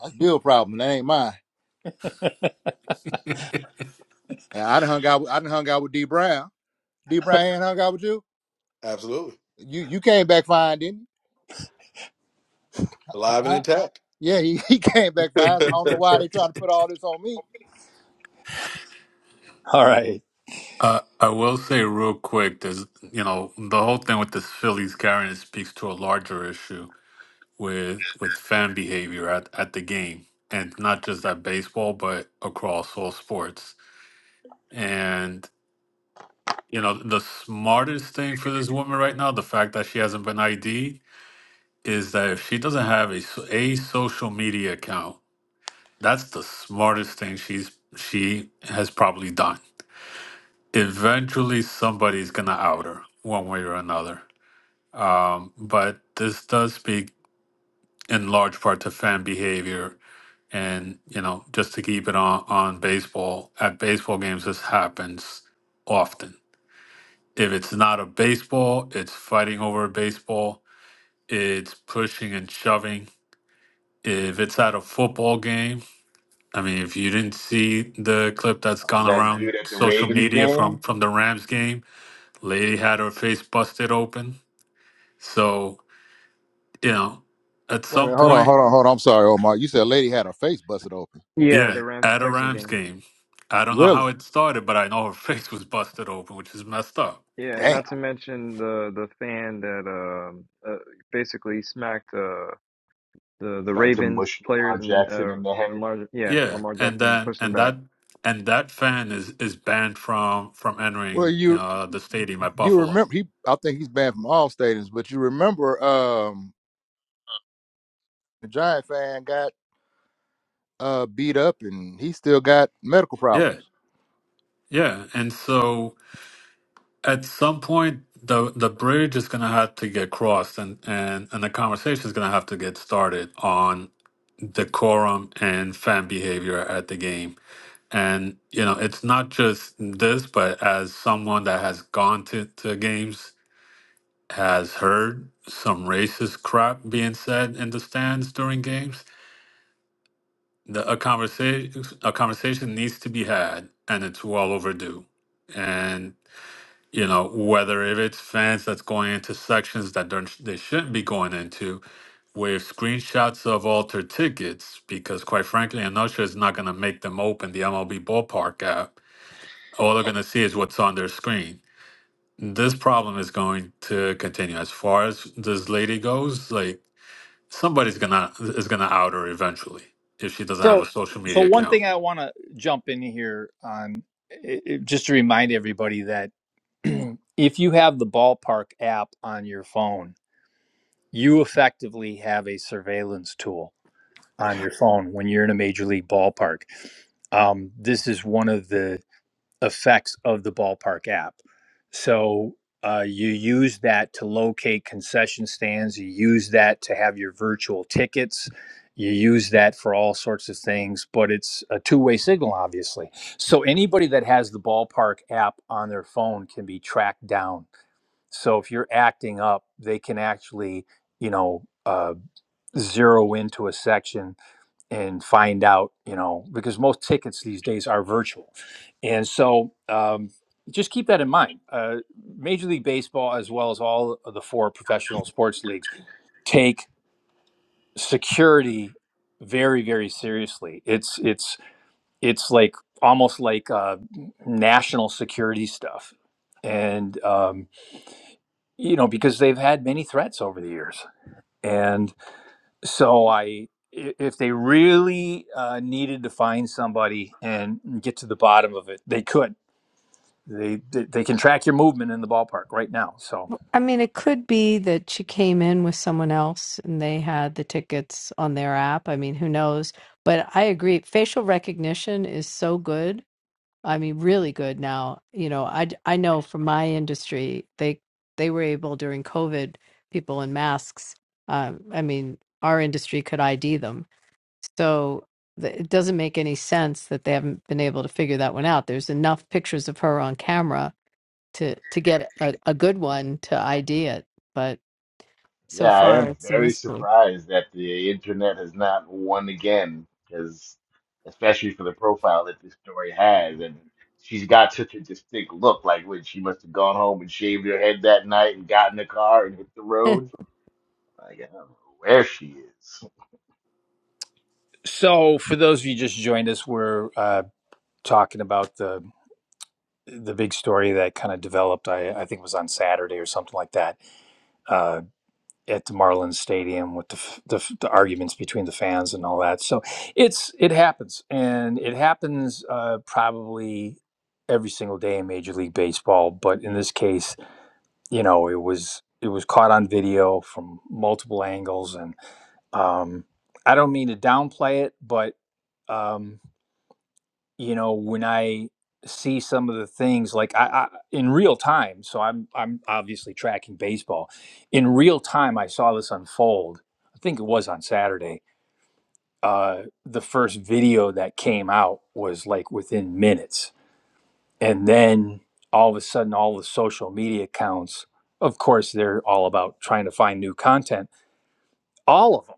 That's Bill's problem. That ain't mine. And I done hung out with I done hung out with D Brown. D Brown ain't hung out with you. Absolutely. You you came back fine, didn't you? Huh? Alive and huh? intact. Yeah, he, he came back I fast. I don't know why they trying to put all this on me. All right. Uh, I will say real quick, there's you know the whole thing with this Phillies carrying it speaks to a larger issue with with fan behavior at, at the game, and not just at baseball, but across all sports. And you know the smartest thing for this woman right now, the fact that she hasn't been ID, is that if she doesn't have a so- a social media account, that's the smartest thing she's she has probably done. Eventually, somebody's gonna out her one way or another Um, but this does speak in large part to fan behavior. And, you know, just to keep it on, on baseball, at baseball games, this happens often. If it's not a baseball, it's fighting over a baseball, it's pushing and shoving. If it's at a football game, I mean, if you didn't see the clip that's Uh, gone that around dude at the social Ravens media from, game from the Rams game, lady had her face busted open. So, you know, at Wait a some minute, hold on, point, hold on, hold on. I'm sorry, Omar. You said a lady had her face busted open. Yeah, Yeah, the Rams and at a Texans Rams game. game. I don't know how Really? it started, but I know her face was busted open, which is messed up. Yeah, and Damn. not to mention the the fan that um uh, basically smacked uh the the tried to Ravens mush Lamar players and then Jackson uh in the head. Lamar yeah, Yeah, Lamar and Jackson then pushed them and back. that and that fan is is banned from from Well, entering you you know, the stadium at you Buffalo. remember he? I think he's banned from all stadiums, but you remember um the Giant fan got uh beat up and he still got medical Yeah, problems. yeah, and so at some point the the bridge is gonna have to get crossed, and and and the conversation is gonna have to get started on decorum and fan behavior at the game And you know, it's not just this, but as someone that has gone to, to games, has heard some racist crap being said in the stands during games, the, a conversation a conversation needs to be had, and it's well overdue. And you know, whether if it's fans that's going into sections that don't, they shouldn't be going into with screenshots of altered tickets, because quite frankly, an usher is not going to make them open the MLB ballpark app all they're going to see is what's on their screen. This problem is going to continue as far as this lady goes. Like somebody's gonna is gonna out her eventually if she doesn't have So, a social so media one account. thing I want to jump in here on, i i- just to remind everybody that if you have the ballpark app on your phone, you effectively have a surveillance tool on your phone when you're in a major league ballpark. Um, this is one of the effects of the ballpark app. So uh, you use that to locate concession stands, you use that to have your virtual tickets, you use that for all sorts of things, but it's a two way signal, obviously. So anybody that has the ballpark app on their phone can be tracked down. So if you're acting up, they can actually, you know, uh, zero into a section and find out, you know, because most tickets these days are virtual. And so um, just keep that in mind. Uh, Major League Baseball, as well as all of the four professional sports leagues, take security very, very seriously. It's, it's, it's like almost like uh, national security stuff. And, um, you know, because they've had many threats over the years. and. so I, i- if they really uh, needed to find somebody and get to the bottom of it, they could. They they they can track your movement in the ballpark right now. So I mean, it could be that she came in with someone else and they had the tickets on their app. I mean, who knows? But I agree. Facial recognition is so good I mean, really good now. You know, I d- I know from my industry, they they were able during COVID, people in masks. Um, I mean, our industry could ID them, so th- it doesn't make any sense that they haven't been able to figure that one out. There's enough pictures of her on camera to to get a, a good one to ID it, but so Yeah, I far am it's a very mystery. surprised that the internet has not won again, because especially for the profile that this story has, and she's got such a distinct look. Like when she must have gone home and shaved her head that night and got in the car and hit the road. Like I don't know where she is. so for those of you just joined us, we're uh, talking about the the big story that kind of developed. I I think it was on Saturday or something like that. Uh, at the Marlins Stadium with the, the the arguments between the fans and all that. So it's it happens, and it happens uh, probably every single day in Major League Baseball. But in this case, you know, it was it was caught on video from multiple angles, and um, I don't mean to downplay it, but um, you know when i see some of the things like I, I in real time so i'm i'm obviously tracking baseball in real time i saw this unfold i think it was on saturday uh the first video that came out was like within minutes and then all of a sudden all the social media accounts of course they're all about trying to find new content all of them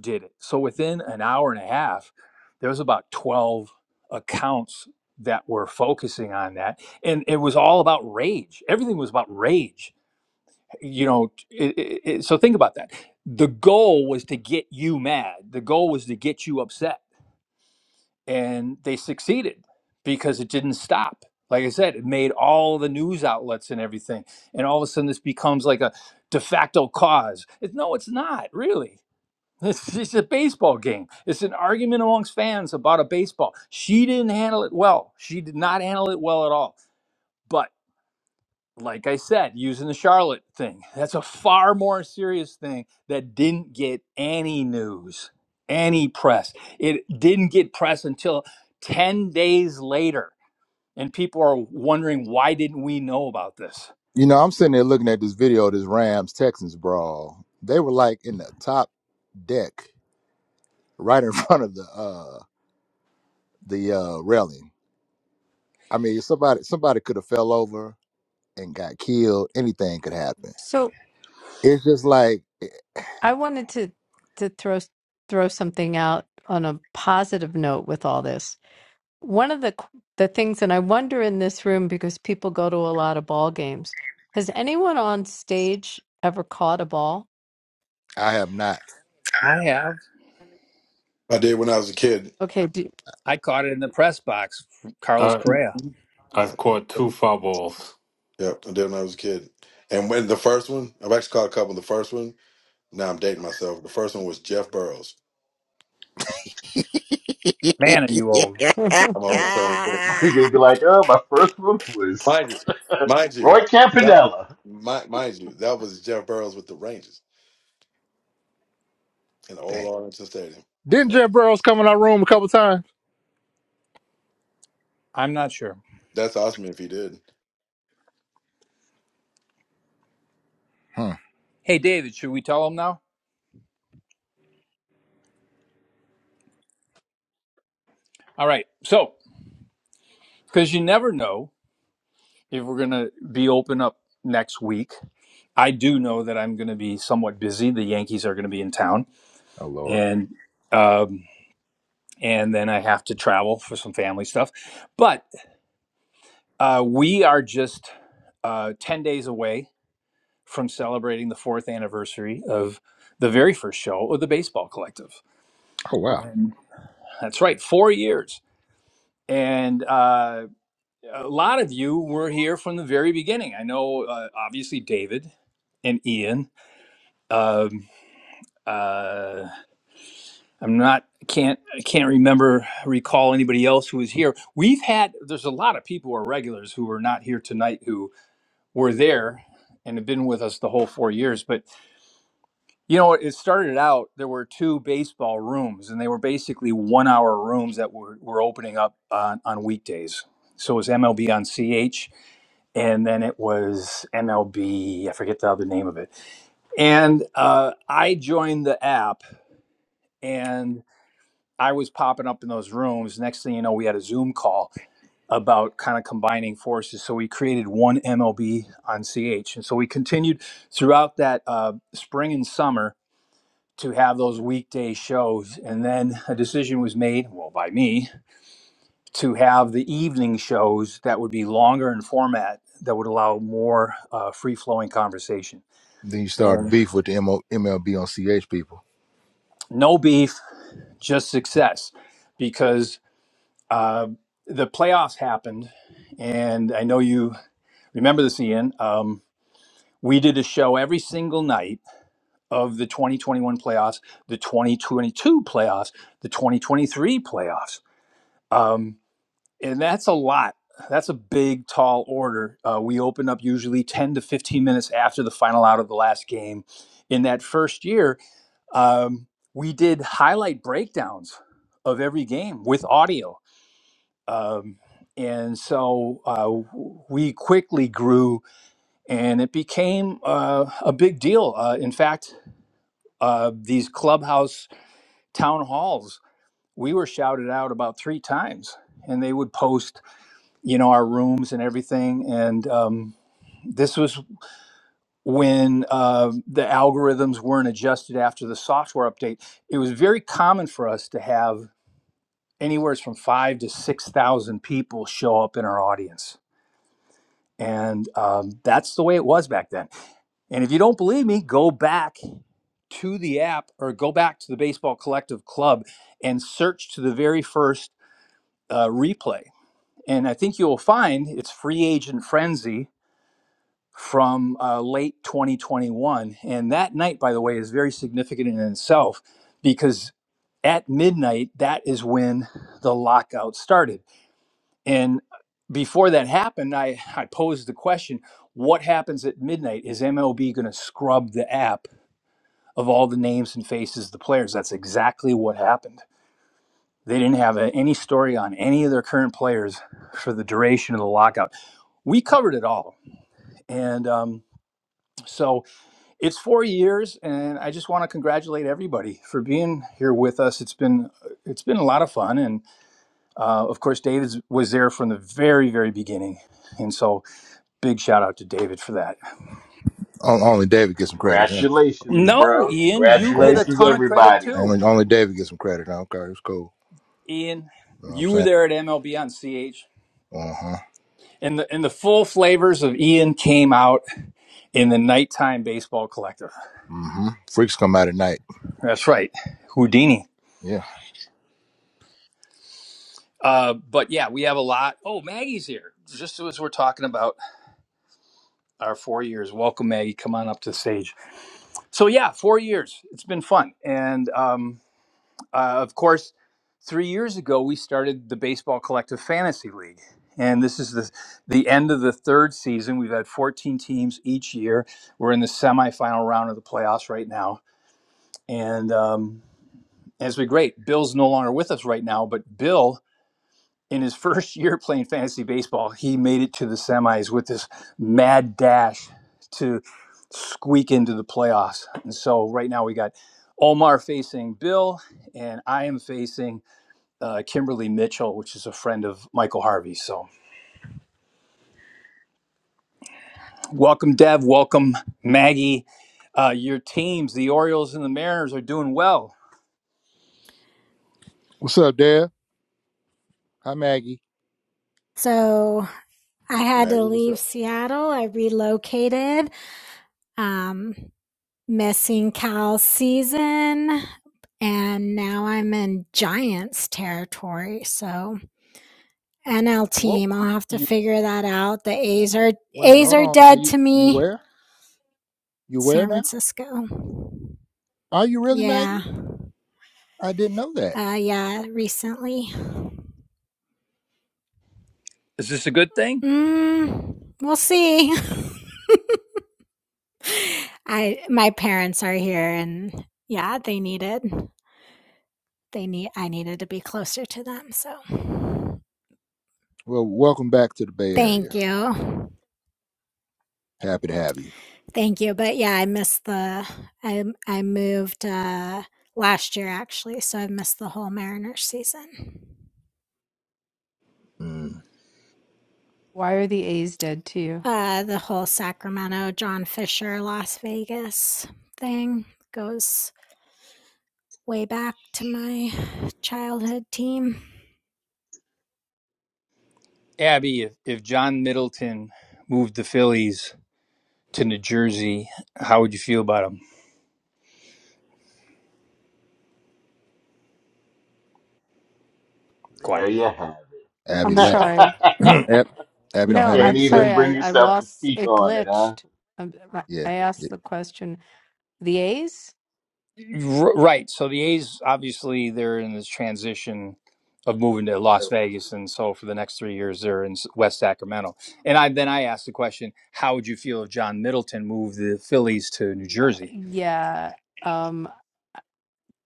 did it. So within an hour and a half, there was about 12 accounts that were focusing on that. And it was all about rage. Everything was about rage. You know, it, it, it- so think about that. The goal was to get you mad, the goal was to get you upset. And they succeeded because it didn't stop. Like I said, it made all the news outlets and everything. And all of a sudden, this becomes like a de facto cause. It's, no, it's not really it's, it's a baseball game. It's an argument amongst fans about a baseball. She didn't handle it well. She did not handle it well at all. But like I said, using the Charlotte thing, that's a far more serious thing that didn't get any news, any press. It didn't get press until 10 days later. And people are wondering why didn't we know about this? You know, I'm sitting there looking at this video, of this Rams Texans brawl. They were like in the top deck, right in front of the uh the uh railing. I mean, somebody somebody could have fell over and got killed, anything could happen. So It's just like eh, I wanted to to throw throw something out on a positive note with all this. one of the the things and I wonder in this room because people go to a lot of ball games. Has anyone on stage ever caught a ball? I have not. I have. did when I was a kid. Okay, do, I caught it in the press box, from Carlos Uh, Correa. I've Yep, caught two fumbles. I did when I was a kid. And when the first one, I've actually caught a couple. The first one, now I'm dating myself. The first one was Jeff Burrows. Man, are you old? I'm always why telling you. But You're gonna be like, oh, my first one was Mind you, mind you, Roy that, Campanella. mi- mind you, that was Jeff Burrows with the Rangers in the Damn. old Arlington Stadium. Didn't Yep. Jeff Burrows come in our room a couple times? I'm not sure. That's awesome if he did. Hmm. Hey, David, should we tell them now? All right. So, because you never know if we're going to be open up next week. I do know that I'm going to be somewhat busy. The Yankees are going to be in town, Oh Lord. and um, and then I have to travel for some family stuff. But uh, we are just uh, ten days away from celebrating the fourth anniversary of the very first show of the Baseball Collective. Oh wow. And that's right, four years. And uh, a lot of you were here from the very beginning. I know, uh, obviously, David and Ian. Um, uh, I'm not can't I am not can not can not remember recall anybody else who was here. We've had there's a lot of people who are regulars who are not here tonight who were there and have been with us the whole four years. But you know, it started out there were two baseball rooms, and they were basically one hour rooms that were, were opening up on, on weekdays. So it was MLB on CH and then it was MLB. I forget the other name of it. And uh, I joined the app, and I was popping up in those rooms. Next thing you know, we had a Zoom call about kind of combining forces. So we created one MLB on CH, and so we continued throughout that uh, spring and summer to have those weekday shows and then a decision was made well by me to have the evening shows that would be longer in format that would allow more uh, free flowing conversation Then you started Um, beef with the MO, MLB on CH people. no beef, just success, because uh, the playoffs happened, and I know you remember this, Ian. Um, we did a show every single night of the 2021 playoffs, the 2022 playoffs, the 2023 playoffs, um, and that's a lot. That's a big, tall order. Uh, we open up usually 10 to 15 minutes after the final out of the last game. In that first year, Um, we did highlight breakdowns of every game with audio. Um, and so uh, we quickly grew and it became uh, a big deal. Uh, in fact, uh, these clubhouse town halls, we were shouted out about three times and they would post, you know, our rooms and everything. And um, this was when uh, the algorithms weren't adjusted after the software update. It was very common for us to have anywhere from five to six thousand people show up in our audience, and um, that's the way it was back then. And if you don't believe me, go back to the app or go back to the Baseball Collective Club and search to the very first uh, replay, and I think you will find it's Free Agent Frenzy from uh, late 2021. And that night, by the way, is very significant in itself because at midnight, that is when the lockout started And before that happened, I, I posed the question what happens at midnight? Is MLB going to scrub the app of all the names and faces of the players? That's exactly what happened. They didn't have a, any story on any of their current players for the duration of the lockout. We covered it all. And um, so it's four years, and I just want to congratulate everybody for being here with us. It's been it's been a lot of fun, and uh, of course, David was there from the very very beginning, and so Big shout out to David for that. On- Only David gets some credit. Yeah. Congratulations, No, bro. Ian, you Okay. get a Congratulations, ton of credit everybody. too. Only only David gets some credit. huh? Okay, it's cool. Ian, You know what I'm you were saying? there at MLB on CH. Uh huh. And the, and the full flavors of Ian came out in the Nighttime Baseball Collective. Mm hmm. Freaks come out at night. That's right, Houdini. Yeah. Uh, but yeah, we have a lot. Oh, Maggie's here. Just as we're talking about our four years. Welcome, Maggie. Come on up to the stage. So yeah, four years. It's been fun, and um, Uh, of course, three years ago, we started the Baseball Collective Fantasy League. And this is the, the end of the third season. We've had 14 teams each year. We're in the semifinal round of the playoffs right now. And um, it's been great. Bill's no longer with us right now, but Bill, in his first year playing fantasy baseball, he made it to the semis with this mad dash to squeak into the playoffs. And so right now we got Omar facing Bill, and I am facing uh, Kimberly Mitchell, which is a friend of Michael Harvey. So, welcome, Dev. Welcome, Maggie. Uh, your teams, the Orioles and the Mariners, are doing well. What's up, Dad? Hi, Maggie. So I had to Maggie, what's up? leave Seattle. I relocated, um, missing cow season, and now I'm in Giants territory. So NL Well, team, I'll have to you, figure that out. The A's are Wait a minute. A's Hold are on now. dead You to you me. where? You where San now? Francisco. Are you really Yeah. Maggie? I didn't know that. Uh, yeah, recently. is this a good thing, Mm, we'll see. I my parents are here and yeah, they need it. they need I needed to be closer to them. So Well, welcome back to the Bay thank Area. you. Happy to have you. Thank you. But yeah, I missed the I I moved uh last year actually, so I missed the whole Mariners season. Mm. are the A's dead to you? Uh the whole Sacramento John Fisher Las Vegas thing goes way back to my childhood team. Abby? If, if John Middleton moved the Phillies to New Jersey, how would you feel about him? Quiet. There you have Abby I'm left. sorry. it. Ab- Abby don't No, have nothing Can't I'm to say. sorry. even I, bring I yourself to lost speak it on it, huh? glitched. Um, I Yeah. I yeah. asked the question. The A's? R- Right. So the A's obviously they're in this transition of moving to Las Vegas, and so for the next three years they're in S- West Sacramento. And I then I asked the question, how would you feel if John Middleton moved the Phillies to New Uh, Jersey? yeah. Um,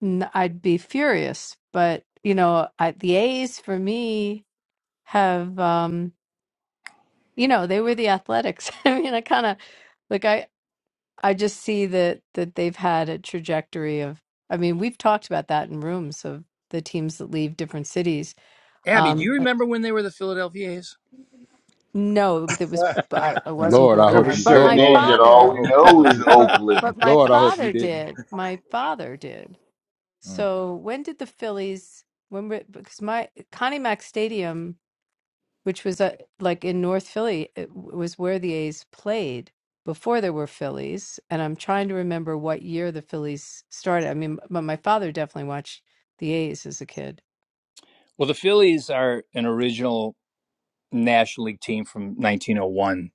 n- I'd be furious, but you know, I, the A's for me have um you know they were the athletics i mean i kind of like i i just see that that they've had a trajectory of i mean we've talked about that in rooms of the teams that leave different cities Abby, do um you uh, remember when they were the Philadelphia A's? no that was yeah, I, I wasn't Lord, I born We're a hope then you. but Lord, certain my Lord, age I that hope you. I all father we hope. I know hope is you. but Oakland. but my Lord, I hope you father didn't. did my father did Mm. so when did the phillies when were- because my connie mack stadium which was uh, like in North Philly, it w- was where the A's played before there were Phillies. And I'm trying to remember what year the Phillies started. I mean, but my father definitely watched the A's as a kid. Well, the Phillies are an original National League team from 1901.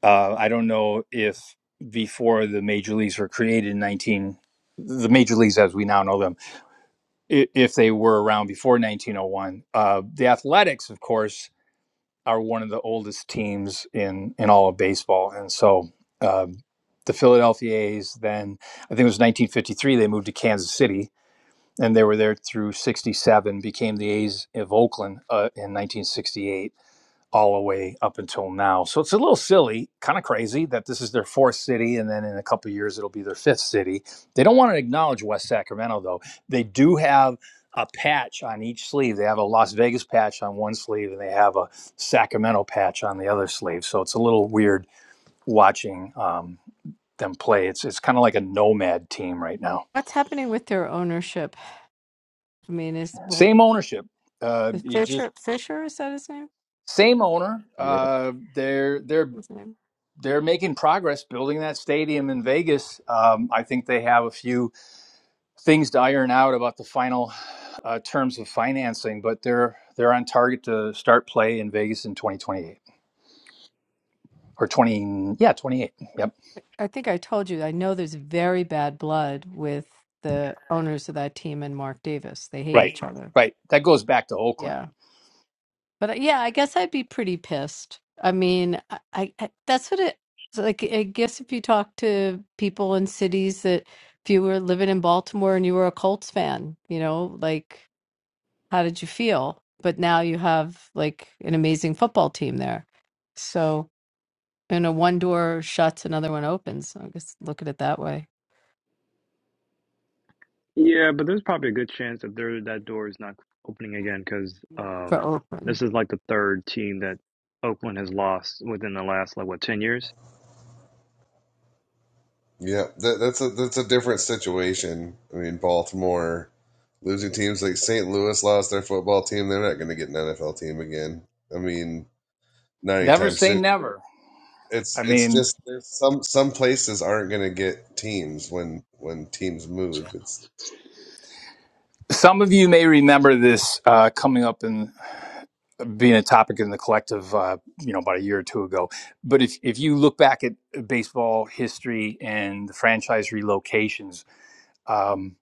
Uh, I don't know if before the major leagues were created in 19 the major leagues as we now know them if they were around before 1901. Uh, the Athletics, of course, are one of the oldest teams in in all of baseball, and so um, the Philadelphia A's. Then I think it was 1953 they moved to Kansas City, and they were there through '67. Became the A's of Oakland uh, in 1968 all the way up until now. So it's a little silly, kind of crazy that this is their fourth city, and then in a couple of years it'll be their fifth city. They don't want to acknowledge West Sacramento though. They do have a patch on each sleeve. They have a Las Vegas patch on one sleeve, and they have a Sacramento patch on the other sleeve. So it's a little weird watching um, them play. It's it's kind of like a nomad team right now. What's happening with their ownership? I mean, is well, Same ownership. Uh, is you just Fisher Fisher is that his name? same owner. Yeah. Uh, they're they're His name. they're making progress building that stadium in Vegas. Um, I think they have a few things to iron out about the final uh, terms of financing, but they're they're on target to start play in Vegas in 2028 or 20 yeah 28. Yep, I think I told you. I know there's very bad blood with the owners of that team and Mark Davis. They hate Right. each other. right. That goes back to Oakland. Yeah. But uh, yeah, I guess I'd be pretty pissed. I mean, I, I I- that's what it it's like. I guess if you talk to people in cities that if you were living in Baltimore and you were a Colts fan, you know, like how did you feel? But now you have like an amazing football team there. So, you know, one door shuts, another one opens. I guess look at it that way. Yeah, but there's probably a good chance that there that door is not opening again because For um, open. this is like the third team that Oakland has lost within the last like what ten years. that, that's a that's a different situation. I mean, Baltimore losing teams like St. Louis lost their football team. They're not going to get an NFL team again. I mean, not Never anytime say soon. never. I it's it's mean, just there's some some places aren't going to get teams when when teams move. It's some of you may remember this uh, coming up in being a topic in the collective, uh, you know, about a year or two ago. But if, if you look back at baseball history and the franchise relocations, um,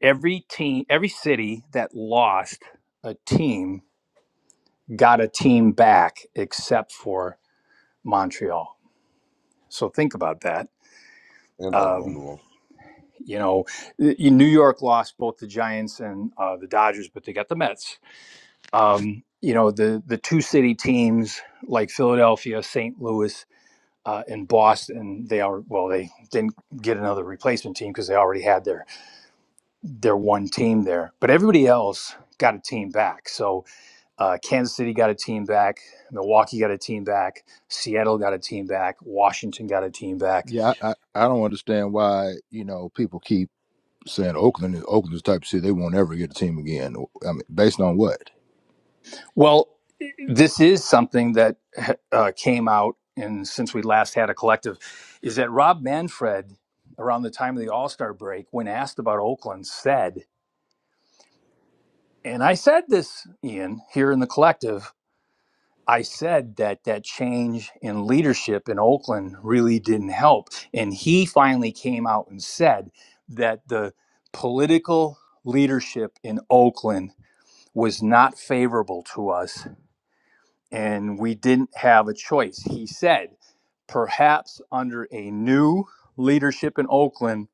every team, every city that lost a team got a team back except for Montreal. So think about that. and Oakland Um, will. you know, y- New York lost both the Giants and uh, the Dodgers, but they got the Mets. Um, you know, the the two city teams like Philadelphia, St. Louis uh, in Boston. They are well, they didn't get another replacement team because they already had their their one team there. But everybody else got a team back. So uh, Kansas City got a team back, Milwaukee got a team back, Seattle got a team back, Washington got a team back. Yeah. I, I I don't understand why you know people keep saying Oakland is Oakland's type of city they won't ever get a team again. I mean, based on what? Well, this is something that uh, came out, and since we last had a collective, is that Rob Manfred. Around the time of the All Star break, when asked about Oakland, said, and I said this, Ian, here in the collective I said that that change in leadership in Oakland really didn't help. And he finally came out and said that the political leadership in Oakland was not favorable to us and we didn't have a choice. He said, perhaps under a new leadership in Oakland,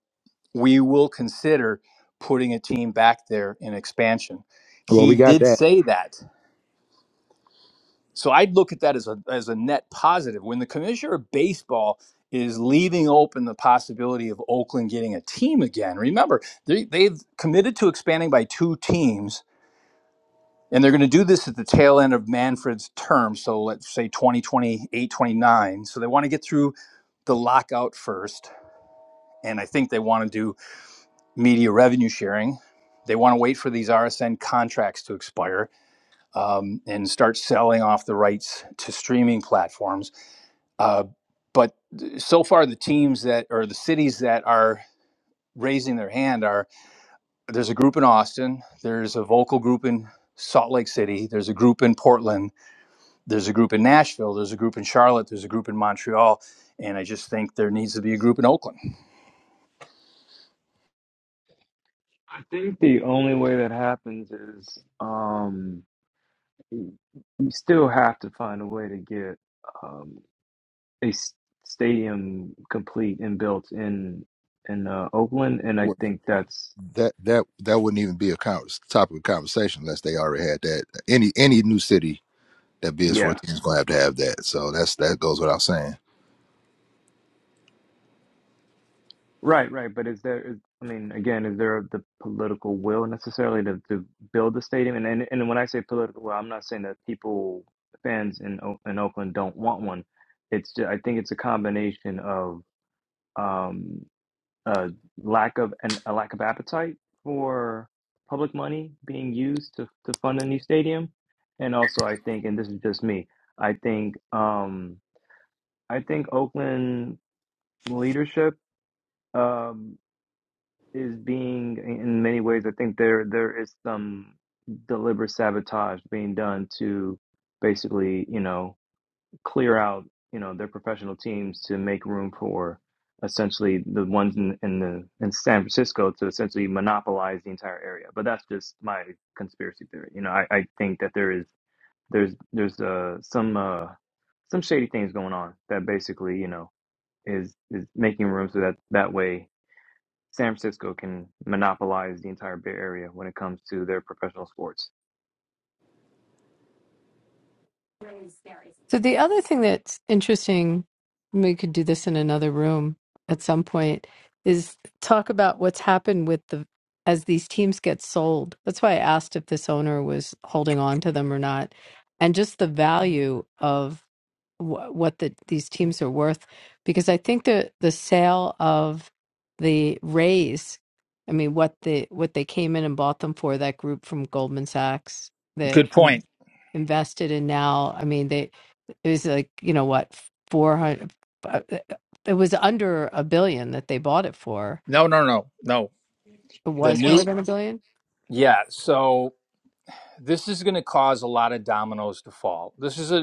we will consider putting a team back there in expansion. Well, He we got did that. say that. So I'd look at that as a as a net positive. When the commissioner of baseball is leaving open the possibility of Oakland getting a team again. Remember, they, they've committed to expanding by two teams, and they're going to do this at the tail end of Manfred's term. So let's say 2028 29. So they want to get through the lockout first. And I think they want to do media revenue sharing. They want to wait for these RSN contracts to expire um, and start selling off the rights to streaming platforms Uh, but so far, the teams that or the cities that are raising their hand are there's a group in Austin, there's a vocal group in Salt Lake City, there's a group in Portland, there's a group in Nashville, there's a group in Charlotte, there's a group in Montreal, and I just think there needs to be a group in Oakland. I think the only way that happens is um, you still have to find a way to get um, a s- stadium complete and built in in uh, Oakland, and I Well, think that's that that that wouldn't even be a con- topic of conversation unless they already had that. Any any new city that bids yeah. for a team is going to have to have that. So that's that goes without saying. Right, right. But is there, is, I mean, again, is there the political will necessarily to, to build the stadium? And, and and when I say political will, I'm not saying that people, fans in O- in Oakland don't want one. It's just, I think it's a combination of um, a lack of and a lack of appetite for public money being used to to fund a new stadium, and also I think, and this is just me, I think um, I think Oakland leadership. um, is being in many ways i think there there is some deliberate sabotage being done to basically you know clear out you know their professional teams to make room for essentially the ones in, in the in san francisco to essentially monopolize the entire area but that's just my conspiracy theory you know i, I think that there is there's there's uh some uh some shady things going on that basically you know is is making room so that that way San Francisco can monopolize the entire Bay Area when it comes to their professional sports. So the other thing that's interesting, and we could do this in another room at some point, is talk about what's happened with the as these teams get sold. That's why I asked if this owner was holding on to them or not, and just the value of wh- what the, these teams are worth, because I think the the sale of the Rays, I mean, what the what they came in and bought them for that group from Goldman Sachs that Good in- point. invested in now. I mean, they it was like, you know what, 400, uh, uh, it was under a billion that they bought it for. No, no, no, no. It The was more new than a billion. yeah, so this is going to cause a lot of dominoes to fall. This is a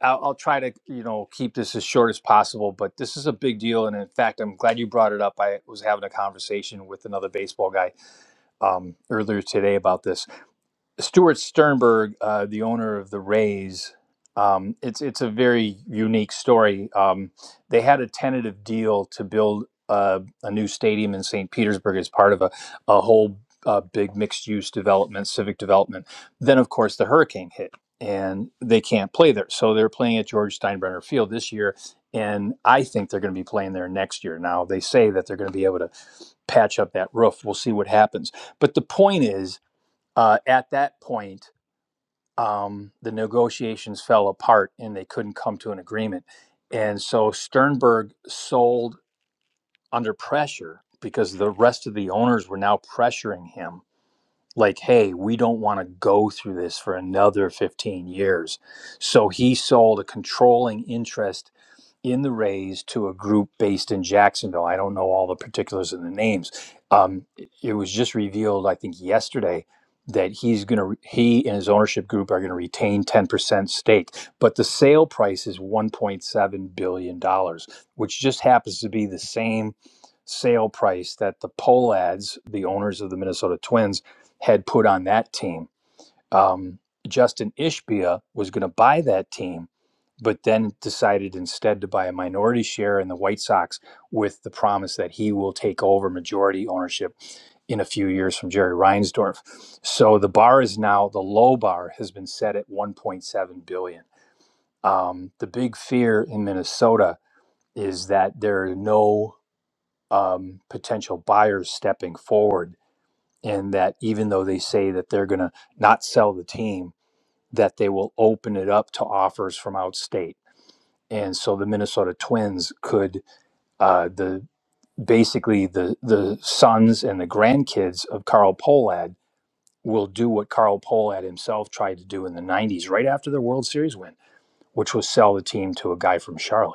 I'll, I'll try to you know keep this as short as possible, but this is a big deal, and in fact, I'm glad you brought it up. I was having a conversation with another baseball guy um, earlier today about this. Stuart Sternberg, uh, the owner of the Rays, um, it's it's a very unique story. Um, they had a tentative deal to build uh, a new stadium in St. Petersburg as part of a a whole uh, big mixed use development, civic development. Then, of course, the hurricane hit, and they can't play there. So they're playing at George Steinbrenner Field this year, and I think they're going to be playing there next year. Now they say that they're going to be able to patch up that roof. We'll see what happens. But the point is uh, at that point, um, the negotiations fell apart and they couldn't come to an agreement. And so Sternberg sold under pressure because the rest of the owners were now pressuring him, like, hey, we don't want to go through this for another 15 years. So he sold a controlling interest in the Rays to a group based in Jacksonville. I don't know all the particulars and the names. Um, it it was just revealed, I think, yesterday that he's going to he and his ownership group are going to retain 10% stake but the sale price is 1.7 billion dollars which just happens to be the same sale price that the poll ads the owners of the Minnesota Twins had put on that team um, Justin Ishbia was going to buy that team, but then decided instead to buy a minority share in the White Sox with the promise that he will take over majority ownership in a few years from Jerry Reinsdorf. So the bar is now the low bar has been set at 1.7 billion. dollars. Um, the big fear in Minnesota is that there are no um, potential buyers stepping forward, and that even though they say that they're going to not sell the team, that they will open it up to offers from out state. And so the Minnesota Twins could uh, the basically the the sons and the grandkids of Carl Pohlad will do what Carl Pohlad himself tried to do in the 90s right after the World Series win, which was sell the team to a guy from Charlotte.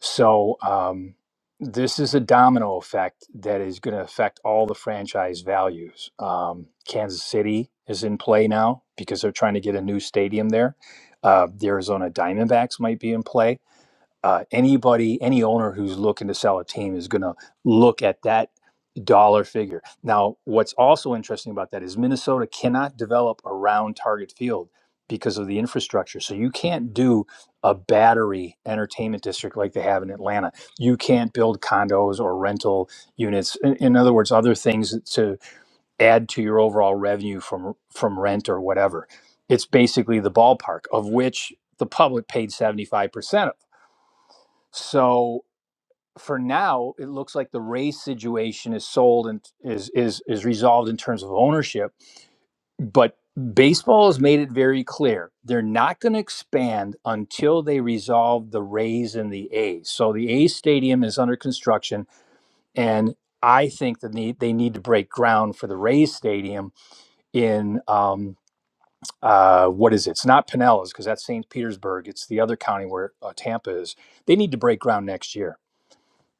So um, this is a domino effect that is going to affect all the franchise values. Um, Kansas City is in play now because they're trying to get a new stadium there. Uh, the Arizona Diamondbacks might be in play uh, anybody, any owner who's looking to sell a team is going to look at that dollar figure. Now, what's also interesting about that is Minnesota cannot develop a round target field because of the infrastructure. So you can't do a battery entertainment district like they have in Atlanta. You can't build condos or rental units. In, in other words, other things to add to your overall revenue from from rent or whatever. It's basically the ballpark of which the public paid 75% of so for now, it looks like the Rays situation is sold and is is is resolved in terms of ownership. But baseball has made it very clear they're not going to expand until they resolve the Rays and the A's. So the A's stadium is under construction, and I think that they, they need to break ground for the Rays stadium in um, uh, what is it? It's not Pinellas because that's St. Petersburg. It's the other county where uh, Tampa is. They need to break ground next year.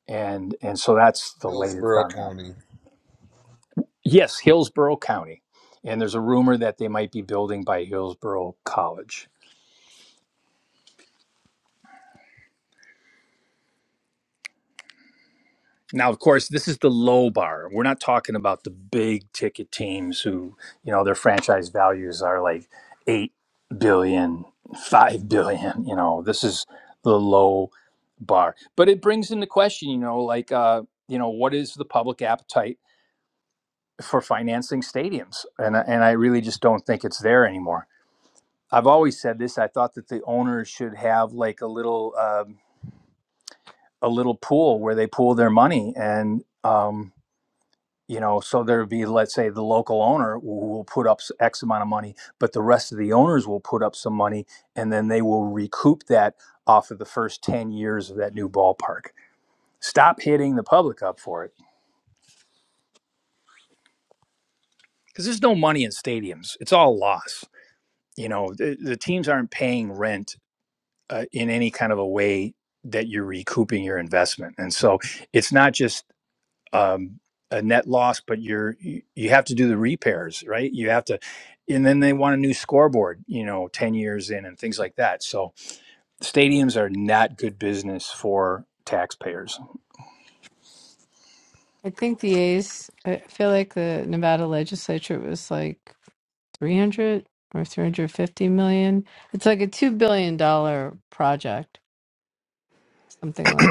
and and so that's the latest Hillsborough on that. County. Yes, Hillsborough County, and there's a rumor that they might be building by Hillsborough College. Now, of course, this is the low bar. We're not talking about the big ticket teams who, you know, their franchise values are like eight billion, five billion. You know, this is the low bar. But it brings into question, you know, like, uh, you know, what is the public appetite for financing stadiums? And I- and I really just don't think it's there anymore I've always said this. I thought that the owners should have like a little um, a little pool where they pool their money, and um, you know, so there would be, let's say, the local owner who will put up X amount of money, but the rest of the owners will put up some money, and then they will recoup that off of the first ten years of that new ballpark. Stop hitting the public up for it because there's no money in stadiums; it's all loss. You know, the, the teams aren't paying rent uh, in any kind of a way that you're recouping your investment. And so it's not just um, a net loss, but you're you you have to do the repairs, right? You have to, and then they want a new scoreboard, you know, ten years in and things like that. So stadiums are not good business for taxpayers. I think the A's, I feel like the Nevada legislature was like 300 or 350 million. It's like a $2 billion dollar project, something like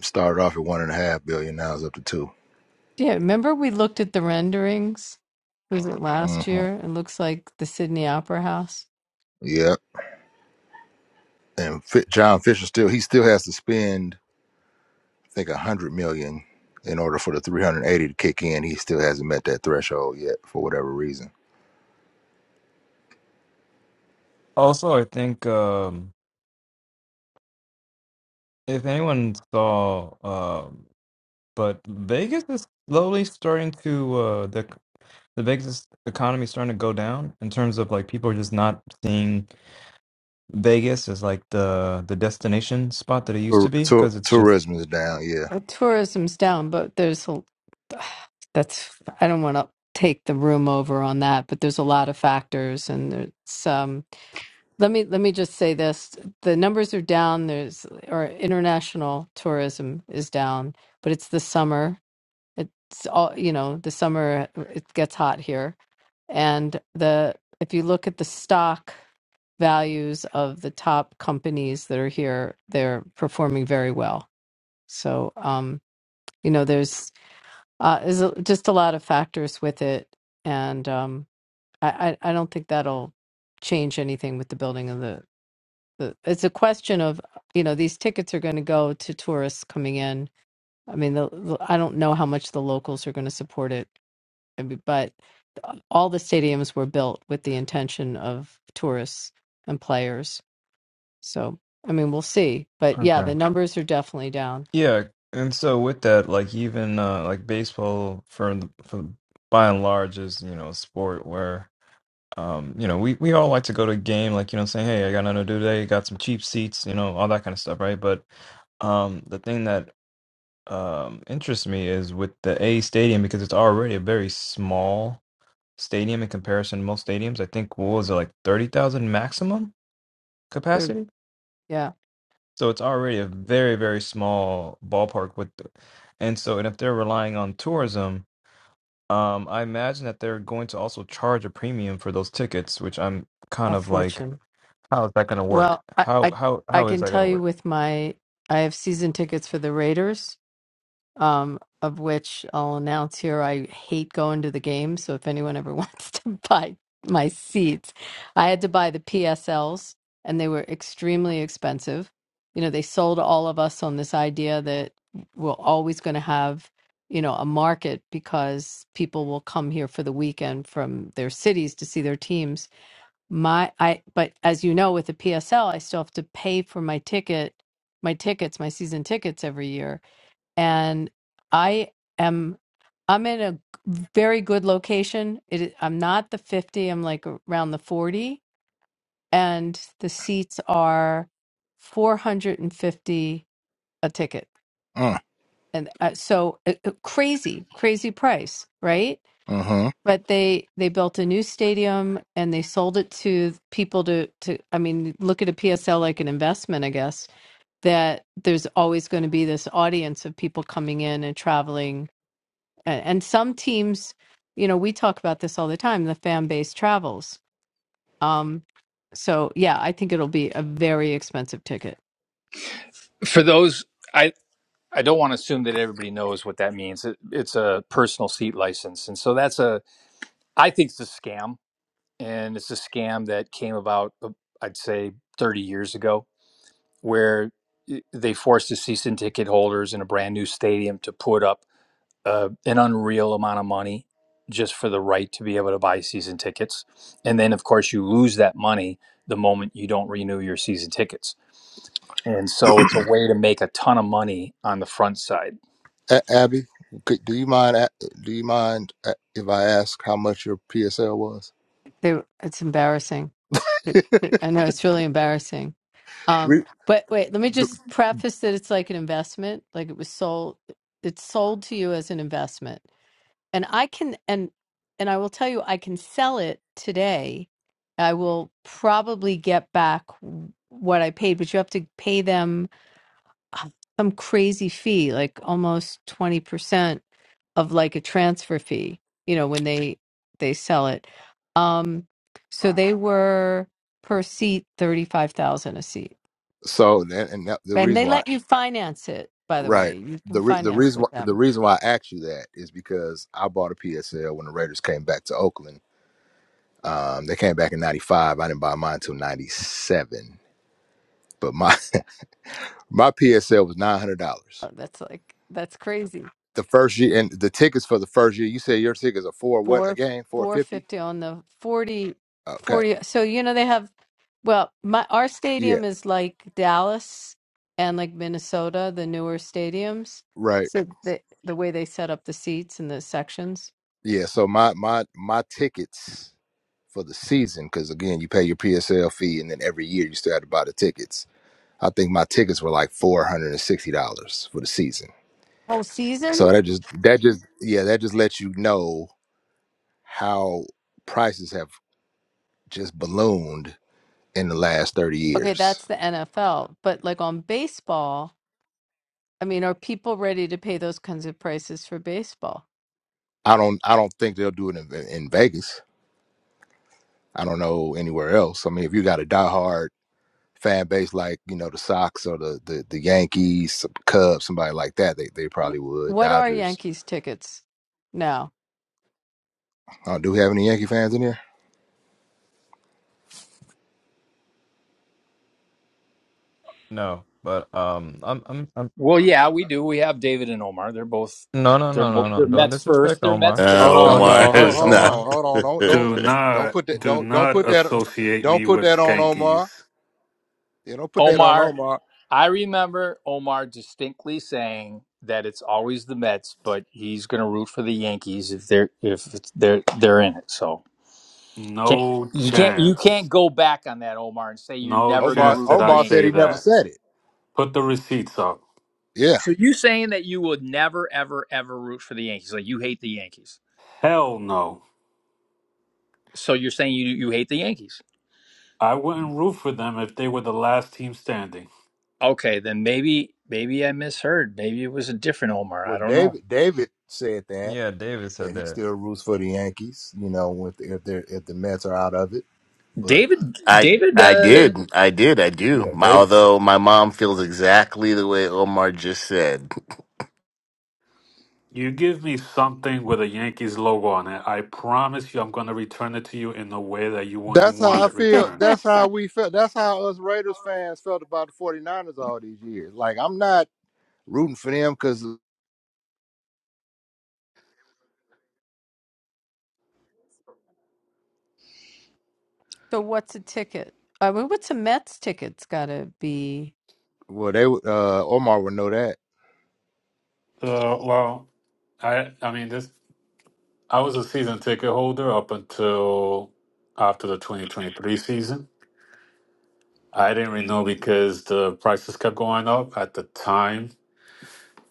Started off at one and a half billion, now it's up to two. Yeah, remember we looked at the renderings? Was it last Mm-hmm. year? It looks like the Sydney Opera House. Yep. And Fi John Fisher still he still has to spend I think a hundred million in order for the three hundred eighty to kick in. He still hasn't met that threshold yet for whatever reason. Also, I think um, if anyone saw, um, but Vegas is slowly starting to uh, the the Vegas economy is starting to go down in terms of like people are just not seeing Vegas as like the the destination spot that it used to Tour- be tour- because it's just Tourism is down. Yeah. Well, tourism's down, but there's a, that's I don't want to take the room over on that, but there's a lot of factors, and there's um. Let me let me just say this: the numbers are down. There's or international tourism is down, but it's the summer. It's all you know. The summer it gets hot here, and the if you look at the stock values of the top companies that are here, they're performing very well. So um you know there's uh there's a, just a lot of factors with it and um I, I i don't think that'll change anything with the building of the, the it's a question of you know these tickets are going to go to tourists coming in i mean the, the- i don't know how much the locals are going to support it I mean, but all the stadiums were built with the intention of tourists and players so i mean we'll see but yeah okay. the numbers are definitely down Yeah, and so with that, like even uh, like baseball for the- for by and large is you know a sport where Um, you know, we, we all like to go to a game, like, you know, saying, Hey, I got nothing to do today, got some cheap seats, you know, all that kind of stuff, right? But um, the thing that um interests me is with the A stadium because it's already a very small stadium in comparison to most stadiums. I think what was it like 30,000 maximum 30 capacity? yeah So it's already a very, very small ballpark with the, and so and if they're relying on tourism, um, I imagine that they're going to also charge a premium for those tickets, which I'm kind a of like fortune How is that gonna work? Well, I, How I how I how is can that tell gonna you work? with my I have season tickets for the Raiders, um, of which I'll announce here I hate going to the game, so if anyone ever wants to buy my seats, I had to buy the PSLs and they were extremely expensive. You know, they sold all of us on this idea that we're always going to have, you know, a market because people will come here for the weekend from their cities to see their teams my i but as you know with the psl i still have to pay for my ticket my tickets my season tickets every year and i am i'm in a very good location it is- i'm not the 50 i'm like around the 40 and the seats are 450 a ticket Mm, and uh, so uh, uh, crazy crazy price right mm-hmm. but they they built a new stadium and they sold it to people to to i mean look at a psl like an investment i guess that there's always going to be this audience of people coming in and traveling and, and some teams you know we talk about this all the time the fan base travels um so yeah i think it'll be a very expensive ticket For those, I. I don't want to assume that everybody knows what that means. It, it's a personal seat license. And so that's a, I think it's a scam. And it's a scam that came about, uh, I'd say, 30 years ago where they forced the season ticket holders in a brand new stadium to put up uh, an unreal amount of money just for the right to be able to buy season tickets. And then, of course, you lose that money the moment you don't renew your season tickets. And so it's a way to make a ton of money on the front side. A- Abby, could, do you mind? a- Do you mind uh, if I ask how much your PSL was? they, it's embarrassing It- it- i know it's really embarrassing Um, we but wait, let me th- just preface that it's like an investment. Like it was sold, it's sold to you as an investment. And I can, and, and I will tell you, I can sell it today. I will probably get back what I paid, but you have to pay them uh, some crazy fee, like almost 20% of like a transfer fee, you know, when they, they sell it. Um, so they were per seat, 35,000 a seat. so and, and that, the And they reason why, let you finance it, by the right? way. You can The re, the finance reason why, with the them. reason why I asked you that is because I bought a PSL when the Raiders came back to Oakland. Um, they came back in '95. I didn't buy mine until '97, but my my PSL was nine hundred dollars. Oh, that's like that's crazy. The first year and the tickets for the first year. You said your tickets are four what Four again? Four four fifty. fifty on the 40, Okay. 40. So you know they have well, my our Yeah. stadium is like Dallas and like Minnesota, the newer stadiums. Right. So the the way they set up the seats and the sections. Yeah. So my my my tickets for the season, because again, you pay your PSL fee, and then every year you still have to buy the tickets. I think my tickets were like four hundred and sixty dollars for the season. Whole season? So that just that just yeah that just lets you know how prices have just ballooned in the last thirty Okay, years. that's the NFL. But like on baseball, I mean, are people ready to pay those kinds of prices for baseball? I don't I don't think they'll do it in, in Vegas. I don't know anywhere else. I mean, if you got a diehard fan base like you know the Sox or the the, the Yankees, some Cubs, somebody like that, they they probably would. What are Dodgers. Yankees tickets now? Uh, do we have any Yankee fans in here? No, but um, I'm I'm I'm Well, yeah, we do. We have David and Omar. They're both no no they're no mo- no no. they're Don't Mets first. disrespect They're Mets Omar. Uh, first. Hold Don't on, Yankees Omar no, hold, disrespect too. is hold not. Omar. on, hold on, don't don't Do don't not put that do don't don't put not that associate don't me put with that on Omar. skankies. Yeah, don't put that on Omar Omar. I remember Omar distinctly saying that it's always the Mets, but he's going to root for the Yankees if they're if it's, they're they're in it. So can't, No you can't you can't chance. go back on that, Omar, and say you're No never going to Omar chance root that for the I Omar said say he Yankees. never that. said it. Put the receipts up. Yeah. So you saying that you would never ever ever root for the Yankees? Like you hate the Yankees? Hell no. So you're saying you you hate the Yankees? I wouldn't root for them if they were the last team standing. Okay, then maybe maybe I misheard. Maybe it was a different Omar. I Well, don't know. David David said that Yeah, David that said he that. still roots for the Yankees. You know, if the, if they if the Mets are out of it, but David I David. I Uh, did I did I do. yeah, My, David. although my mom feels exactly the way Omar just said. You give me something with a Yankees logo on it. I promise you, I'm going to return it to you in a way that you wouldn't That's want how I it feel. returned. That's how we felt. That's how us Raiders fans felt about the 49ers all these years. Like, I'm not rooting for them because, So what's a ticket? I mean, what's a Mets ticket's got to be? well, they would, uh, Omar would know that. Uh, well, I I mean, this I was a season ticket holder up until after the 2023 season. I didn't renew because the prices kept going up. At the time,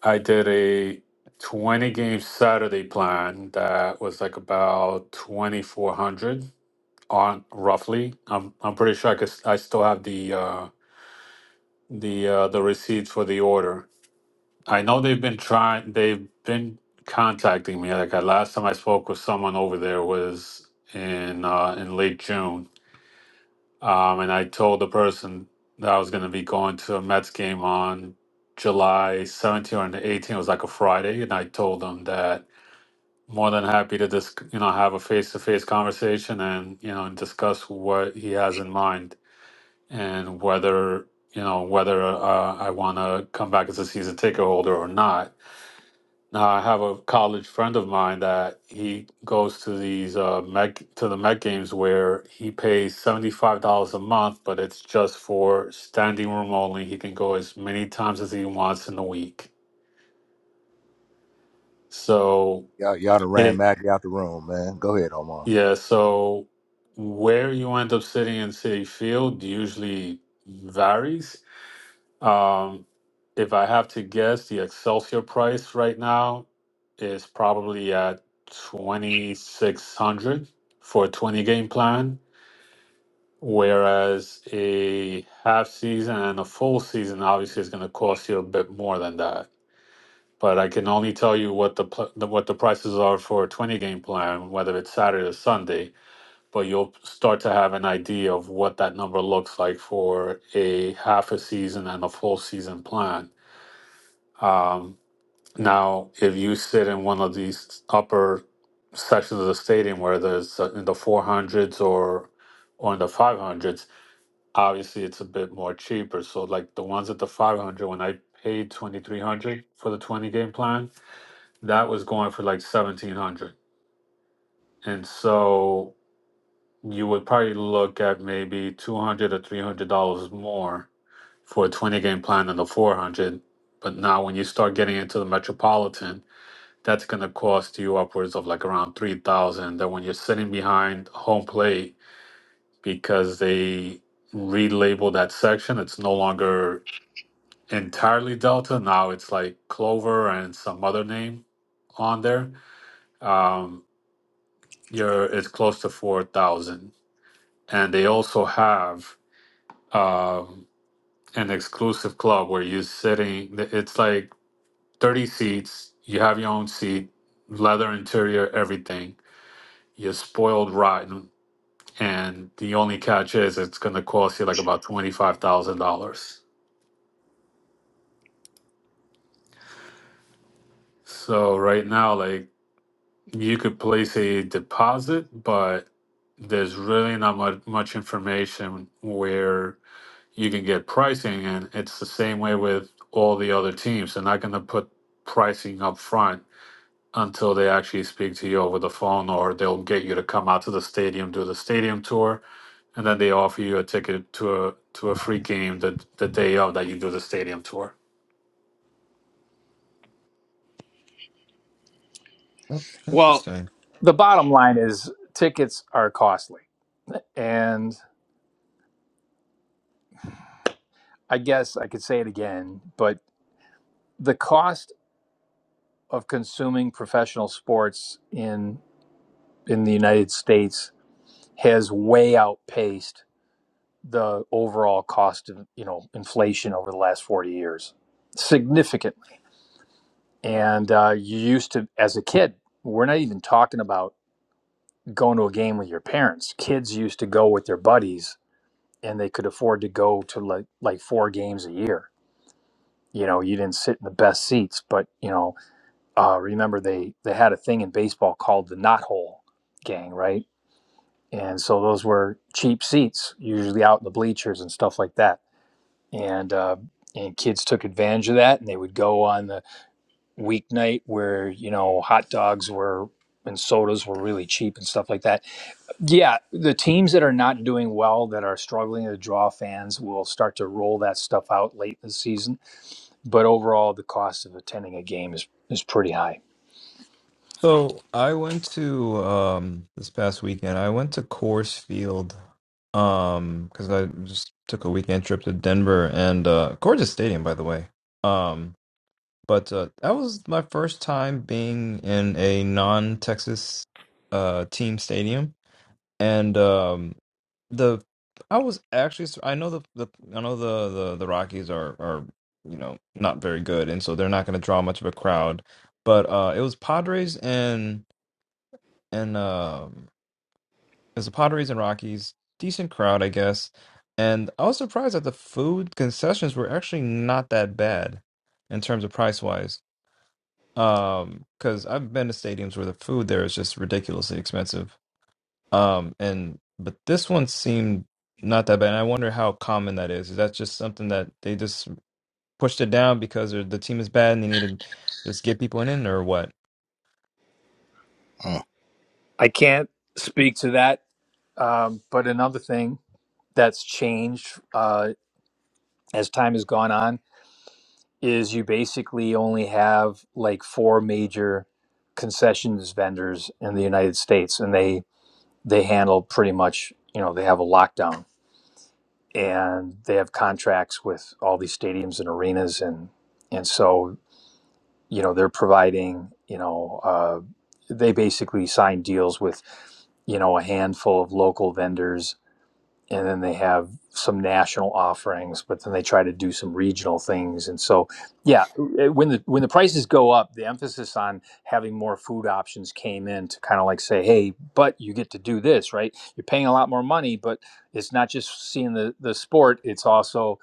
I did a 20 game Saturday plan that was like about 2400 on roughly. I'm I'm pretty sure I could, I still have the uh the uh, the receipt for the order. I know they've been trying. They've been contacting me. Like I, last time I spoke with someone over there was in uh, in late June, um, and I told the person that I was going to be going to a Mets game on July seventeenth or the eighteenth. It was like a Friday, and I told them that more than happy to just you know have a face to face conversation and you know and discuss what he has in mind and whether you know whether uh, I want to come back as a season ticket holder or not. Now I have a college friend of mine that he goes to these uh, Met to the Met games where he pays seventy five dollars a month, but it's just for standing room only. He can go as many times as he wants in the week. So Y'all, y'all done ran it Mackey out the room, man. Go ahead, Omar. yeah. So where you end up sitting in City Field usually varies Um, if I have to guess, the Excelsior price right now is probably at 2600 for a 20 game plan, whereas a half season and a full season obviously is going to cost you a bit more than that. But I can only tell you what the, pl- the what the prices are for a 20 game plan, whether it's Saturday or Sunday. But you'll start to have an idea of what that number looks like for a half a season and a full season plan um, now, if you sit in one of these upper sections of the stadium where there's uh, in the 400s or or in the 500s, obviously it's a bit more cheaper. So, like the ones at the 500, when I paid 2300 for the 20 game plan, that was going for like 1700. And so you would probably look at maybe 200 or 300 dollars more for a 20 game plan than the 400. But now, when you start getting into the metropolitan, That's going to cost you upwards of like around 3000 Then when you're sitting behind home plate, because they relabel that section, it's no longer entirely Delta. Now it's like Clover and some other name on there. Um, you're, it's close to 4000 And they also have um, an exclusive club where you're sitting, it's like 30 seats, you have your own seat, leather interior, everything. You're spoiled rotten and the only catch is it's going to cost you like about $25,000. So right now like you could place a deposit but there's really not much, much information where you can get pricing and it's the same way with all the other teams they're not going to put pricing up front until they actually speak to you over the phone or they'll get you to come out to the stadium do the stadium tour and then they offer you a ticket to a to a free game the the day of that you do the stadium tour. Oh, well, Interesting. the bottom line is tickets are costly And I guess I could say it again, but the cost of consuming professional sports in in the United States has way outpaced the overall cost of you know inflation over the last 40 years significantly and uh, you used to as a kid we're not even talking about going to a game with your parents kids used to go with their buddies and they could afford to go to like like four games a year you know you didn't sit in the best seats but you know uh, remember they they had a thing in baseball called the knot hole gang, right? And so those were cheap seats, usually out in the bleachers and stuff like that. And uh, and kids took advantage of that, and they would go on the weeknight where you know hot dogs were and sodas were really cheap and stuff like that. Yeah, the teams that are not doing well, that are struggling to draw fans, will start to roll that stuff out late in the season. But overall, the cost of attending a game is is pretty high. So I went to um this past weekend. I went to Coors Field, um, because I just took a weekend trip to Denver and uh, gorgeous stadium, by the way. Um, but uh, that was my first time being in a non-Texas uh team stadium and um the I was actually sur- I know the, the I know the, the the Rockies are are you know not very good and so they're not going to draw much of a crowd but uh it was Padres and and um it was the Padres and Rockies decent crowd I guess and I was surprised that the food concessions were actually not that bad in terms of price wise um cuz I've been to stadiums where the food there is just ridiculously expensive um, and but this one seemed not that bad. And I wonder how common that is. Is that just something that they just pushed it down because they're- the team is bad and they need to just get people in, or what? Mm. I can't speak to that Um, but another thing that's changed uh, as time has gone on is you basically only have like four major concessions vendors in the United States, and they they handle pretty much you know they have a lockdown and they have contracts with all these stadiums and arenas and and so you know they're providing you know uh, they basically sign deals with you know a handful of local vendors and then they have some national offerings but then they try to do some regional things and so yeah eh, when the when the prices go up the emphasis on having more food options came in to kind of like say hey but you get to do this right you're paying a lot more money but it's not just seeing the the sport it's also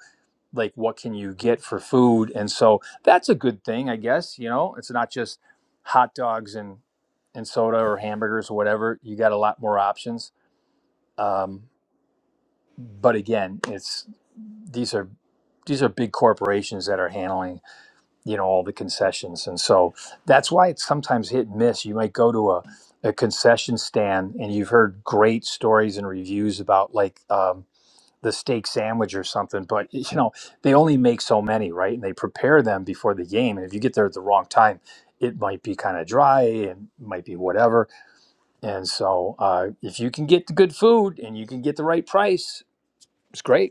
like what can you get for food and so that's a good thing i guess you know it's not just hot dogs and and soda or hamburgers or whatever you got a lot more options um but again, it's these are these are big corporations that are handling you know all the concessions, and so that's why it's sometimes hit and miss. You might go to a a concession stand, and you've heard great stories and reviews about like um, the steak sandwich or something, but you know they only make so many, right? And they prepare them before the game, and if you get there at the wrong time, it might be kind of dry and might be whatever. And so, uh, if you can get the good food and you can get the right price, it's great.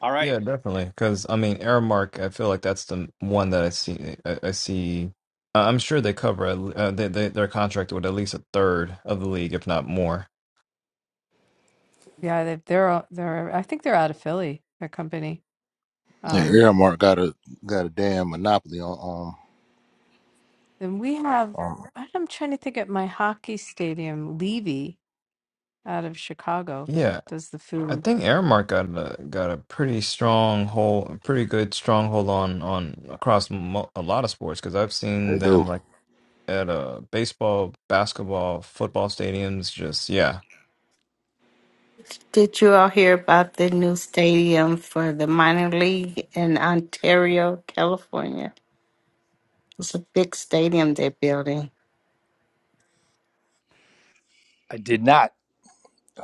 All right. Yeah, definitely. Because I mean, Aramark, I feel like that's the one that I see. I, I see. I- I'm sure they cover. at le- Uh, they, they they're contracted with at least a third of the league, if not more. Yeah, they, they're all- they're. I think they're out of Philly. Their company. Yeah, Um, Earmark got a got a damn monopoly on. then we have. Um, um, I'm trying to think at my hockey stadium. Levy out of Chicago Yeah, does the I food. think Aramark got a got a pretty strong hold, a pretty good stronghold on on across mo a lot of sports because I've they seen do. them like at uh baseball, basketball, football stadiums. Just yeah, Did you all hear about the new stadium for the minor league in Ontario, California? It's a big stadium they're building. I did not.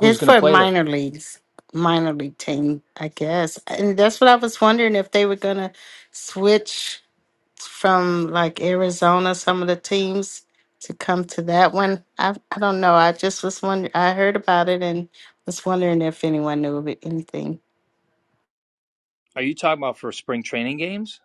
Who's going to for play there? minor leagues, minor league team, I guess. And that's what I was wondering if they were going to switch from like Arizona, some of the teams to come to that one. I, I don't know. I just was wondering. I heard about it and was wondering if anyone knew of it, anything. Are you talking about for spring training games?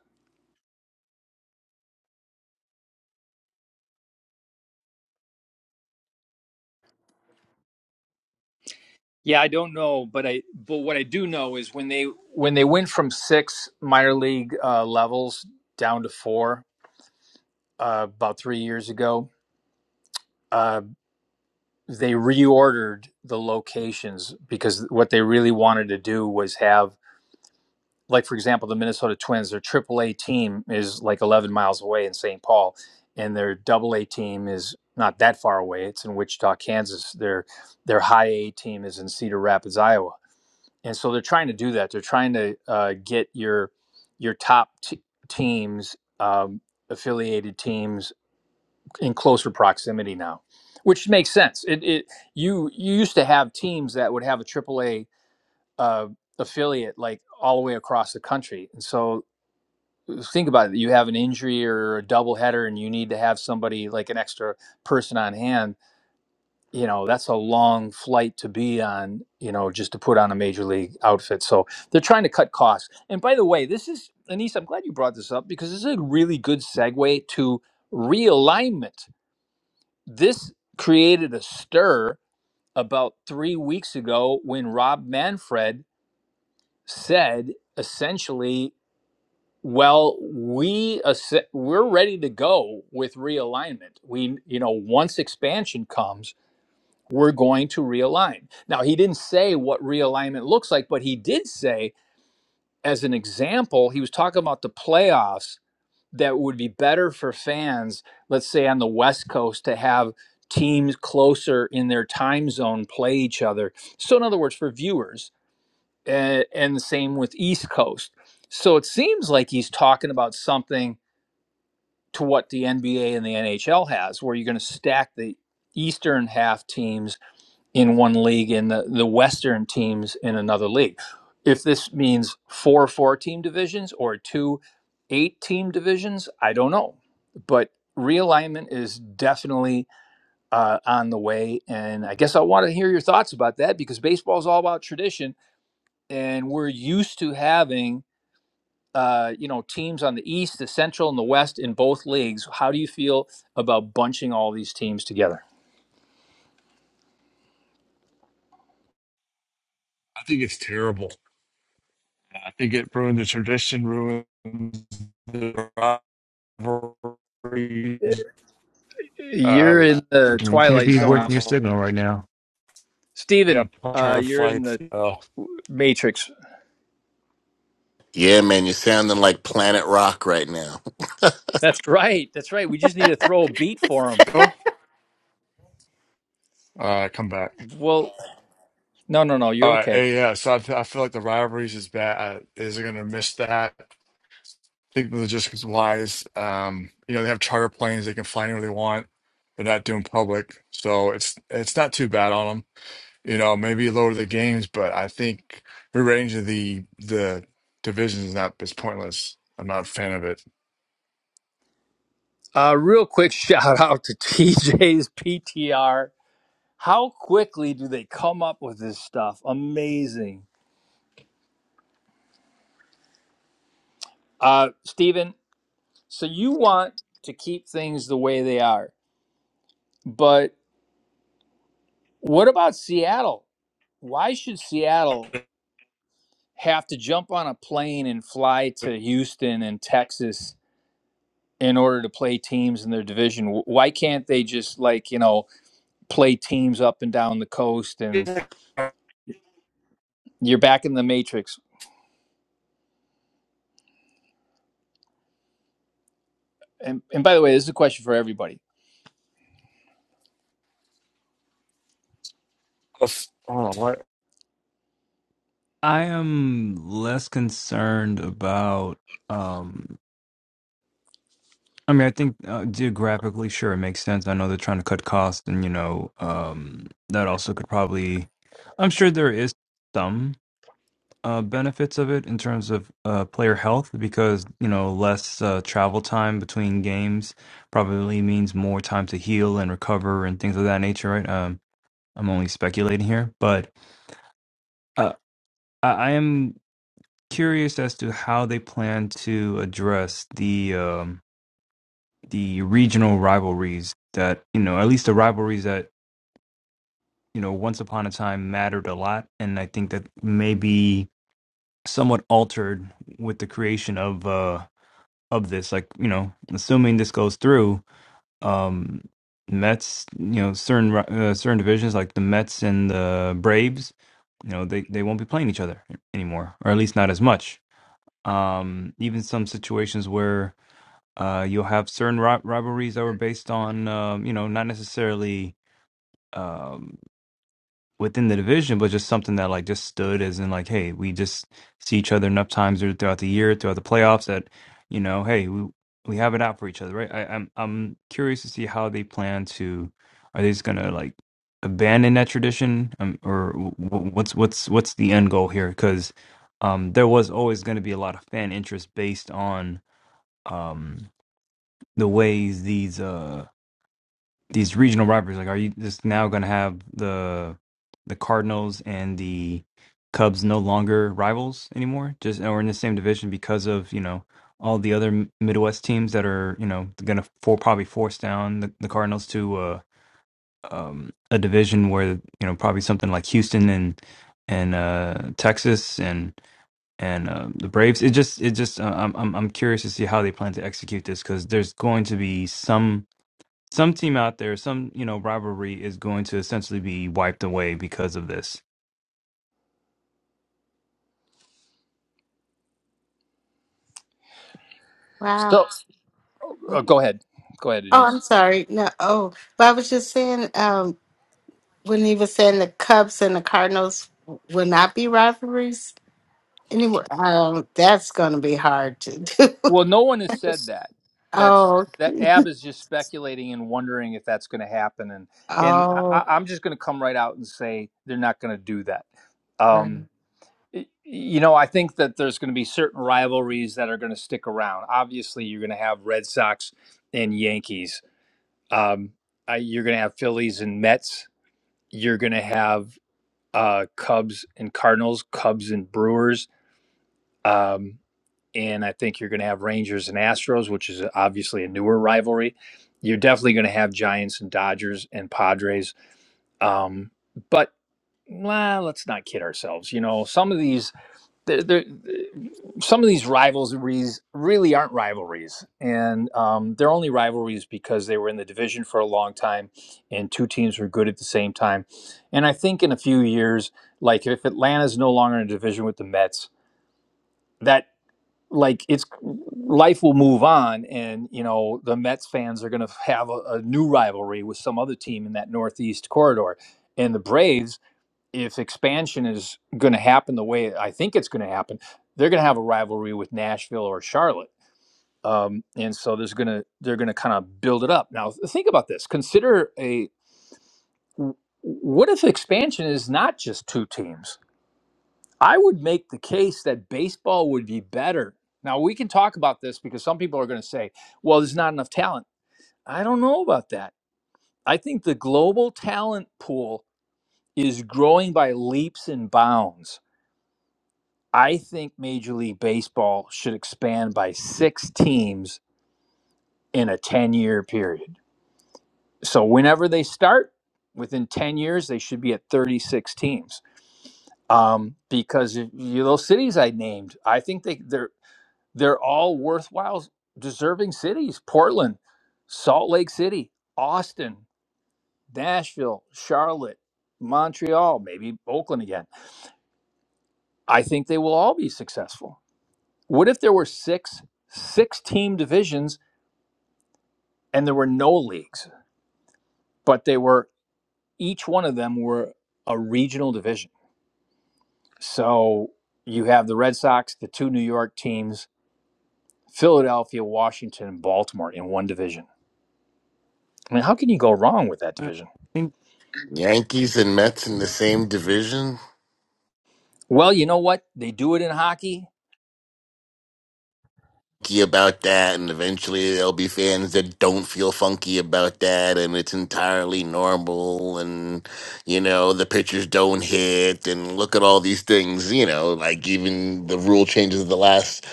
Yeah, I don't know, but I but what I do know is when they When they went from six minor league uh, levels down to four uh, about three years ago, uh, they reordered the locations because what they really wanted to do was have like for example the minnesota twins their triple a team is like 11 miles away in st paul and their double a team is not that far away it's in wichita kansas their their high a team is in cedar rapids iowa and so they're trying to do that they're trying to uh, get your your top t- teams um, affiliated teams in closer proximity now which makes sense it, it you you used to have teams that would have a triple a uh, affiliate like all the way across the country. And so think about it. You have an injury or a doubleheader, and you need to have somebody like an extra person on hand. You know, that's a long flight to be on. You know, just to put on a major league outfit. So they're trying to cut costs. And by the way, this is Anise. I'm glad you brought this up because this is a really good segue to realignment. This created a stir about three weeks ago when Rob Manfred said essentially Well, we ass- we're ready to go with realignment. We, you know, once expansion comes, we're going to realign. Now, he didn't say what realignment looks like, but he did say, as an example, he was talking about the playoffs that would be better for fans, let's say on the West Coast, to have teams closer in their time zone play each other. So, in other words, for viewers, uh, and the same with East Coast. So it seems like he's talking about something to what the NBA and the NHL has, where you're going to stack the Eastern half teams in one league and the, the Western teams in another league. If this means four four team divisions or two eight team divisions, I don't know. But realignment is definitely uh, on the way. And I guess I want to hear your thoughts about that because baseball is all about tradition. And we're used to having uh, you know teams on the East, the Central, and the West in both leagues. How do you feel about bunching all these teams together? I think it's terrible. I think it ruined the tradition, ruins the rivalries. Uh, You're in the twilight zones, yeah, Steven, uh, entire You're in flights. the Oh, matrix. Yeah, man, you're sounding like Planet Rock right now. That's right. That's right. We just need to throw a beat for him. go. All right, come back. Well, no, no, no. All You're right, okay. hey, yeah. So I, I feel like the rivalries is bad. I, is it gonna miss that? think logistics wise, um, you know, they have charter planes, they can fly anywhere they want. They're not doing public, so it's it's not too bad on them. You know, maybe lower the games, but I think rearranging the the divisions is not is pointless. I'm not a fan of it. Uh, real quick shout out to TJ's PTR. How quickly do they come up with this stuff? Amazing. Uh, Steven, so you want to keep things the way they are. But what about Seattle? Why should Seattle have to jump on a plane and fly to Houston and Texas in order to play teams in their division? Why can't they just like, you know, play teams up and down the coast and you're back in the matrix? And and by the way, this is a question for everybody. Oh, what? I am less concerned about. Um, I mean, I think uh, geographically, sure, it makes sense. I know they're trying to cut costs, and you know, um, that also could probably. I'm sure there is some uh, benefits of it in terms of uh, player health because you know less uh, travel time between games probably means more time to heal and recover and things of that nature, right? Um, I'm only speculating here, but Uh, I I am curious as to how they plan to address the um, the regional rivalries that you know, at least the rivalries that you know once upon a time mattered a lot, and I think that may be somewhat altered with the creation of uh, of this. Like you know, assuming this goes through, um, Mets, you know, certain ri- uh, certain divisions like the Mets and the Braves, you know, they they won't be playing each other anymore, or at least not as much um, even some situations where uh, you'll have certain ri- rivalries that were based on, um, you know, not necessarily. um, within the division, but just something that like just stood as in like, hey, we just see each other enough times through- throughout the year, throughout the playoffs that, you know, hey, we we have it out for each other, right? I, I'm I'm curious to see how they plan to. Are they just gonna like abandon that tradition, um, or w- w- what's what's what's the end goal here? Because um, there was always going to be a lot of fan interest based on um, the ways these. uh these regional rivalries. Like, are you just now going to have the the Cardinals and the Cubs no longer rivals anymore? Just or in the same division because of you know all the other M- Midwest teams that are you know going to for probably force down the, the Cardinals to uh, um, a division where you know probably something like Houston and and uh, Texas and and uh, the Braves. It just it just uh, I'm I'm I'm curious to see how they plan to execute this because there's going to be some some team out there, some you know rivalry is going to essentially be wiped away because of this. Wow. Still, oh, go ahead. Go ahead, Oh, Denise. I'm sorry. No, oh, but I was just saying, um, when he was saying the Cubs and the Cardinals will not be rivalries anymore, um, that's going to be hard to Well, do. no one has said that. That's oh, that Ab is just speculating and wondering if that's going to happen, and and I, oh, I- I'm just going to come right out and say they're not going to do that. right. Um, y- you know, I think that there's going to be certain rivalries that are going to stick around. Obviously, you're going to have Red Sox and Yankees. Um, uh, you're going to have Phillies and Mets. You're going to have uh, Cubs and Cardinals, Cubs and Brewers. Um, and I think you're going to have Rangers and Astros, which is obviously a newer rivalry. You're definitely going to have Giants and Dodgers and Padres. Um, but nah, let's not kid ourselves. You know, some of these, they're, they're, some of these rivalries really aren't rivalries, and um, they're only rivalries because they were in the division for a long time, and two teams were good at the same time. And I think in a few years, like if Atlanta's no longer in a division with the Mets, that like it's life will move on and you know the mets fans are going to have a, a new rivalry with some other team in that northeast corridor and the braves if expansion is going to happen the way i think it's going to happen they're going to have a rivalry with nashville or charlotte um, and so there's going to they're going to kind of build it up now think about this consider a w- what if expansion is not just two teams I would make the case that baseball would be better. Now, we can talk about this because some people are going to say, well, there's not enough talent. I don't know about that. I think the global talent pool is growing by leaps and bounds. I think Major League Baseball should expand by six teams in a 10 year period. So, whenever they start, within 10 years, they should be at 36 teams um, because y- you those cities I named, I think they they're They're all worthwhile, deserving cities. Portland, Salt Lake City, Austin, Nashville, Charlotte, Montreal, maybe Oakland again. I think they will all be successful. What if there were six six team divisions and there were no leagues, but they were each one of them were a regional division. So you have the Red Sox, the two New York teams, Philadelphia, Washington, and Baltimore in one division. I mean, how can you go wrong with that I division? think Yankees and Mets in the same division? Well, you know what? They do it in hockey. Funky about that, and eventually there'll be fans that don't feel funky about that, and it's entirely normal, and you know the pitchers don't hit, and look at all these things, you know, like even the rule changes of the last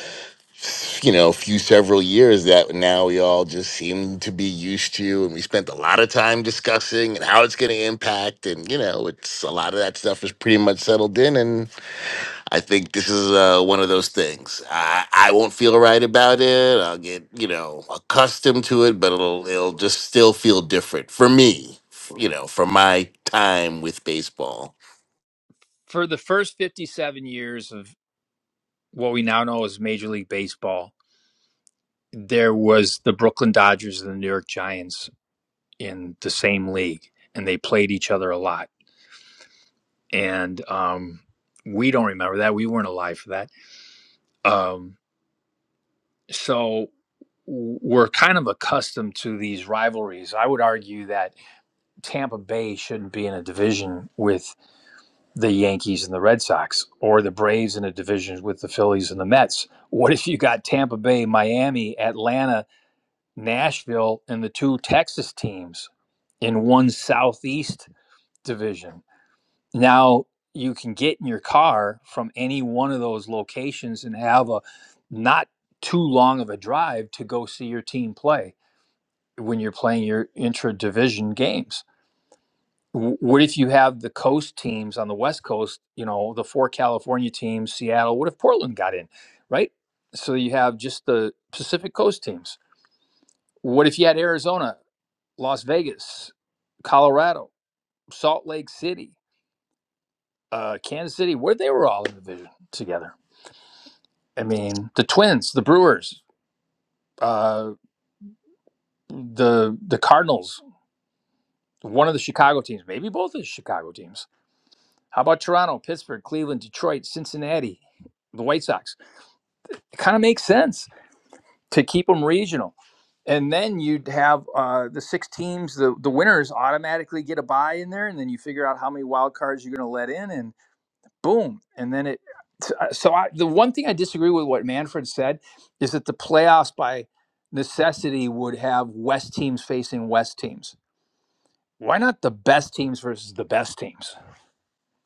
you know, few several years that now we all just seem to be used to, and we spent a lot of time discussing and how it's going to impact, and you know, it's a lot of that stuff is pretty much settled in, and. I think this is uh, one of those things. I, I won't feel right about it. I'll get you know accustomed to it, but it'll it'll just still feel different for me. f- You know, for my time with baseball. For the first 57 years of what we now know as Major League Baseball, there was the Brooklyn Dodgers and the New York Giants in the same league, and they played each other a lot. And um, we don't remember that. We weren't alive for that. Um, so we're kind of accustomed to these rivalries. I would argue that Tampa Bay shouldn't be in a division with the Yankees and the Red Sox, or the Braves in a division with the Phillies and the Mets? What if you got Tampa Bay, Miami, Atlanta, Nashville, and the two Texas teams in one Southeast division? Now you can get in your car from any one of those locations and have a not too long of a drive to go see your team play when you're playing your intra division games w- what if you have the coast teams on the west coast you know the four california teams seattle what if portland got in right so you have just the pacific coast teams what if you had arizona las vegas colorado salt lake city uh, kansas city where they were all in the division together i mean the twins the brewers uh, the the cardinals one of the chicago teams maybe both of the chicago teams how about toronto pittsburgh cleveland detroit cincinnati the white sox It kind of makes sense to keep them regional. And then you'd have uh, the six teams, the, the winners automatically get a bye in there, and then you figure out how many wild cards you're going to let in, and boom. And then it. So uh, so I, the one thing I disagree with what Manfred said is that the playoffs by necessity would have West teams facing West teams. Why not the best teams versus the best teams?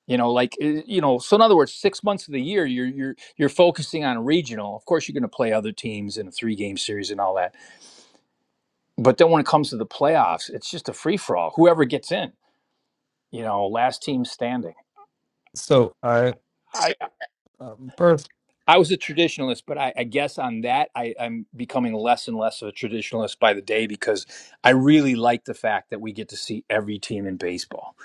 you know like uh, you know so in other words six months of the year you're you're you're focusing on regional of course you're going to play other teams in a three game series and all that but then when it comes to the playoffs it's just a free for all whoever gets in you know last team standing so. I i uh, i was a traditionalist but i, I guess on that I, i'm becoming less and less of a traditionalist by the day because i really like the fact that we get to see every team in baseball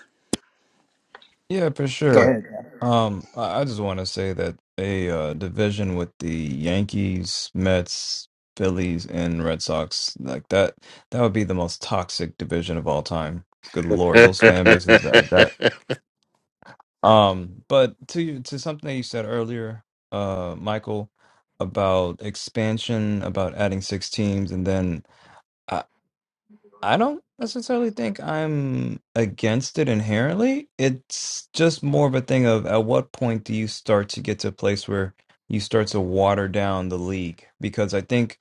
yeah, for go sure. ahead Um, I, I just want to say that a uh, division with the Yankees, Mets, Phillies, and Red Sox like that that would be the most toxic division of all time. Good lord, those fan bases that that. Um, but to you to something that you said earlier, uh, Michael, about expansion, about adding six teams, and then I I don't necessarily think I'm against it inherently. It's just more of a thing of at what point do you start to get to a place where you start to water down the league? Because I think,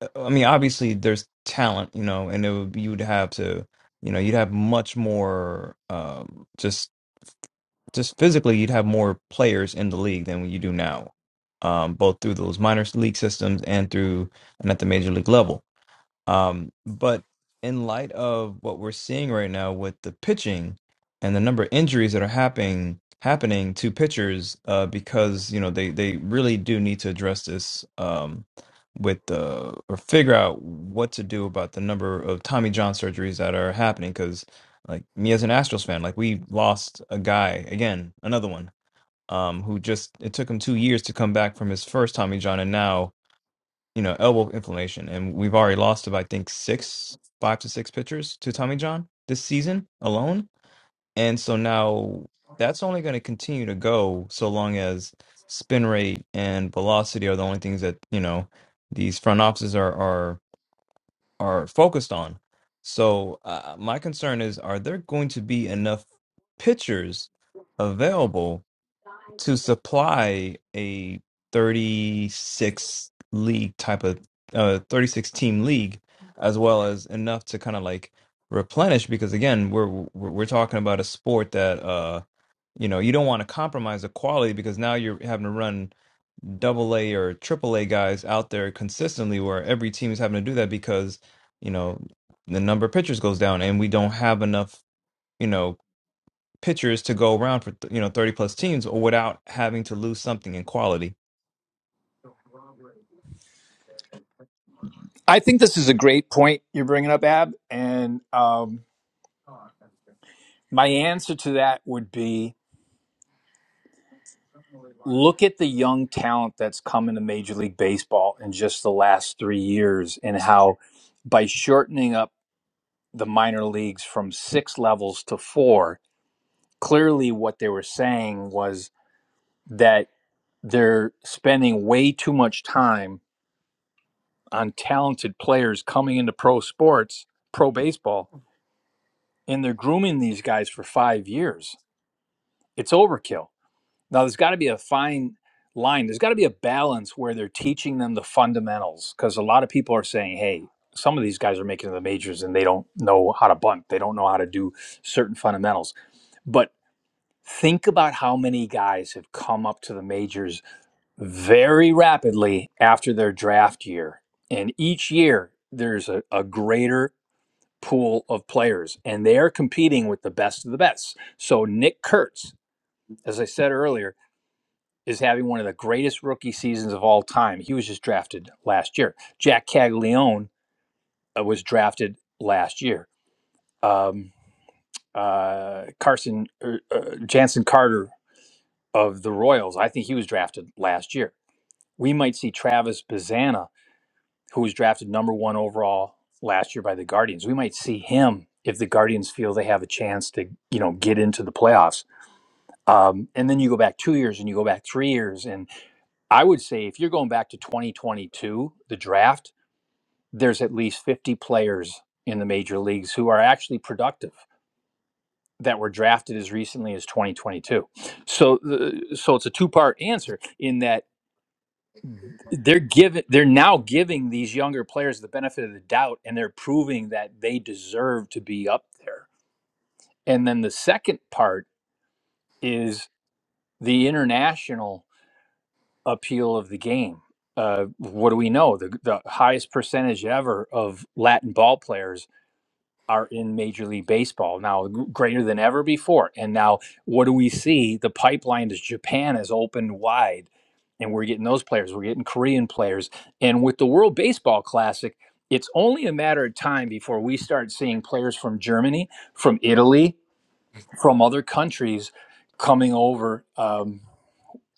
uh, I mean, obviously there's talent, you know, and it would, you'd have to, you know, you'd have much more, um, just just physically, you'd have more players in the league than you do now, um, both through those minor league systems and through and at the major league level um, but in light of what we're seeing right now with the pitching and the number of injuries that are happening happening to pitchers, uh, because you know they they really do need to address this um, with the or figure out what to do about the number of Tommy John surgeries that are happening. Because like me as an Astros fan, like we lost a guy again, another one. Um, who just it took him two years to come back from his first Tommy John, and now you know, elbow inflammation. And we've already lost about, I think, six, five to six pitchers to Tommy John this season alone. And so now that's only going to continue to go so long as spin rate and velocity are the only things that, you know, these front offices are, are, are focused on. So uh, my concern is, are there going to be enough pitchers available to supply a 36 league type of uh 36 team league as well as enough to kind of like replenish because again we're we're we're talking about a sport that uh you know you don't want to compromise the quality because now you're having to run double A or triple A guys out there consistently where every team is having to do that because you know the number of pitchers goes down and we don't have enough you know pitchers to go around for you know 30 plus teams or without having to lose something in quality. i think this is a great point you're bringing up ab and um my answer to that would be look at the young talent that's come into Major League Baseball in just the last three years and how by shortening up the minor leagues from six levels to four, clearly what they were saying was that they're spending way too much time on talented players coming into pro sports, pro baseball, and they're grooming these guys for five years. It's overkill Now, there's got to be a fine line. There's got to be a balance where they're teaching them the fundamentals because a lot of people are saying, hey, some of these guys are making the majors and they don't know how to bunt. They don't know how to do certain fundamentals. But think about how many guys have come up to the majors very rapidly after their draft year. And each year, there's a, a greater pool of players and they're competing with the best of the best. So, Nick Kurtz, as I said earlier, is having one of the greatest rookie seasons of all time. He was just drafted last year. Jack Caglione uh, was drafted last year. Um, uh, Carson er, uh, Jansen Carter of the Royals, I think he was drafted last year. We might see Travis Bazana, who was drafted number one overall last year by the Guardians. We might see him if the Guardians feel they have a chance to, you know, get into the playoffs. Um, and then you go back two years, and you go back three years, and. I would say if you're going back to 2022, the draft, there's at least 50 players in the major leagues who are actually productive that were drafted as recently as 2022. So the, so it's a two-part answer in that they're giving they're now giving these younger players the benefit of the doubt and they're proving that they deserve to be up there. And then the second part is the international appeal of the game. Uh, what do we know? The, the highest percentage ever of Latin ball players are in Major League Baseball now, g- greater than ever before. And now, what do we see? The pipeline to Japan is opened wide, and we're getting those players. We're getting Korean players, and with the World Baseball Classic. It's only a matter of time before we start seeing players from Germany, from Italy, from other countries coming over. Um,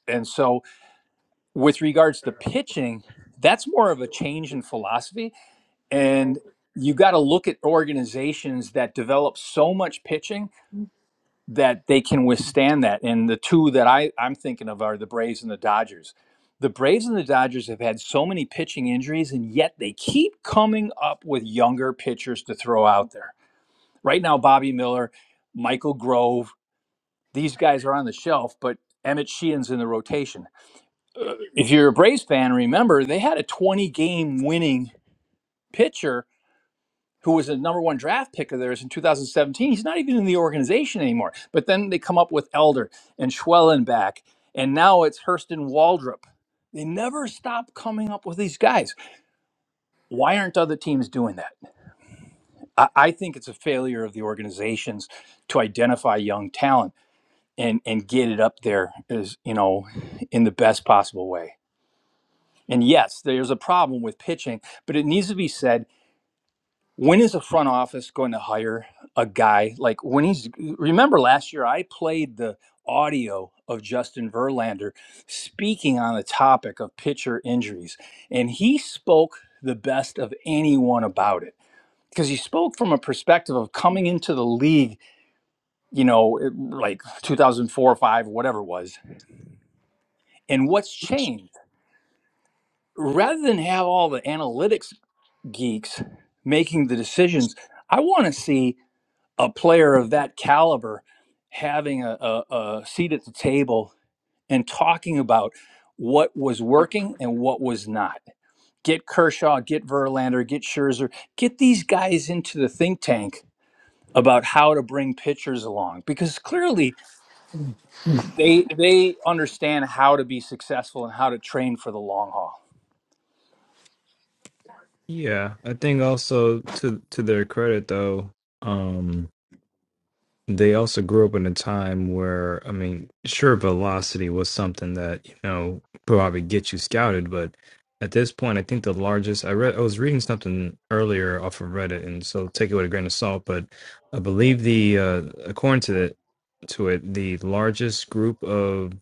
and so with regards to pitching, that's more of a change in philosophy. And you got to look at organizations that develop so much pitching that they can withstand that. And the two that I, I'm thinking of are the Braves and the Dodgers. The Braves and the Dodgers have had so many pitching injuries, and yet they keep coming up with younger pitchers to throw out there. Right now, Bobby Miller, Michael Grove, these guys are on the shelf, but Emmett Sheehan's in the rotation if you're a Braves fan, remember they had a 20 game winning pitcher who was a number one draft pick of theirs in 2017. He's not even in the organization anymore. But then they come up with Elder and Schwellenbach, and now it's Hurston Waldrop. They never stop coming up with these guys. Why aren't other teams doing that? I, I think it's a failure of the organizations to identify young talent and and get it up there as you know in the best possible way. And yes, there's a problem with pitching, but it needs to be said when is a front office going to hire a guy like when he's remember last year I played the audio of Justin Verlander speaking on the topic of pitcher injuries and he spoke the best of anyone about it because he spoke from a perspective of coming into the league, you know, it- like 2004 or 5 whatever it was and what's changed rather than have all the analytics geeks making the decisions. I want to see a player of that caliber having a, a, a seat at the table and talking about what was working and what was not. Get Kershaw, get Verlander, get Scherzer, get these guys into the think tank about how to bring pitchers along because clearly they they understand how to be successful and how to train for the long haul. Yeah, I think also to to their credit though, um, they also grew up in a time where I mean, sure, velocity was something that you know probably get you scouted, but at this point, I think the largest I read I was reading something earlier off of Reddit, and so take it with a grain of salt, but I believe the uh, according to the to it, the largest group of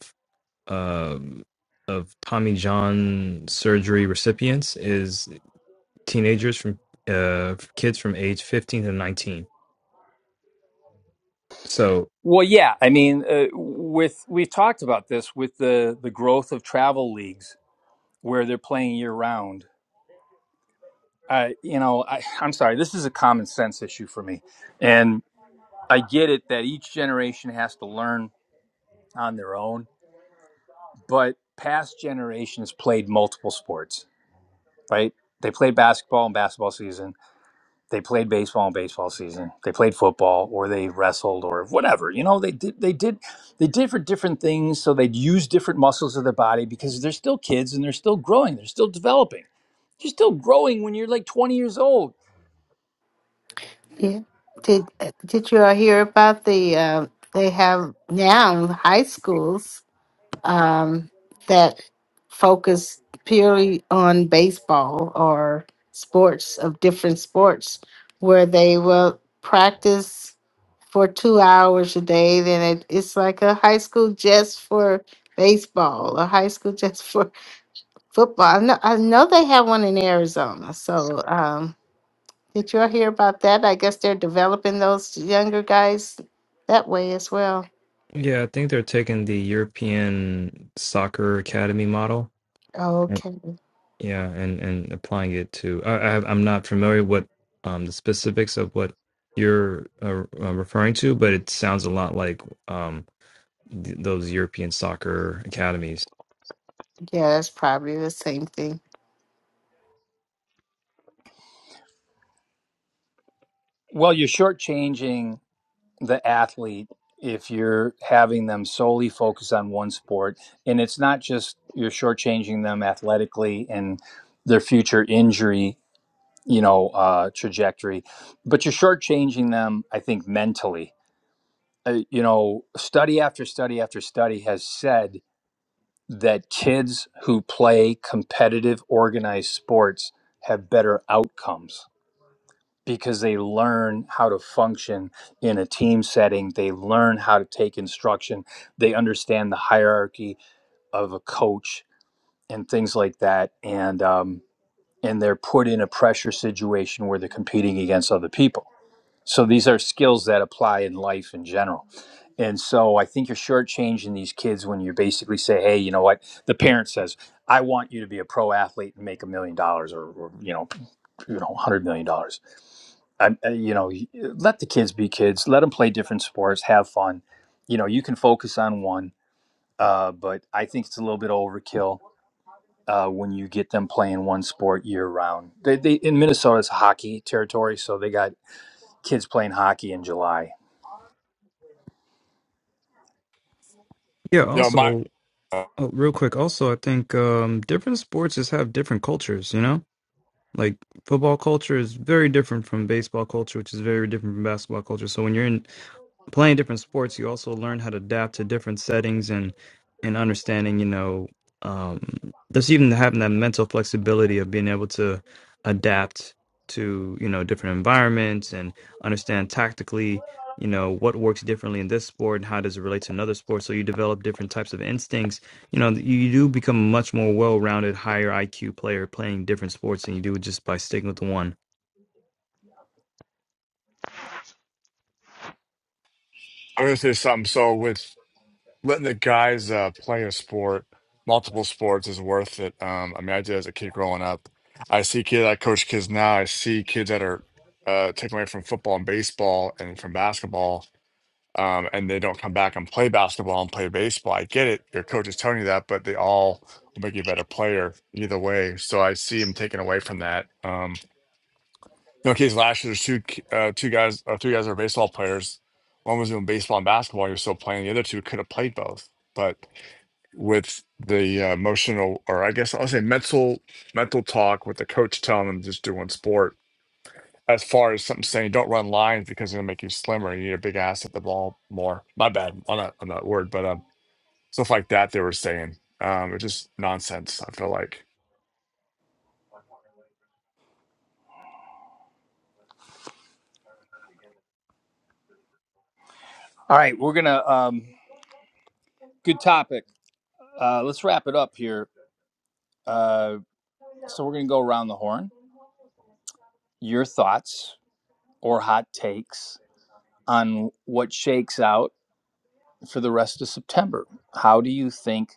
um, of Tommy John surgery recipients is teenagers from uh, kids from age 15 to 19. So Well, yeah, I mean, uh, with we have talked about this with the the growth of travel leagues where they're playing year round. I, you know, I, I'm sorry, this is a common sense issue for me, and I get it that each generation has to learn on their own, but past generations played multiple sports, right? They played basketball in basketball season They played baseball in baseball season. They played football, or they wrestled, or whatever. You know, they did. They did. They did for different things, so they'd use different muscles of their body because they're still kids and they're still growing. They're still developing. You're still growing when you're like 20 years old. Yeah. Did Did you all hear about the? Uh, they have now high schools um, that focus purely on baseball or sports of different sports where they will practice for two hours a day then it, it's like a high school just for baseball a high school just for football i know, I know they have one in arizona so um, did you all hear about that i guess they're developing those younger guys that way as well yeah, I think they're taking the European soccer academy model. Mm. okay Yeah, and and applying it to I, I I'm not familiar what um the specifics of what you're uh, uh, referring to, but it sounds a lot like um th- those European soccer academies. yeah that's probably the same thing Well, you're shortchanging the athlete if you're having them solely focus on one sport. And it's not just you're shortchanging them athletically and their future injury. you know uh, trajectory, but you're shortchanging them. I think mentally, uh, you know, study after study after study has said that kids who play competitive organized sports have better outcomes because they learn how to function in a team setting they learn how to take instruction they understand the hierarchy of a coach and things like that and um, and they're put in a pressure situation where they're competing against other people. So these are skills that apply in life in general. And so I think you're shortchanging these kids when you basically say, hey, you know what? The parent says, I want you to be a pro athlete and make a million dollars or, or, you know, you know, one hundred million dollars. I, I- you know, y- let the kids be kids. Let them play different sports, have fun. You know, you can focus on one, uh, but I think it's a little bit overkill uh, when you get them playing one sport year round. They, they in Minnesota it's hockey territory, so they got kids playing hockey in July. Yeah, You know, my also uh, Oh, real quick, also, I think um, different sports just have different cultures, you know? Like football culture is very different from baseball culture, which is very different from basketball culture. So when you're in playing different sports, you also learn how to adapt to different settings and and understanding, you know, um, just even having that mental flexibility of being able to adapt to you know different environments and understand tactically, you know, what works differently in this sport and how does it relate to another sport. So you develop different types of instincts. You know, you, you do become a much more well-rounded, higher IQ player playing different sports than you do just by sticking with the one. I'm gonna say something. So with letting the guys uh, play a sport, multiple sports is worth it. Um, I mean, I did as a kid growing up. I see kids, I coach kids now. I see kids that are uh, taken away from football and baseball and from basketball, um, and they don't come back and play basketball and play baseball. I get it. Your coach is telling you that, but they all will make you a better player either way. So I see them taken away from that. Um, you know, kids last year, there's two ki- uh, two guys or three guys that are baseball players. One was doing baseball and basketball. He was still playing. The other two could have played both, but with the uh, emotional, or I guess I'll say mental, mental talk with the coach telling them just do one sport. As far as something saying don't run lines because it'll make you slimmer, you need a big ass at the ball more. My bad on that on that word, but um, stuff like that they were saying, um, it's just nonsense. I feel like All right, we're gonna um, good topic. Uh, let's wrap it up here. Uh, so we're gonna go around the horn. Your thoughts or hot takes on what shakes out for the rest of September? How do you think?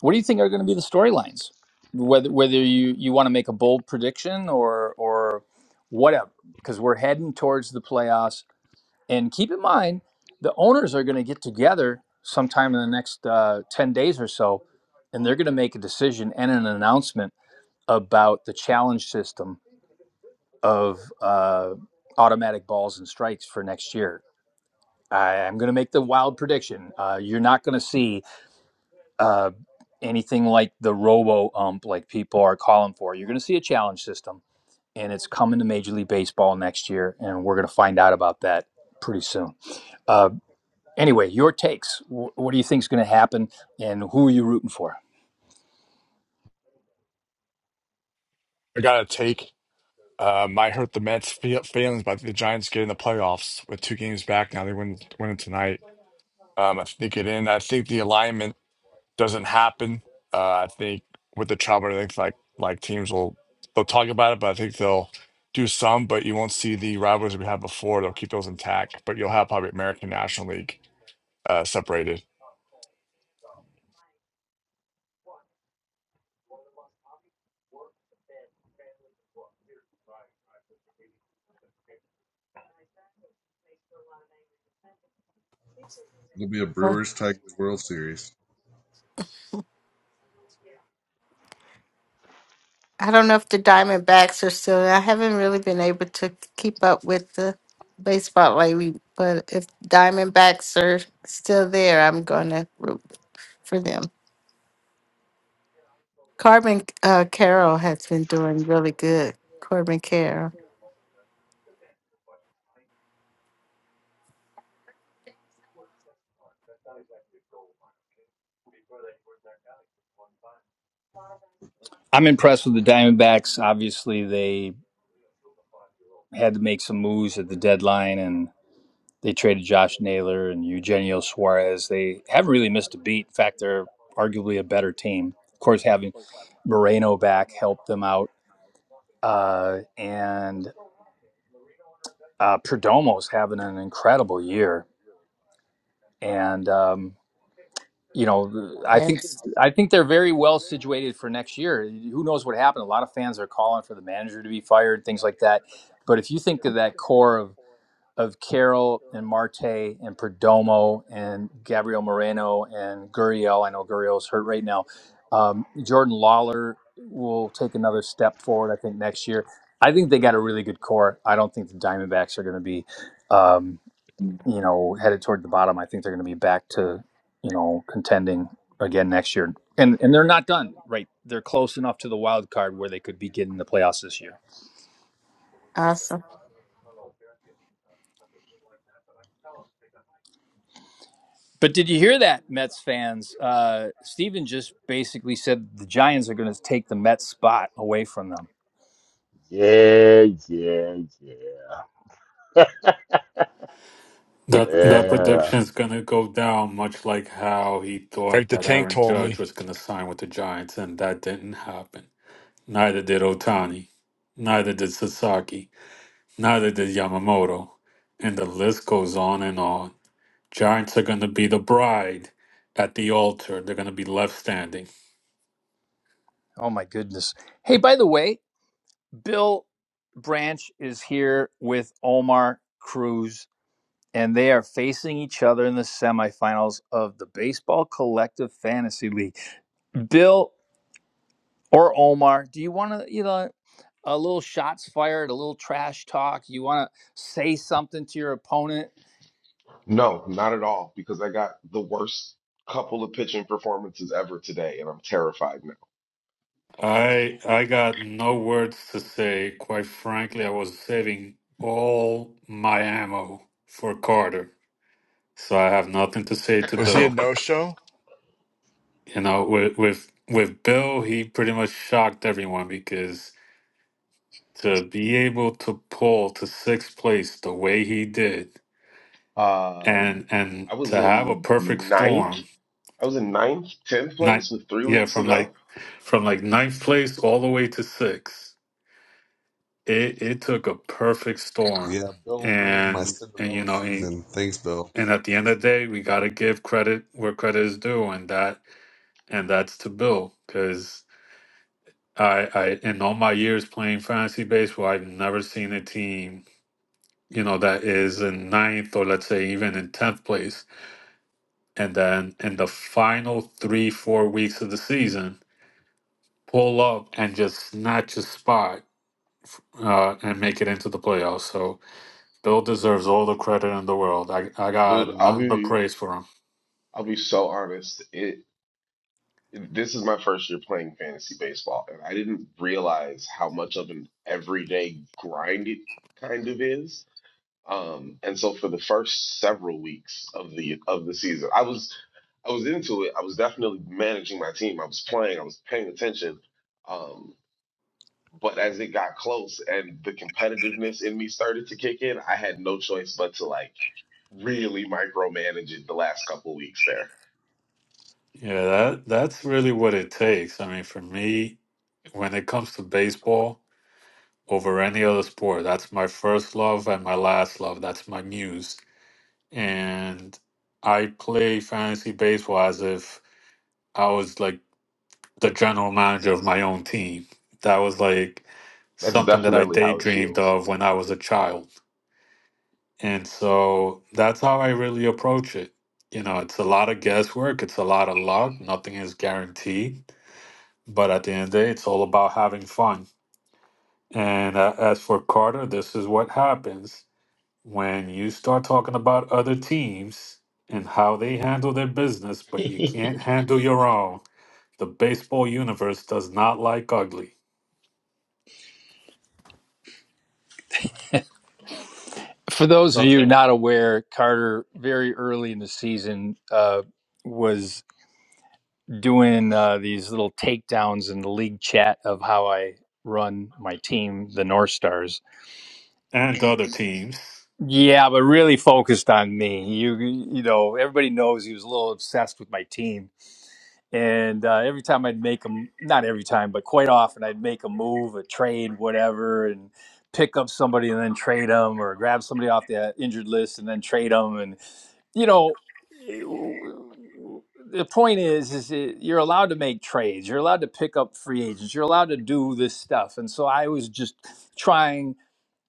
What do you think are going to be the storylines? Whether whether you you want to make a bold prediction or or whatever, because we're heading towards the playoffs And keep in mind, the owners are going to get together sometime in the next uh, 10 days or so, and they're going to make a decision and an announcement about the challenge system of uh, automatic balls and strikes for next year. I, I'm going to make the wild prediction. Uh, you're not going to see uh, anything like the robo ump, like people are calling for. You're going to see a challenge system, and it's coming to Major League Baseball next year, and we're going to find out about that pretty soon Uh, Anyway, your takes. What do you think is going to happen, and who are you rooting for? I gotta take. Uh, might hurt the Mets' feel- feelings, but the Giants get in the playoffs with two games back now. They win winning tonight. Um, I think it in. I think the alignment. doesn't happen. Uh, I think with the travel, I think like like teams will they'll talk about it, but I think they'll do some, but you won't see the rivalries we had before. They'll keep those intact, but you'll have probably American National League uh, separated. It'll be a Brewers Tigers World Series. I don't know if the Diamondbacks are still. I haven't really been able to keep up with the baseball lately, but if Diamondbacks are still there, I'm going to root for them. Corbin uh, Carroll has been doing really good. Corbin Carroll. I'm impressed with the Diamondbacks. Obviously, they had to make some moves at the deadline, and they traded Josh Naylor and Eugenio Suarez. They haven't really missed a beat. In fact, they're arguably a better team. Of course, having Moreno back helped them out, uh, and uh, Perdomo's having an incredible year, and um, you know, I think Yes. I think they're very well situated for next year. Who knows what happened? A lot of fans are calling for the manager to be fired, things like that. But if you think of that core of of Carroll and Marte and Perdomo and Gabriel Moreno and Gurriel, I know Gurriel's hurt right now. Um, Jordan Lawler will take another step forward, I think, next year. I think they got a really good core. I don't think the Diamondbacks are going to be. um, you know, headed toward the bottom. I think they're going to be back to, you know, contending again next year. And and they're not done, right? They're close enough to the wild card where they could be getting the playoffs this year. Awesome. But did you hear that, Mets fans? Uh, Steven just basically said the Giants are going to take the Mets spot away from them. Yeah, yeah, yeah. That that yeah. prediction is gonna go down much like how he thought Eric the that Tank Aaron told Judge me was gonna sign with the Giants, and that didn't happen. Neither did Otani, neither did Sasaki, neither did Yamamoto, and the list goes on and on. Giants are gonna be the bride at the altar. They're gonna be left standing. Oh my goodness! Hey, by the way, Bill Branch is here with Omar Cruz, and they are facing each other in the semifinals of the Baseball Collective Fantasy League. Bill or Omar, do you want to, you know, a little shots fired, a little trash talk? You want to say something to your opponent? No, not at all, because I got the worst couple of pitching performances ever today, and I'm terrified now. I I got no words to say. Quite frankly, I was saving all my ammo for Carter, so I have nothing to say to was he a Bill. uh, no show? You know, with with with Bill, he pretty much shocked everyone because to be able to pull to sixth place the way he did, and and I was to have a in perfect ninth. storm, I was in ninth, tenth not place with three yeah, weeks to from like go. from like ninth place all the way to sixth. it it took a perfect storm Yeah, Bill ruined my and and you Cinderella know and, season. Thanks, Bill. and at the end of the day we got to give credit where credit is due and that and that's to bill because i i in all my years playing fantasy baseball i've never seen a team you know that is in ninth or let's say even in 10th place and then in the final three four weeks of the season pull up and just snatch a spot uh, and make it into the playoffs so Bill deserves all the credit in the world. I I Dude, got I'll nothing but be praise for him. I'll be so honest. It this is my first year playing fantasy baseball, and I didn't realize how much of an everyday grind it kind of is. Um, and so for the first several weeks of the of the season, I was I was into it. I was definitely managing my team. I was playing. I was paying attention. Um, but as it got close and the competitiveness in me started to kick in, I had no choice but to like really micromanage it the last couple weeks there. Yeah, that that's really what it takes. I mean, for me, when it comes to baseball over any other sport, that's my first love and my last love. That's my muse. And I play fantasy baseball as if I was like the general manager of my own team. That was like That's something that I definitely how it daydreamed feels. of when I was a child And so that's how I really approach it. You know, it's a lot of guesswork, it's a lot of luck, nothing is guaranteed. But at the end of the day, it's all about having fun. And uh, as for Carter, this is what happens when you start talking about other teams and how they handle their business, but you can't handle your own. The baseball universe does not like ugly For those of So you not aware, Carter very early in the season uh, was doing uh, these little takedowns in the league chat of how I run my team, the North Stars. and other teams. Yeah, but really focused on me. You you know, everybody knows he was a little obsessed with my team. And uh, every time I'd make him, not every time, but quite often I'd make a move, a trade, whatever, and pick up somebody and then trade them or grab somebody off the uh, injured list and then trade them. And, you know, the point is, is it, you're allowed to make trades. You're allowed to pick up free agents. You're allowed to do this stuff. And so I was just trying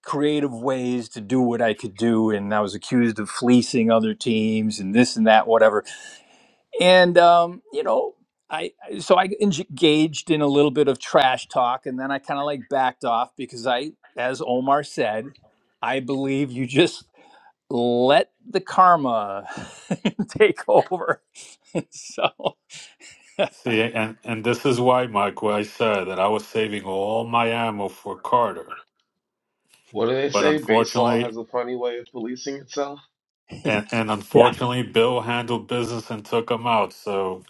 creative ways to do what I could do, and I was accused of fleecing other teams and this and that, whatever. And um, you know, I I- so I engaged in a little bit of trash talk, and then I kind of like backed off because I, as Omar said, I believe you just let the karma take over. so See, and, and this is why, Michael, I said that I was saving all my ammo for Carter What do they But say? Baseball unfortunately, has a funny way of policing itself. and, and yeah, unfortunately, Bill handled business and took him out. So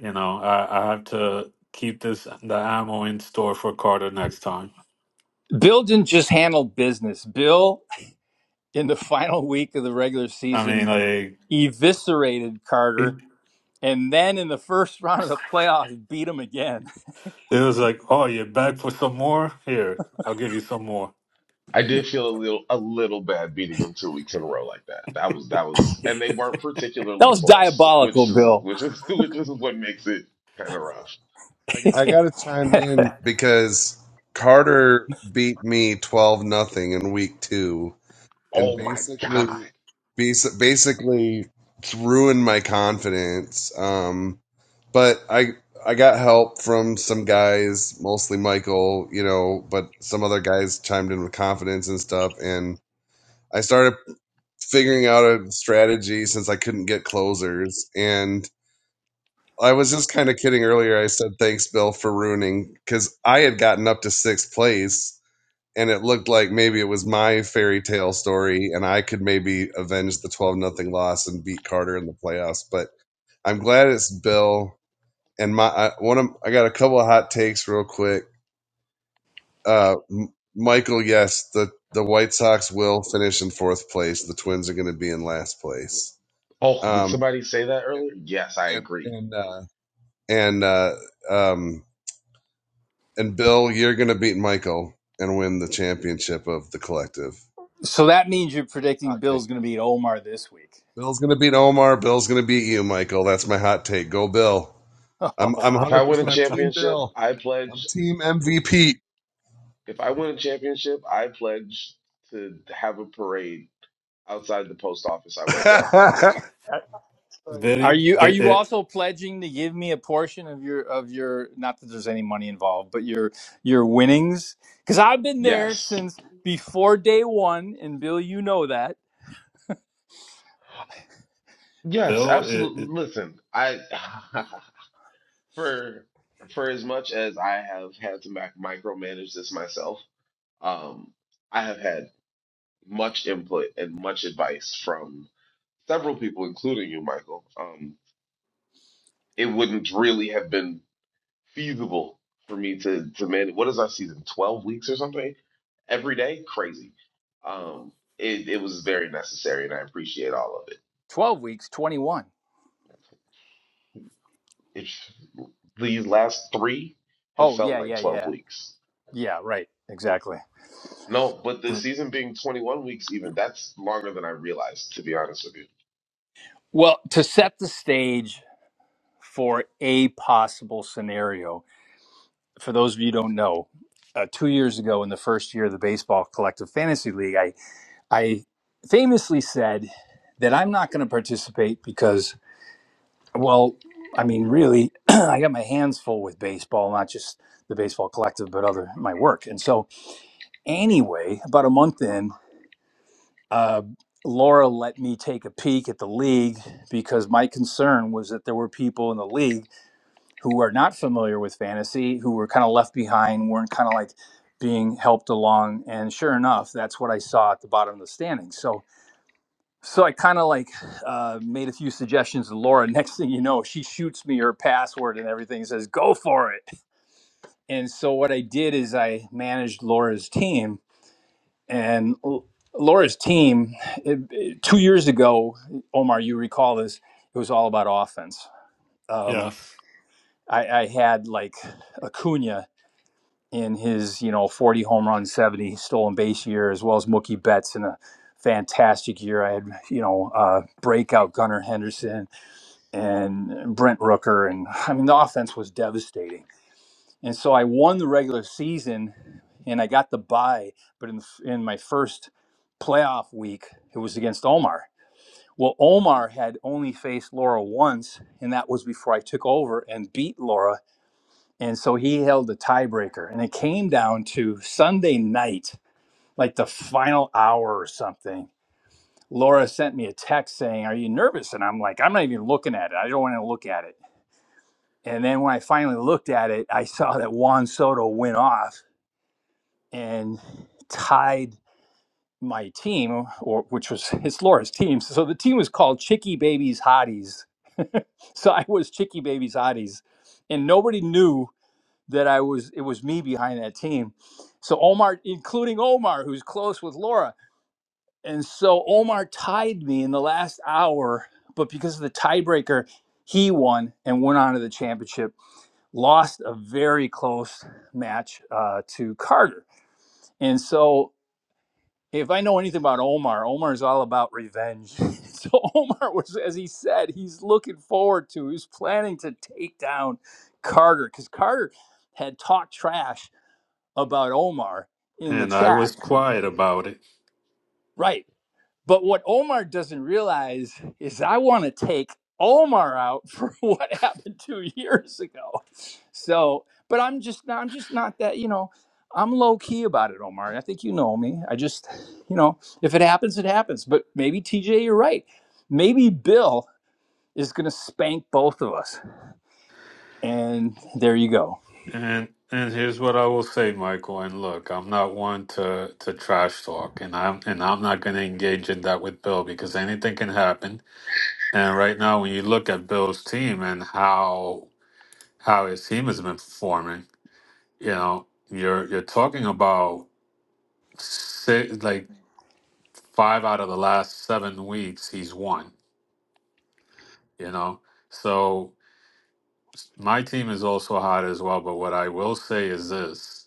you know, I, I have to keep this the ammo in store for Carter next time. Bill didn't just handle business. Bill in the final week of the regular I mean, season like eviscerated it, Carter and then in the first round of the playoffs, beat them again. it was like, oh, you're back for some more? Here, I'll give you some more. I did feel a little a little bad beating them two weeks in a row like that. That was that was, and they weren't That particularly was close, diabolical, which is Bill. which is which is what makes it kind of rough. I, I got to chime in because Carter beat me twelve nothing in week two, and Oh my basically, God! basi- basically ruined my confidence. Um, but I I got help from some guys, mostly Michael, you know, but some other guys chimed in with confidence and stuff, and I started figuring out a strategy since I couldn't get closers, and I was just kind of kidding earlier. I said thanks, Bill, for ruining because I had gotten up to sixth place. And it looked like maybe it was my fairy tale story, and I could maybe avenge the twelve nothing loss and beat Carter in the playoffs. But I'm glad it's Bill and my I, one of I got a couple of hot takes real quick. Uh, M- Michael, yes, the the White Sox will finish in fourth place. The Twins are going to be in last place. Oh, did Um, somebody say that earlier? Yes, I and agree. and uh, and uh, um, and Bill, you're going to beat Michael and win the championship of the collective. so that means you're predicting Hot take. Bill's going to beat Omar this week. Bill's going to beat Omar. Bill's going to beat you, Michael. That's my hot take. Go, Bill. Oh I'm I'm If wow! I 100 win a percent on Team championship, Bill. I I'm pledge. Team If MVP. if I win a championship, I pledge to have a parade outside the post office I work at. Did Are you it? are Did you it also pledging to give me a portion of your of your not that there's any money involved, but your your winnings? Because I've been there Yes. since before day one, and Bill, you know that Yes, Bill? It, it, absolutely. Listen, I for for as much as I have had to mac micromanage this myself, um, I have had much input and much advice from several people, including you, Michael. Um, it wouldn't really have been feasible for me to to manage. What is our season? 12 weeks or something? Every day? Crazy. Um, it it was very necessary, and I appreciate all of it. twelve weeks, twenty one. It's these last three have Oh felt yeah, like yeah, 12 yeah, weeks. yeah. Right, exactly. No, but the it, season being 21 weeks, even that's longer than I realized, to be honest with you. Well, to set the stage. for a possible scenario. For those of you who don't know, uh, two years ago in the first year of the Baseball Collective Fantasy League, I, I famously said that I'm not going to participate because, well, I mean, really, I got my hands full with baseball, not just the Baseball Collective, but other my work. And so, anyway, about a month in, uh, Laura let me take a peek at the league because my concern was that there were people in the league who are not familiar with fantasy, who were kind of left behind, weren't kind of like being helped along. And sure enough, that's what I saw at the bottom of the standings. So, so I kind of like uh, made a few suggestions to Laura. Next thing you know, she shoots me her password and everything says, go for it. And so what I did is I managed Laura's team and L- Laura's team it, it- two years ago, Omar, you recall this, it was all about offense. Um, yes, I, I had like Acuna in his you know 40 home run 70 stolen base year as well as mookie betts in a fantastic year i had you know uh, breakout gunnar henderson and brent rooker and i mean the offense was devastating and so i won the regular season and i got the bye but in, in my first playoff week it was against omar well omar had only faced laura once and that was before i took over and beat laura and so he held the tiebreaker. And it came down to Sunday night, like the final hour or something. Laura sent me a text saying, Are you nervous? And I'm like, I'm not even looking at it. I don't want to look at it. And then when I finally looked at it, I saw that Juan Soto went off and tied my team, or which was it's Laura's team. So the team was called Chicky Babies Hotties. So I was Chicky Babies Hotties. And nobody knew that I was it was me behind that team. So Omar, including Omar, who's close with Laura. And so Omar tied me in the last hour, but because of the tiebreaker, he won and went on to the championship. Lost a very close match uh, to Carter. And so if I know anything about Omar, Omar is all about revenge. so Omar was, as he said, he's looking forward to, he's planning to take down Carter because Carter had talked trash about Omar in the and I chat. was quiet about it. Right. But what Omar doesn't realize is I want to take Omar out for what happened 2 years ago. So, but I'm just not I'm just not that, you know, I'm low key about it, Omar. and I think you know me. I just, you know, if it happens it happens, but maybe TJ you're right. Maybe Bill is going to spank both of us. And there you go. And and here's what I will say, Michael. And look, I'm not one to to trash talk, and I'm and I'm not going to engage in that with Bill because anything can happen. And right now, when you look at Bill's team and how how his team has been performing, you know, you're you're talking about six, like five out of the last seven weeks he's won. You know, so my team is also hot as well. But what I will say is this.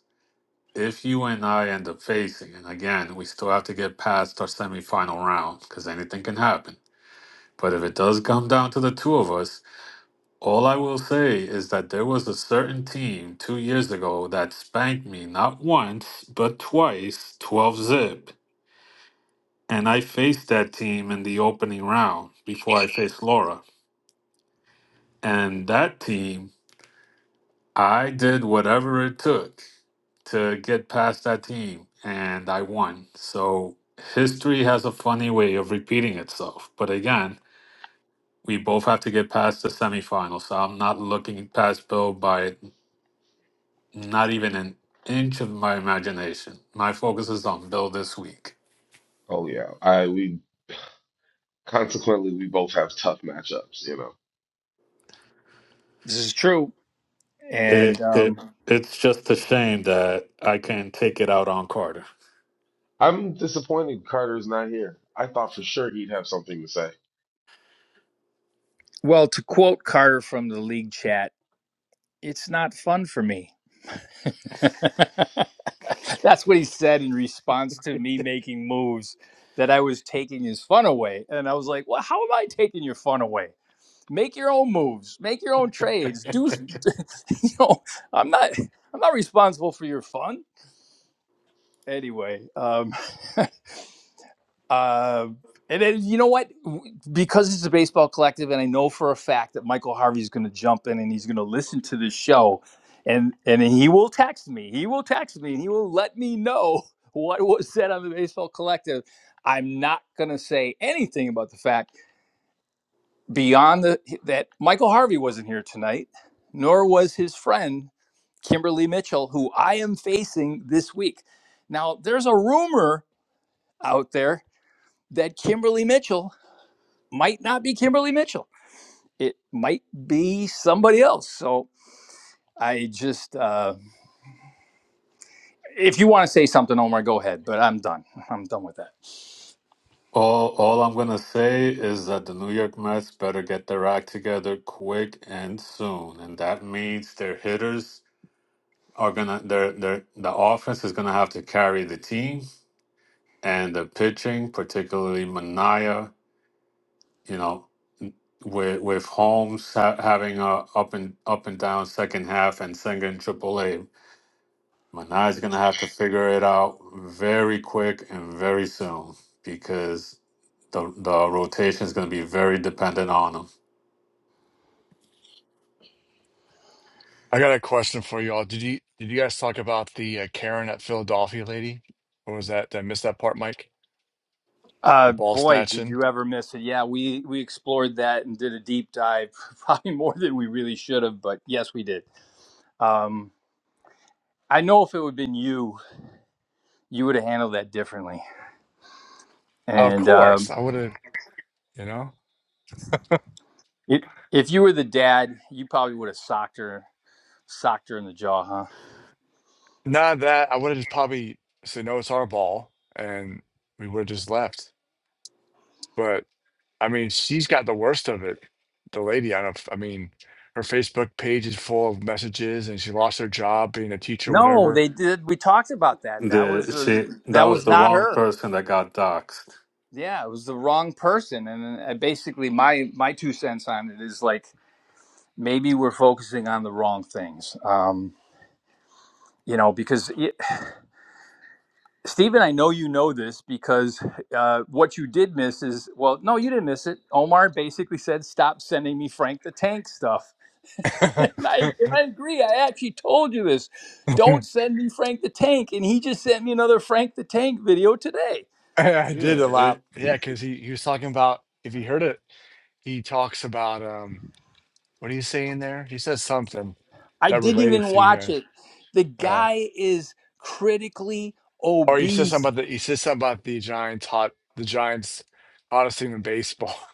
if you and I end up facing, and again, we still have to get past our semifinal round because anything can happen. But if it does come down to the two of us, all I will say is that there was a certain team two years ago that spanked me not once, but twice, 12 zip. And I faced that team in the opening round before I faced Laura. And that team I did whatever it took to get past that team, and I won. So history has a funny way of repeating itself. But again, we both have to get past the semifinals. So I'm not looking past Bill by not even an inch of my imagination. My focus is on Bill this week. Oh yeah, I we consequently we both have tough matchups. You know, This is true. And It, it um it's just a shame that I can't take it out on Carter. I'm disappointed Carter's not here. I thought for sure he'd have something to say. well, to quote Carter from the league chat, it's not fun for me. That's what he said in response to me making moves that I was taking his fun away. And I was like, well, how am I taking your fun away? Make your own moves, make your own trades. Do, you know, I'm not, I'm not responsible for your fun. Anyway, um, Uh, and then, you know what? Because it's a baseball collective, and I know for a fact that Michael Harvey's going to jump in and he's going to listen to this show, and and he will text me. He will text me, and he will let me know what was said on the baseball collective. I'm not going to say anything about the fact beyond the that Michael Harvey wasn't here tonight, nor was his friend Kimberly Mitchell, who I am facing this week. Now, there's a rumor out there that Kimberly Mitchell might not be Kimberly Mitchell. It might be somebody else. So I just, uh, if you want to say something, Omar, go ahead. But I'm done. I'm done with that. All all I'm gonna say is that the New York Mets better get their act together quick and soon, and that means their hitters are gonna their their the offense is gonna have to carry the team, and the pitching, particularly Manaya, you know, with with Holmes ha having a up and up and down second half and Senga in Triple A, Manaya's gonna have to figure it out very quick and very soon because the the rotation is gonna be very dependent on him. I got a question for you all. Did you did you guys talk about the uh, Karen at Philadelphia lady? Or was that did I miss that part, Mike? The Uh, ball boy, did snatching. you ever miss it? Yeah, we we explored that and did a deep dive, probably more than we really should have. But yes, we did. Um, I know if it would have been you, you would have handled that differently. Of And course, um, I would have. You know. it, if you were the dad, you probably would have socked her, socked her in the jaw, huh? Not that I would have just probably said, no, it's our ball. And we would have just left. But I mean, she's got the worst of it. The lady, I don't, f- I mean, her Facebook page is full of messages and she lost her job being a teacher, No, whatever. they did. We talked about that. That The was uh she that that was was the not wrong her. person that got doxxed. Yeah, it was the wrong person. And uh, basically, my my two cents on it is like maybe we're focusing on the wrong things. Um, you know, because y Stephen, I know you know this because uh, what you did miss is well, no, you didn't miss it. Omar basically said, "Stop sending me Frank the Tank stuff," and I and I agree. I actually told you this. I Don't send me Frank the Tank, and he just sent me another Frank the Tank video today I Yeah, did a lot. it Yeah. Cause he, he was talking about, if you heard it, he talks about, um, what do you say in there? He says something I that didn't related even to you watch guys. it. The Uh, guy is critically Or you said something obese. about the you said something about the Giants hot the Giants hottest team in baseball.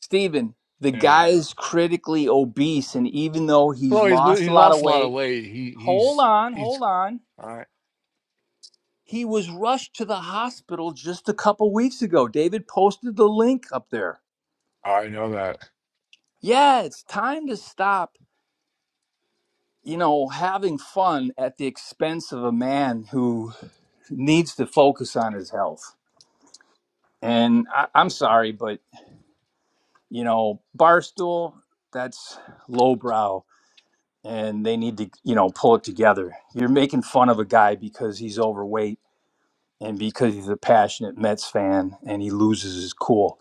Steven, the Yeah. guy is critically obese, and even though he's Well, he's lo- lost a he's lot of lost a lot of weight, weight. He hold he's on, he's hold on. I He was rushed to the hospital just a couple weeks ago. David posted the link up there. I know that. Yeah, it's time to stop, you know, having fun at the expense of a man who needs to focus on his health. And I, I'm sorry, but you know, Barstool, that's lowbrow and they need to, you know, pull it together. You're making fun of a guy because he's overweight and because he's a passionate Mets fan and he loses his cool.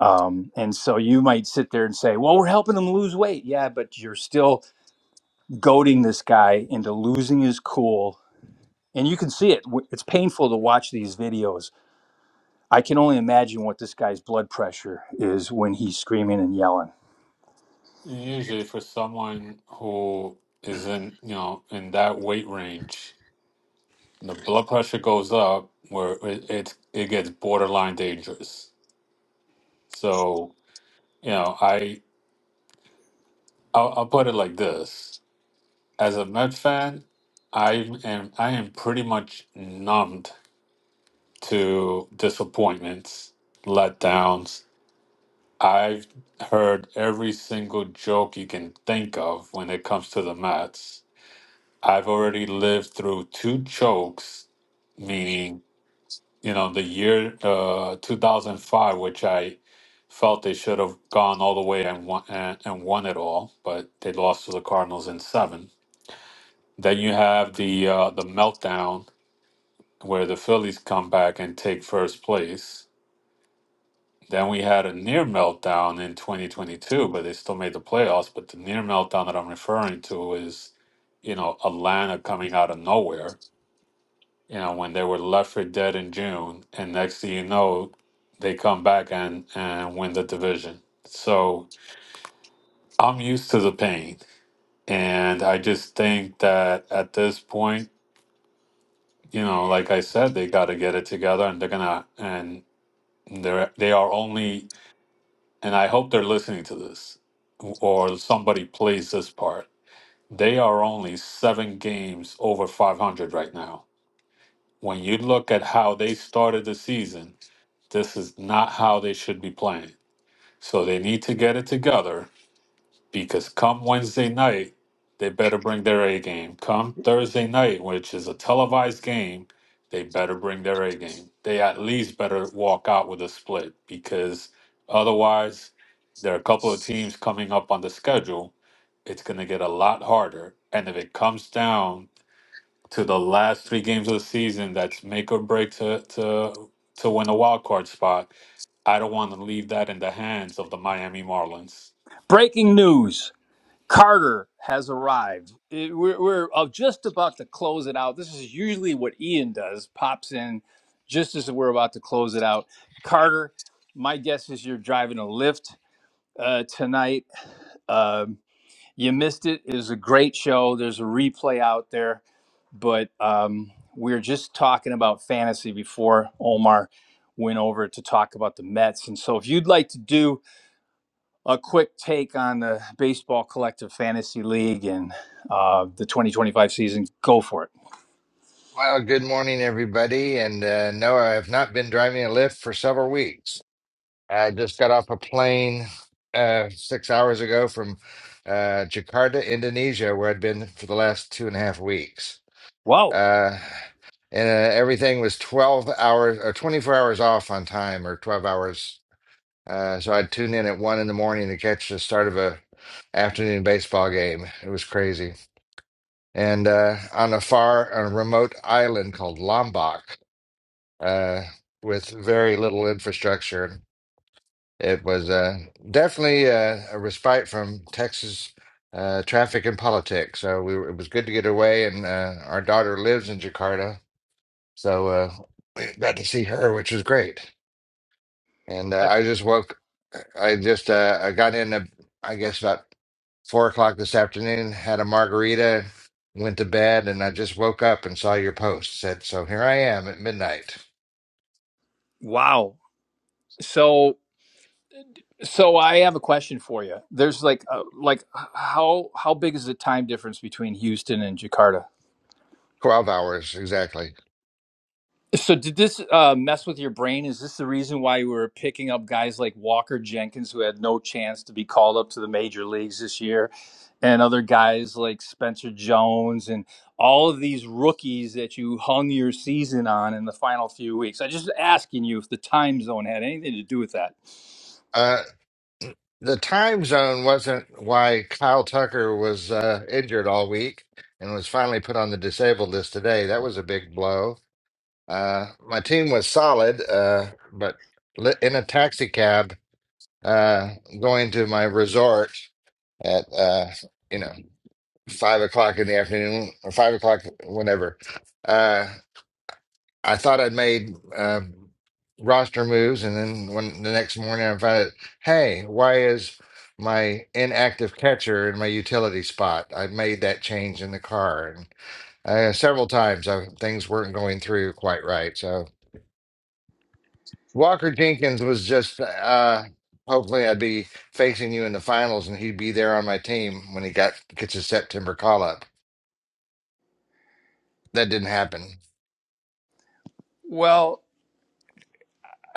Um, and so you might sit there and say, well, we're helping him lose weight. Yeah, but you're still goading this guy into losing his cool. And you can see it. W- It's painful to watch these videos. I can only imagine what this guy's blood pressure is when he's screaming and yelling. usually for someone who is in you know in that weight range, the blood pressure goes up where it it, it gets borderline dangerous. So you know, I I'll, I'll put it like this: as a Met fan, I am I am pretty much numbed to disappointments, letdowns. I've heard every single joke you can think of when it comes to the Mets. I've already lived through two chokes, meaning, you know, the year uh, 2005, which I felt they should have gone all the way and won, and, and won it all, but they lost to the Cardinals in seven. Then you have the uh, the meltdown where the Phillies come back and take first place Then we had a near meltdown in 2022, but they still made the playoffs. But the near meltdown that I'm referring to is, you know, Atlanta coming out of nowhere, you know, when they were left for dead in June. And next thing you know, they come back and, and win the division. So I'm used to the pain. And I just think that at this point, you know, like I said, they got to get it together and they're going to, and they're, they are only and I hope they're listening to this or somebody plays this part. They are only seven games over 500 right now. When you look at how they started the season, this is not how they should be playing. So they need to get it together because come Wednesday night, they better bring their A game. Come Thursday night, which is a televised game, they better bring their A game. They at least better walk out with a split because otherwise, there are a couple of teams coming up on the schedule. It's going to get a lot harder. And if it comes down to the last three games of the season, that's make or break to to to win a wild card spot. I don't want to leave that in the hands of the Miami Marlins. Breaking news. Carter has arrived. It- we're we're uh, just about to close it out. This is usually what Ian does, pops in just as we're about to close it out. Carter, my guess is you're driving a Lyft uh, tonight. Um, you missed it. It was a great show. There's a replay out there, but um, we were just talking about fantasy before Omar went over to talk about the Mets. And so, if you'd like to do a quick take on the Baseball Collective Fantasy League and uh, the 2025 season. Go for it. Well, good morning, everybody. And uh, no, I have not been driving a Lyft for several weeks. I just got off a plane uh, six hours ago from uh, Jakarta, Indonesia, where I'd been for the last two and a half weeks. Whoa. Uh, and uh, everything was 12 hours or 24 hours off on time or 12 hours. Uh, so I'd tune in at one in the morning to catch the start of a afternoon baseball game. It was crazy. And uh, on a far, on a remote island called Lombok uh, with very little infrastructure. It was uh, definitely uh, a respite from Texas uh, traffic and politics. So we were, it was good to get away, and uh, our daughter lives in Jakarta, so uh, we got to see her, which was great. And uh, I, I just woke, I just uh, I got in, uh, I guess about four o'clock this afternoon, had a margarita, went to bed, and I just woke up and saw your post. Said, so here I am at midnight, wow. So so I have a question for you. There's like a, like how how big is the time difference between Houston and Jakarta? 12 hours exactly. So did this uh, mess with your brain? Is this the reason why you were picking up guys like Walker Jenkins, who had no chance to be called up to the major leagues this year, and other guys like Spencer Jones and all of these rookies that you hung your season on in the final few weeks? I am just asking you if the time zone had anything to do with that. Uh, the time zone wasn't why Kyle Tucker was uh, injured all week and was finally put on the disabled list today. That was a big blow. Uh, my team was solid, uh, but li- in a taxi cab uh, going to my resort at uh, you know five o'clock in the afternoon or five o'clock whenever. Uh, I thought I'd made uh, roster moves, and then when the next morning I found out, hey, why is my inactive catcher in my utility spot? I made that change in the car, and uh, several times I, things weren't going through quite right. So Walker Jenkins was just. Uh, hopefully, I'd be facing you in the finals, and he'd be there on my team when he got gets his September call up. That didn't happen. Well,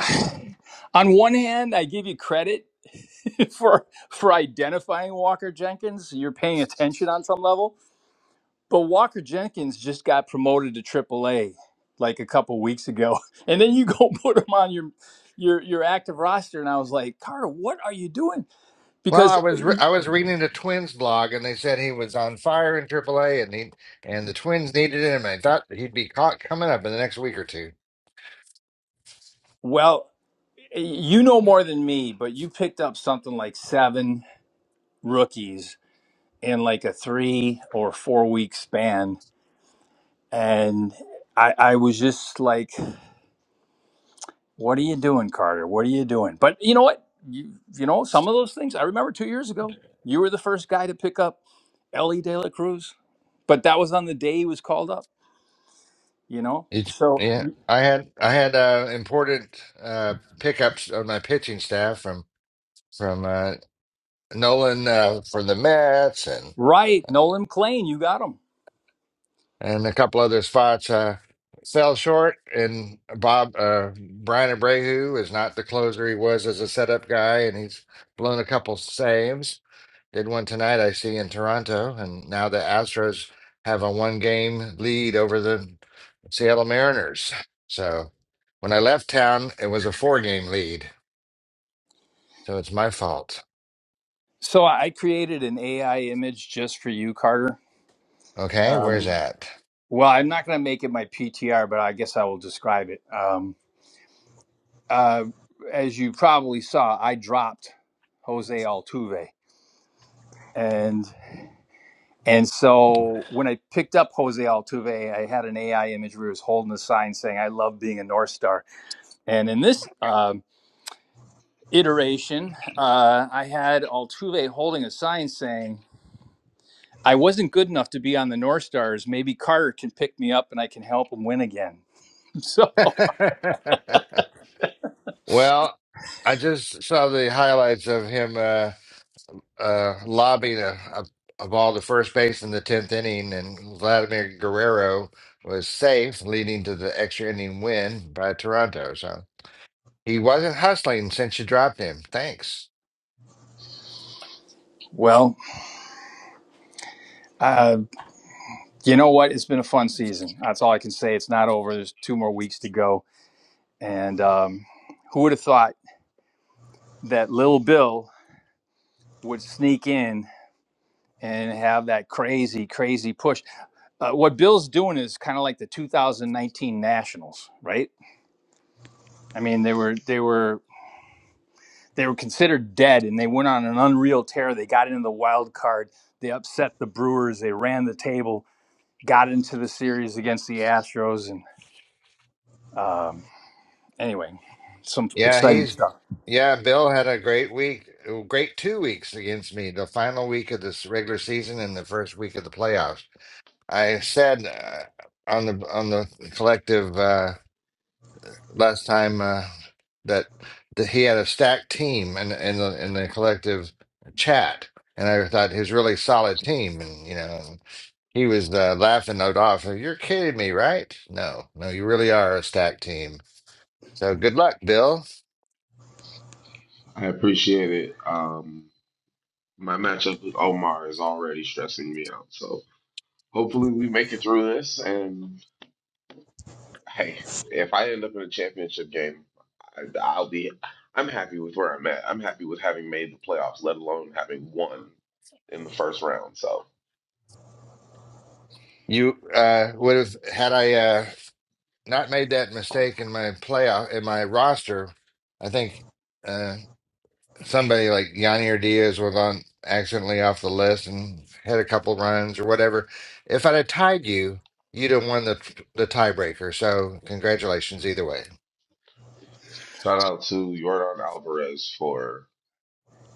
on one hand, I give you credit for for identifying Walker Jenkins. You're paying attention on some level But Walker Jenkins just got promoted to Triple A, like a couple weeks ago, and then you go put him on your your your active roster, and I was like, Carter, what are you doing? Well, I Because was re- I was reading the Twins blog, and they said he was on fire in AAA, and he and the Twins needed him. I thought that he'd be caught coming up in the next week or two. well, you know more than me, but you picked up something like seven rookies in like a three or four week span, and I, I was just like. What are you doing, Carter? What are you doing? But you know what? You you know some of those things. I remember two years ago, you were the first guy to pick up Ellie De La Cruz, but that was on the day he was called up. You know, It, so yeah, I had I had uh, important uh, pickups on my pitching staff from from uh, Nolan uh, for the Mets and right, Nolan Klein, you got him. and a couple other spots uh, fell short. And Bob uh, Brian Abreu is not the closer he was as a setup guy, and he's blown a couple saves. Did one tonight, I see in Toronto, and now the Astros have a one game lead over the Seattle Mariners. So when I left town, it was a four game lead. So it's my fault. So I created an AI image just for you, Carter. Okay, where's Um, that? well, I'm not going to make it my PTR, but I guess I will describe it. Um, uh, as you probably saw, I dropped Jose Altuve, and. And so when I picked up Jose Altuve, I had an AI image where he was holding a sign saying, I love being a North Star. And in this um, iteration, uh, I had Altuve holding a sign saying, I wasn't good enough to be on the North Stars. Maybe Carter can pick me up and I can help him win again. So, well, I just saw the highlights of him uh, uh, lobbing a, a, a ball to first base in the 10th inning, and Vladimir Guerrero was safe, leading to the extra inning win by Toronto. So He wasn't hustling since you dropped him. Thanks. well, uh, you know what? It's been a fun season. That's all I can say. It's not over. There's two more weeks to go. And um, who would have thought that Little Bill would sneak in? and have that crazy, crazy push. Uh, what Bill's doing is kind of like the 2019 Nationals, right? I mean, they were they were they were considered dead, and they went on an unreal tear. They got into the wild card. They upset the Brewers. They ran the table. Got into the series against the Astros, and um, anyway, some Yeah, exciting he's stuff. yeah, Bill had a great week, uh, great two weeks against me, the final week of this regular season and the first week of the playoffs. I said uh, on the on the collective uh last time uh that that he had a stacked team in in the in the collective chat and I thought he was a really solid team and you know he was uh, laughing it off. You're kidding me, right? No, no, you really are a stacked team. So good luck, Bill. I appreciate it. Um, my matchup with Omar is already stressing me out. So hopefully we make it through this, and Hey, if I end up in a championship game, I, I'll be. I'm happy with where I'm at. I'm happy with having made the playoffs, let alone having won in the first round. So You uh, would have had I uh, not made that mistake in my playoff in my roster. I think uh, somebody like Yanni or Diaz was on accidentally off the list and had a couple runs or whatever. If I'd have tied you, you'd have won the the tiebreaker. So congratulations either way. shout out to Jordan Alvarez for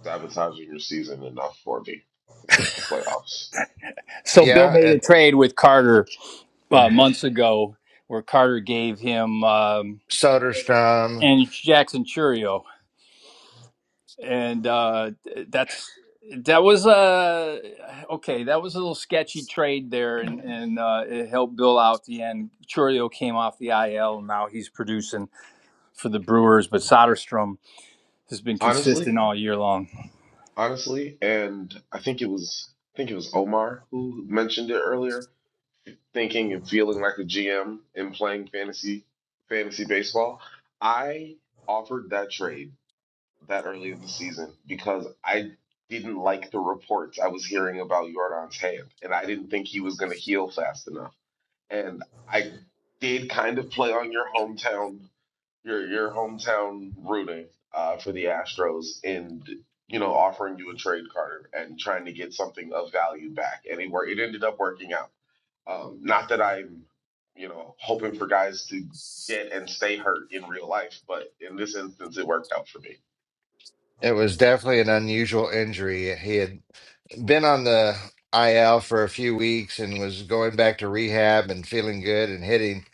sabotaging your season enough for me to make the playoffs. So Bill made Yeah, a trade with Carter uh, and months ago, where Carter gave him um, Soderstrom. and Jackson Churio and uh, that's that was uh okay. That was a little sketchy trade there, and and uh, it helped Bill out at the end. Churio came off the IL, and now he's producing for the Brewers. But Soderstrom has been Honestly, consistent all year long. honestly, and I think it was I think it was Omar who mentioned it earlier. Thinking and feeling like a GM and playing fantasy fantasy baseball, I offered that trade that early in the season because I didn't like the reports I was hearing about Jordan's hand, and I didn't think he was going to heal fast enough. And I did kind of play on your hometown, your your hometown rooting uh, for the Astros, and you know offering you a trade Carter, and trying to get something of value back. And it, wor- it ended up working out. Um, not that I'm, you know, hoping for guys to get and stay hurt in real life, but in this instance, it worked out for me. It was definitely an unusual injury. He had been on the IL for a few weeks and was going back to rehab and feeling good and hitting.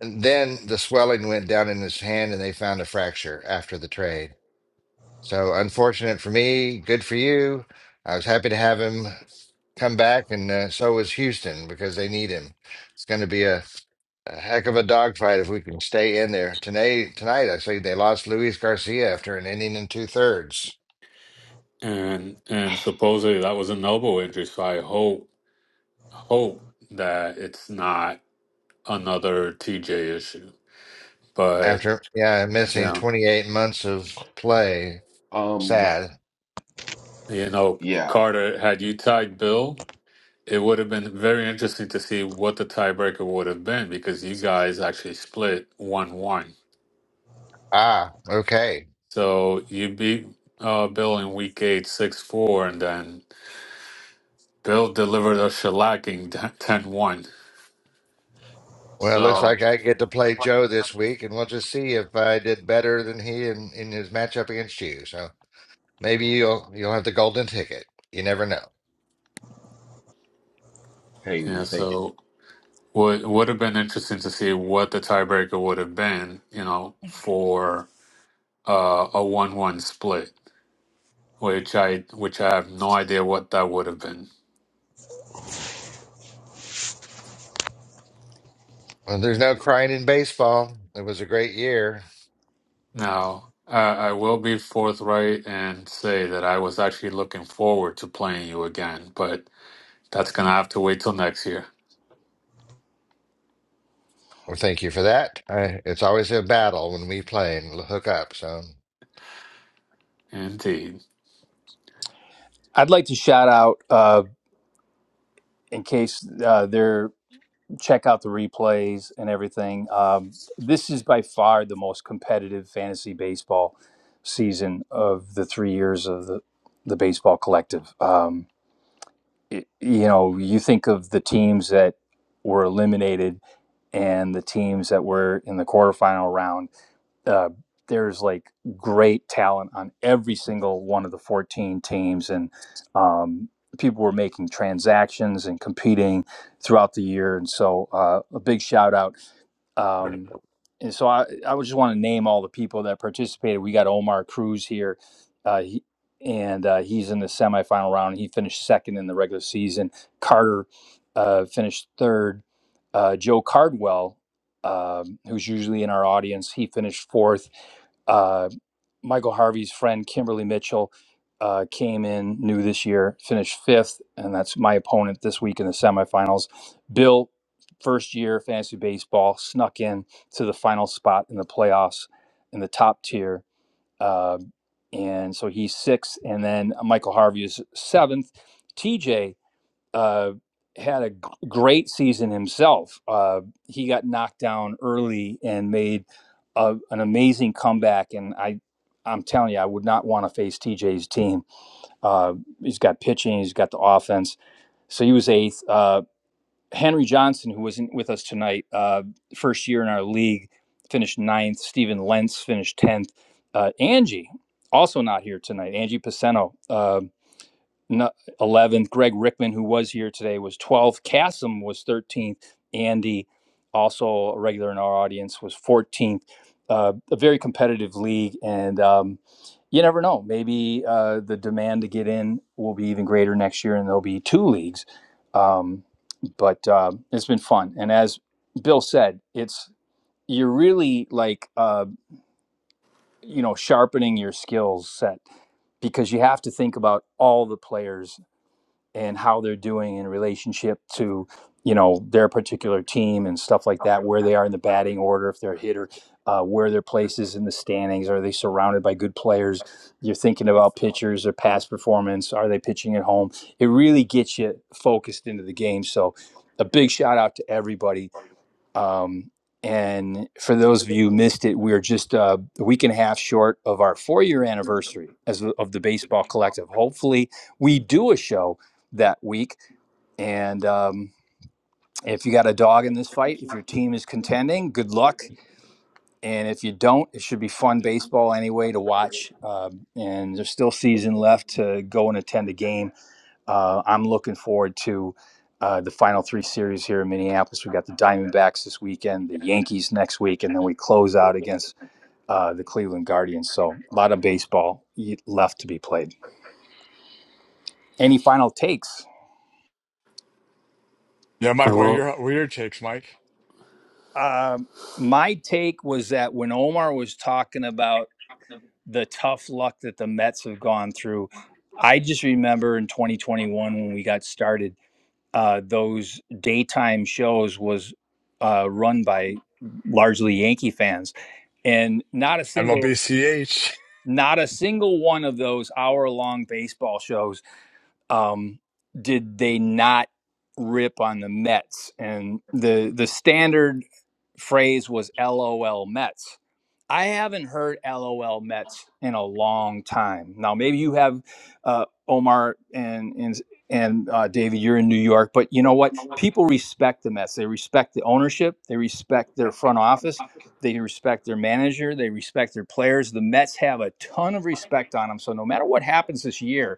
And then the swelling went down in his hand and they found a fracture after the trade. So unfortunate for me, good for you. I was happy to have him come back, and uh, so was Houston because they need him. It's going to be a, a heck of a dogfight if we can stay in there. Tonight, tonight, I see they lost Luis Garcia after an inning and two thirds. and and supposedly that was a elbow injury. So I hope hope that it's not another TJ issue. But After yeah, missing yeah, 28 months of play, Um, Sad. you know, Yeah. Carter, had you tied Bill, it would have been very interesting to see what the tiebreaker would have been because you guys actually split one one. Ah, okay. So you beat uh, Bill in week eight six four, and then Bill delivered a shellacking ten one. Well, it looks So like I get to play Joe this week, and we'll just see if I did better than he in, in his matchup against you. So maybe you'll you'll have the golden ticket. You never know. Hey, yeah, we'll take it. so. Would would have been interesting to see what the tiebreaker would have been, you know, for uh, a one-one split, which I which I have no idea what that would have been. Well, there's no crying in baseball. It was a great year. Now, I, I will be forthright and say that I was actually looking forward to playing you again, but that's gonna have to wait till next year. Well, thank you for that. I, it's always a battle when we play and hook up. So Indeed, I'd like to shout out uh, in case uh, they're check out the replays and everything. Um, this is by far the most competitive fantasy baseball season of the three years of the the baseball collective. Um, y- you know, you think of the teams that were eliminated and the teams that were in the quarterfinal round. Uh, there's like great talent on every single one of the 14 teams, and um, people were making transactions and competing throughout the year. And so, uh, a big shout out um, and so I, I would just want to name all the people that participated. We got Omar Cruz here, uh, he, and uh, he's in the semifinal round. He finished second in the regular season. Carter uh, finished third. Uh, Joe Cardwell, um, who's usually in our audience, he finished fourth. Uh. Michael Harvey's friend Kimberly Mitchell uh, came in new this year, finished fifth, and that's my opponent this week in the semifinals. Bill, first year fantasy baseball, snuck in to the final spot in the playoffs in the top tier. Uh, and so he's sixth, and then Michael Harvey is seventh. TJ uh, had a great season himself. Uh, he got knocked down early and made a, an amazing comeback. And I, I'm telling you, I would not want to face TJ's team. Uh, he's got pitching, he's got the offense. So he was eighth. Uh, Henry Johnson, who wasn't with us tonight, uh, first year in our league, finished ninth. Steven Lentz finished tenth. Uh, Angie, also not here tonight. Angie Paceno. uh, 11th. Greg Rickman, who was here today, was 12th. Cassim was 13th. Andy, also a regular in our audience, was 14th. Uh, a very competitive league. And um, you never know. Maybe uh, the demand to get in will be even greater next year and there'll be two leagues. Um, but uh, it's been fun. And as Bill said, it's you're really like, uh, you know, sharpening your skills set because you have to think about all the players and how they're doing in relationship to you know their particular team and stuff like that where they are in the batting order if they're a hitter uh, where their place is in the standings are they surrounded by good players you're thinking about pitchers or past performance are they pitching at home it really gets you focused into the game so a big shout out to everybody um, and for those of you who missed it, we're just uh, a week and a half short of our four year anniversary as of the Baseball Collective. Hopefully, we do a show that week. And um, if you got a dog in this fight, if your team is contending, good luck. And if you don't, it should be fun baseball anyway to watch. Um, and there's still season left to go and attend a game uh, I'm looking forward to uh, the final three series here in Minneapolis. We've got the Diamondbacks this weekend, the Yankees next week, and then we close out against uh, the Cleveland Guardians. So a lot of baseball left to be played. Any final takes? Yeah, I Mike. What are will. your what are your takes, Mike? Um my take was that when Omar was talking about the tough luck that the Mets have gone through, I just remember in 2021 when we got started uh, those daytime shows was uh, run by largely Yankee fans, and not a single MLBCH. not a single one of those hour long baseball shows um, did they not rip on the Mets and the the standard phrase was LOL Mets. I haven't heard LOL Mets in a long time. Now, maybe you have, uh, Omar and and and uh, David. You're in New York, but you know what? People respect the Mets. They respect the ownership. They respect their front office. They respect their manager. They respect their players. The Mets have a ton of respect on them. So no matter what happens this year,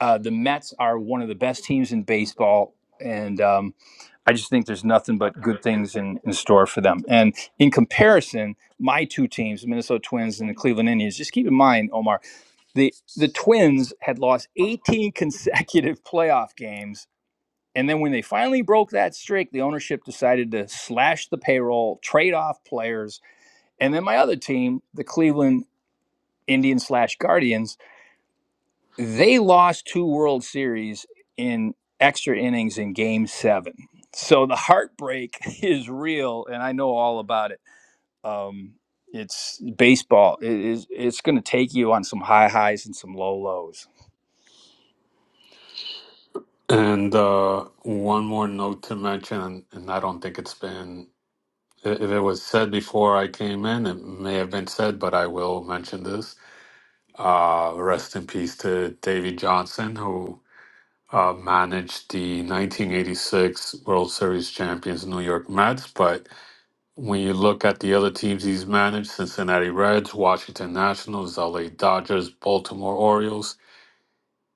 uh, the Mets are one of the best teams in baseball, and um, I just think there's nothing but good things in, in store for them. And in comparison, my two teams, the Minnesota Twins and the Cleveland Indians, just keep in mind, Omar, the the Twins had lost 18 consecutive playoff games. And then when they finally broke that streak, the ownership decided to slash the payroll, trade off players. And then my other team, the Cleveland Indians slash Guardians, they lost two World Series in extra innings in game seven. So the heartbreak is real, and I know all about it. Um, it's baseball. It is, it's going to take you on some high highs and some low lows. And uh, one more note to mention, and I don't think it's been. if it was said before I came in, it may have been said, but I will mention this. Uh, rest in peace to Davy Johnson, who uh, managed the 1986 World Series champions New York Mets. But when you look at the other teams he's managed, Cincinnati Reds, Washington Nationals, LA Dodgers, Baltimore Orioles,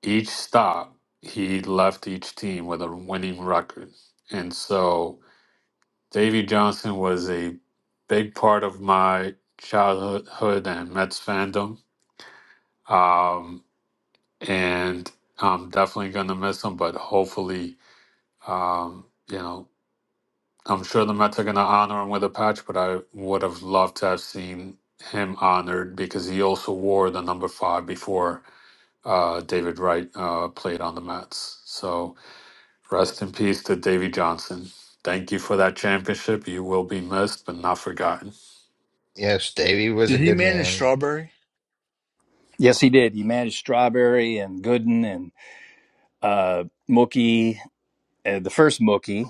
each stop, he left each team with a winning record. And so Davy Johnson was a big part of my childhood and Mets fandom. Um, and I'm definitely going to miss him, but hopefully, um, you know, I'm sure the Mets are going to honor him with a patch, but I would have loved to have seen him honored because he also wore the number five before uh, David Wright uh, played on the Mets. So rest in peace to Davy Johnson. Thank you for that championship. You will be missed, but not forgotten. yes, Davey was Did a he good manage man. Strawberry? Yes, he did. He managed Strawberry and Gooden and uh, Mookie, uh, the first Mookie.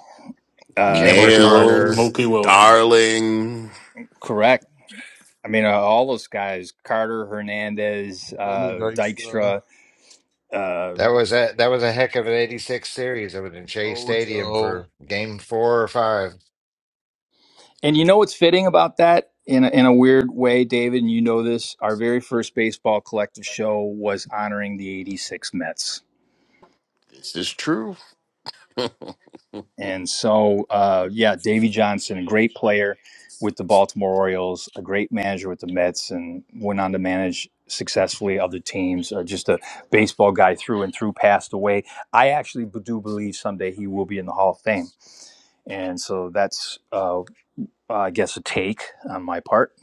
Uh, Cameron Mookie Wilson. Carter. Nails, Mookie Wilson. darling. correct. I mean, uh, all those guys Carter, Hernandez, Lenny uh, Dykstra, Dykstra. uh, That was a that was a heck of an '86 series. I was in Shea Stadium Hojo, for Game Four or Five. And you know what's fitting about that in a, in a weird way, David, and you know this, our very first baseball collective show was honoring the 86 Mets. This is true. And so, uh, yeah, Davey Johnson, a great player with the Baltimore Orioles, a great manager with the Mets, and went on to manage successfully other teams. Uh, just a baseball guy through and through, passed away. I actually b- do believe someday he will be in the Hall of Fame. And so that's uh, uh, I guess, a take on my part.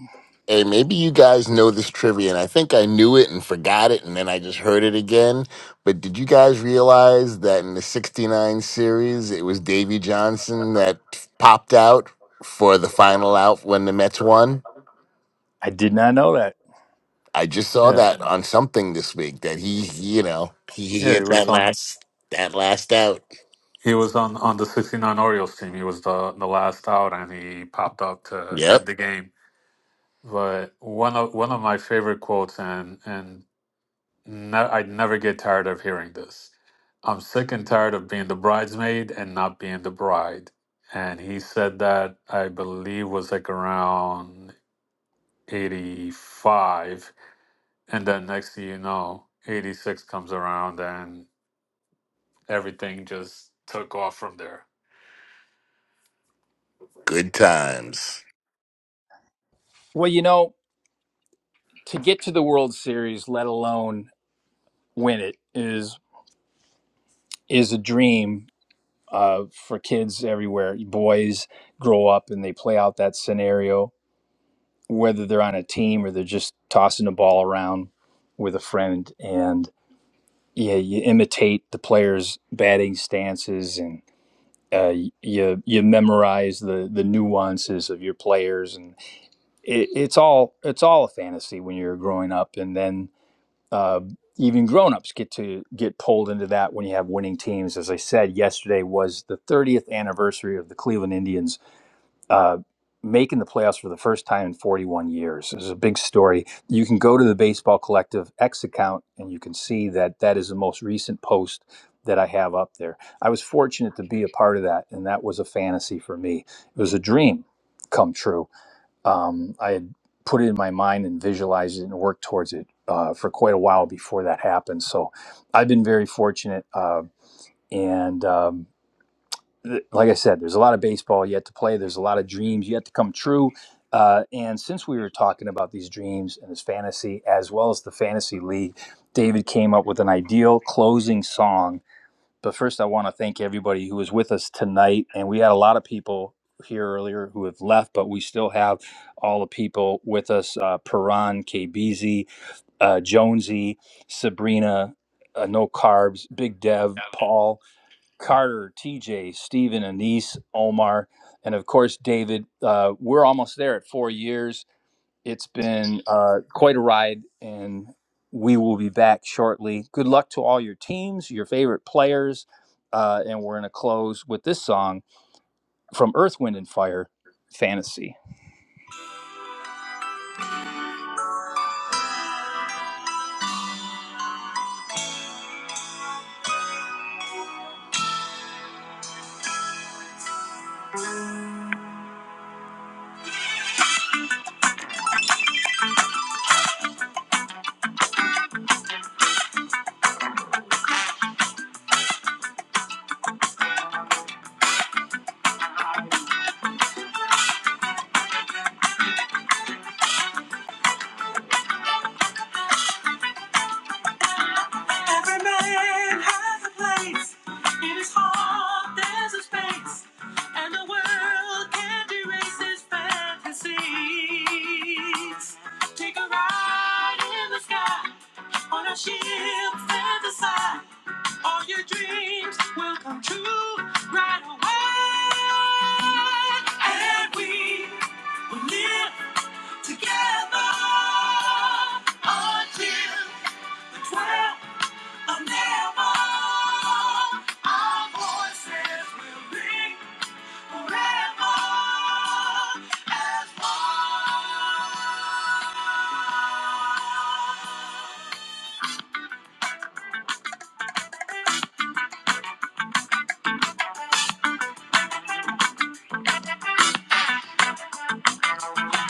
Hey, maybe you guys know this trivia, and I think I knew it and forgot it, and then I just heard it again. But did you guys realize that in the 69 series, it was Davy Johnson that popped out for the final out when the Mets won? I did not know that. I just saw Yeah, that on something this week that he, you know, he yeah, he hit that was on. last that last out. He was on on the '69 Orioles team. He was the the last out, and he popped up to end Yep, the game. But one of one of my favorite quotes, and and ne- I'd never get tired of hearing this. I'm sick and tired of being the bridesmaid and not being the bride. And he said that I believe was like around 85, and then next thing you know, 86 comes around and everything just took off from there. good times. Well, you know, to get to the World Series, let alone win it, is is a dream uh, for kids everywhere. Boys grow up and they play out that scenario, whether they're on a team or they're just tossing the ball around with a friend. And yeah, you imitate the players' batting stances and uh, you you memorize the the nuances of your players and it, it's all it's all a fantasy when you're growing up and then uh, even grown-ups get to get pulled into that when you have winning teams as I said yesterday was the 30th anniversary of the Cleveland Indians uh, making the playoffs for the first time in 41 years. This is a big story. You can go to the Baseball Collective X account and you can see that that is the most recent post that I have up there. I was fortunate to be a part of that, and that was a fantasy for me. It was a dream come true. Um, I had put it in my mind and visualized it and worked towards it uh, for quite a while before that happened. So I've been very fortunate. Uh, and um, like I said, there's a lot of baseball yet to play. There's a lot of dreams yet to come true. Uh, and since we were talking about these dreams and this fantasy, as well as the fantasy league, David came up with an ideal closing song. But first, I want to thank everybody who was with us tonight. And we had a lot of people here earlier who have left, but we still have all the people with us uh, Perron, KBZ, uh, Jonesy, Sabrina, uh, No Carbs, Big Dev, Paul. Carter, TJ, Steven, Anise, Omar, and of course, David. Uh, we're almost there at four years. It's been uh, quite a ride, and we will be back shortly. Good luck to all your teams, your favorite players, uh, and we're going to close with this song from Earth, Wind, and Fire Fantasy. Every man has a place. In his heart, there's a space. And the world can't erase his fantasies. Take a ride in the sky. On a ship set aside. All your dreams will come true right away. And we will live together until the 12 Forever as one.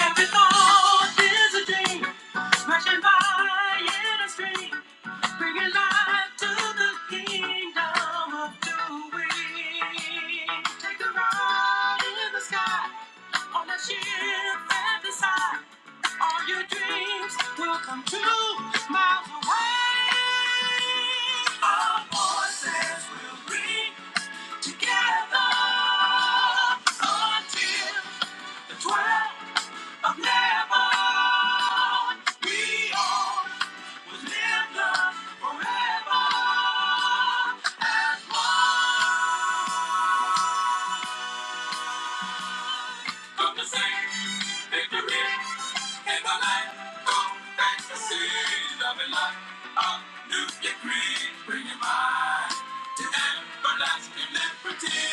Every thought is a dream, rushing by in a stream, bringing life to the kingdom of doing. Take a ride in the sky, on a ship at the side. All your dreams will come true, miles away. Our voices will ring together until the 12th of never. We all will live forever as one. Come to sing victory in the light. Come back to see love light. A new degree, bring your mind to everlasting liberty.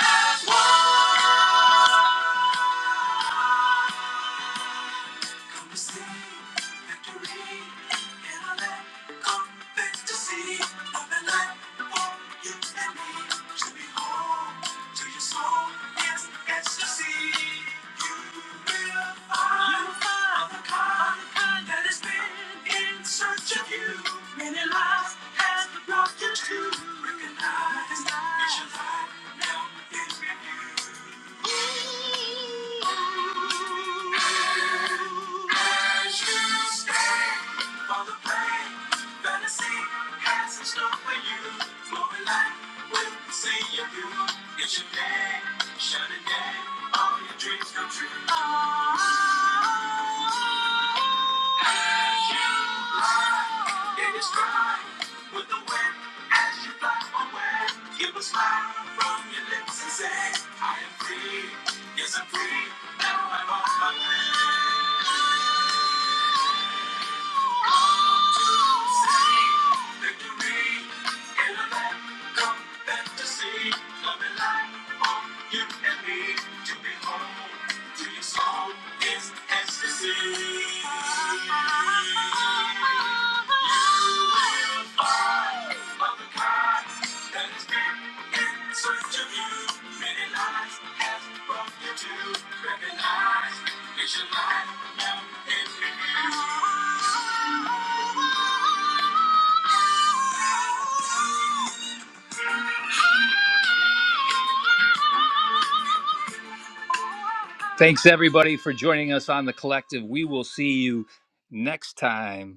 as one. Come to see victory in a land of ecstasy. Of a life for you and me to be home to your soul in ecstasy. You will find, you the kind, that has been in search of you. Many lives has brought you to recognize it's your life now is renewed it's your day, Shining day, all your dreams come true. Oh, as you fly, it is dry with the wind as you fly away. Give a smile from your lips and say, I am free. Yes, I'm free. Now I'm on my Come to say victory. It'll let come fantasy. Love and light you and me. To be home to your is ecstasy. Thanks, everybody, for joining us on The Collective. We will see you next time.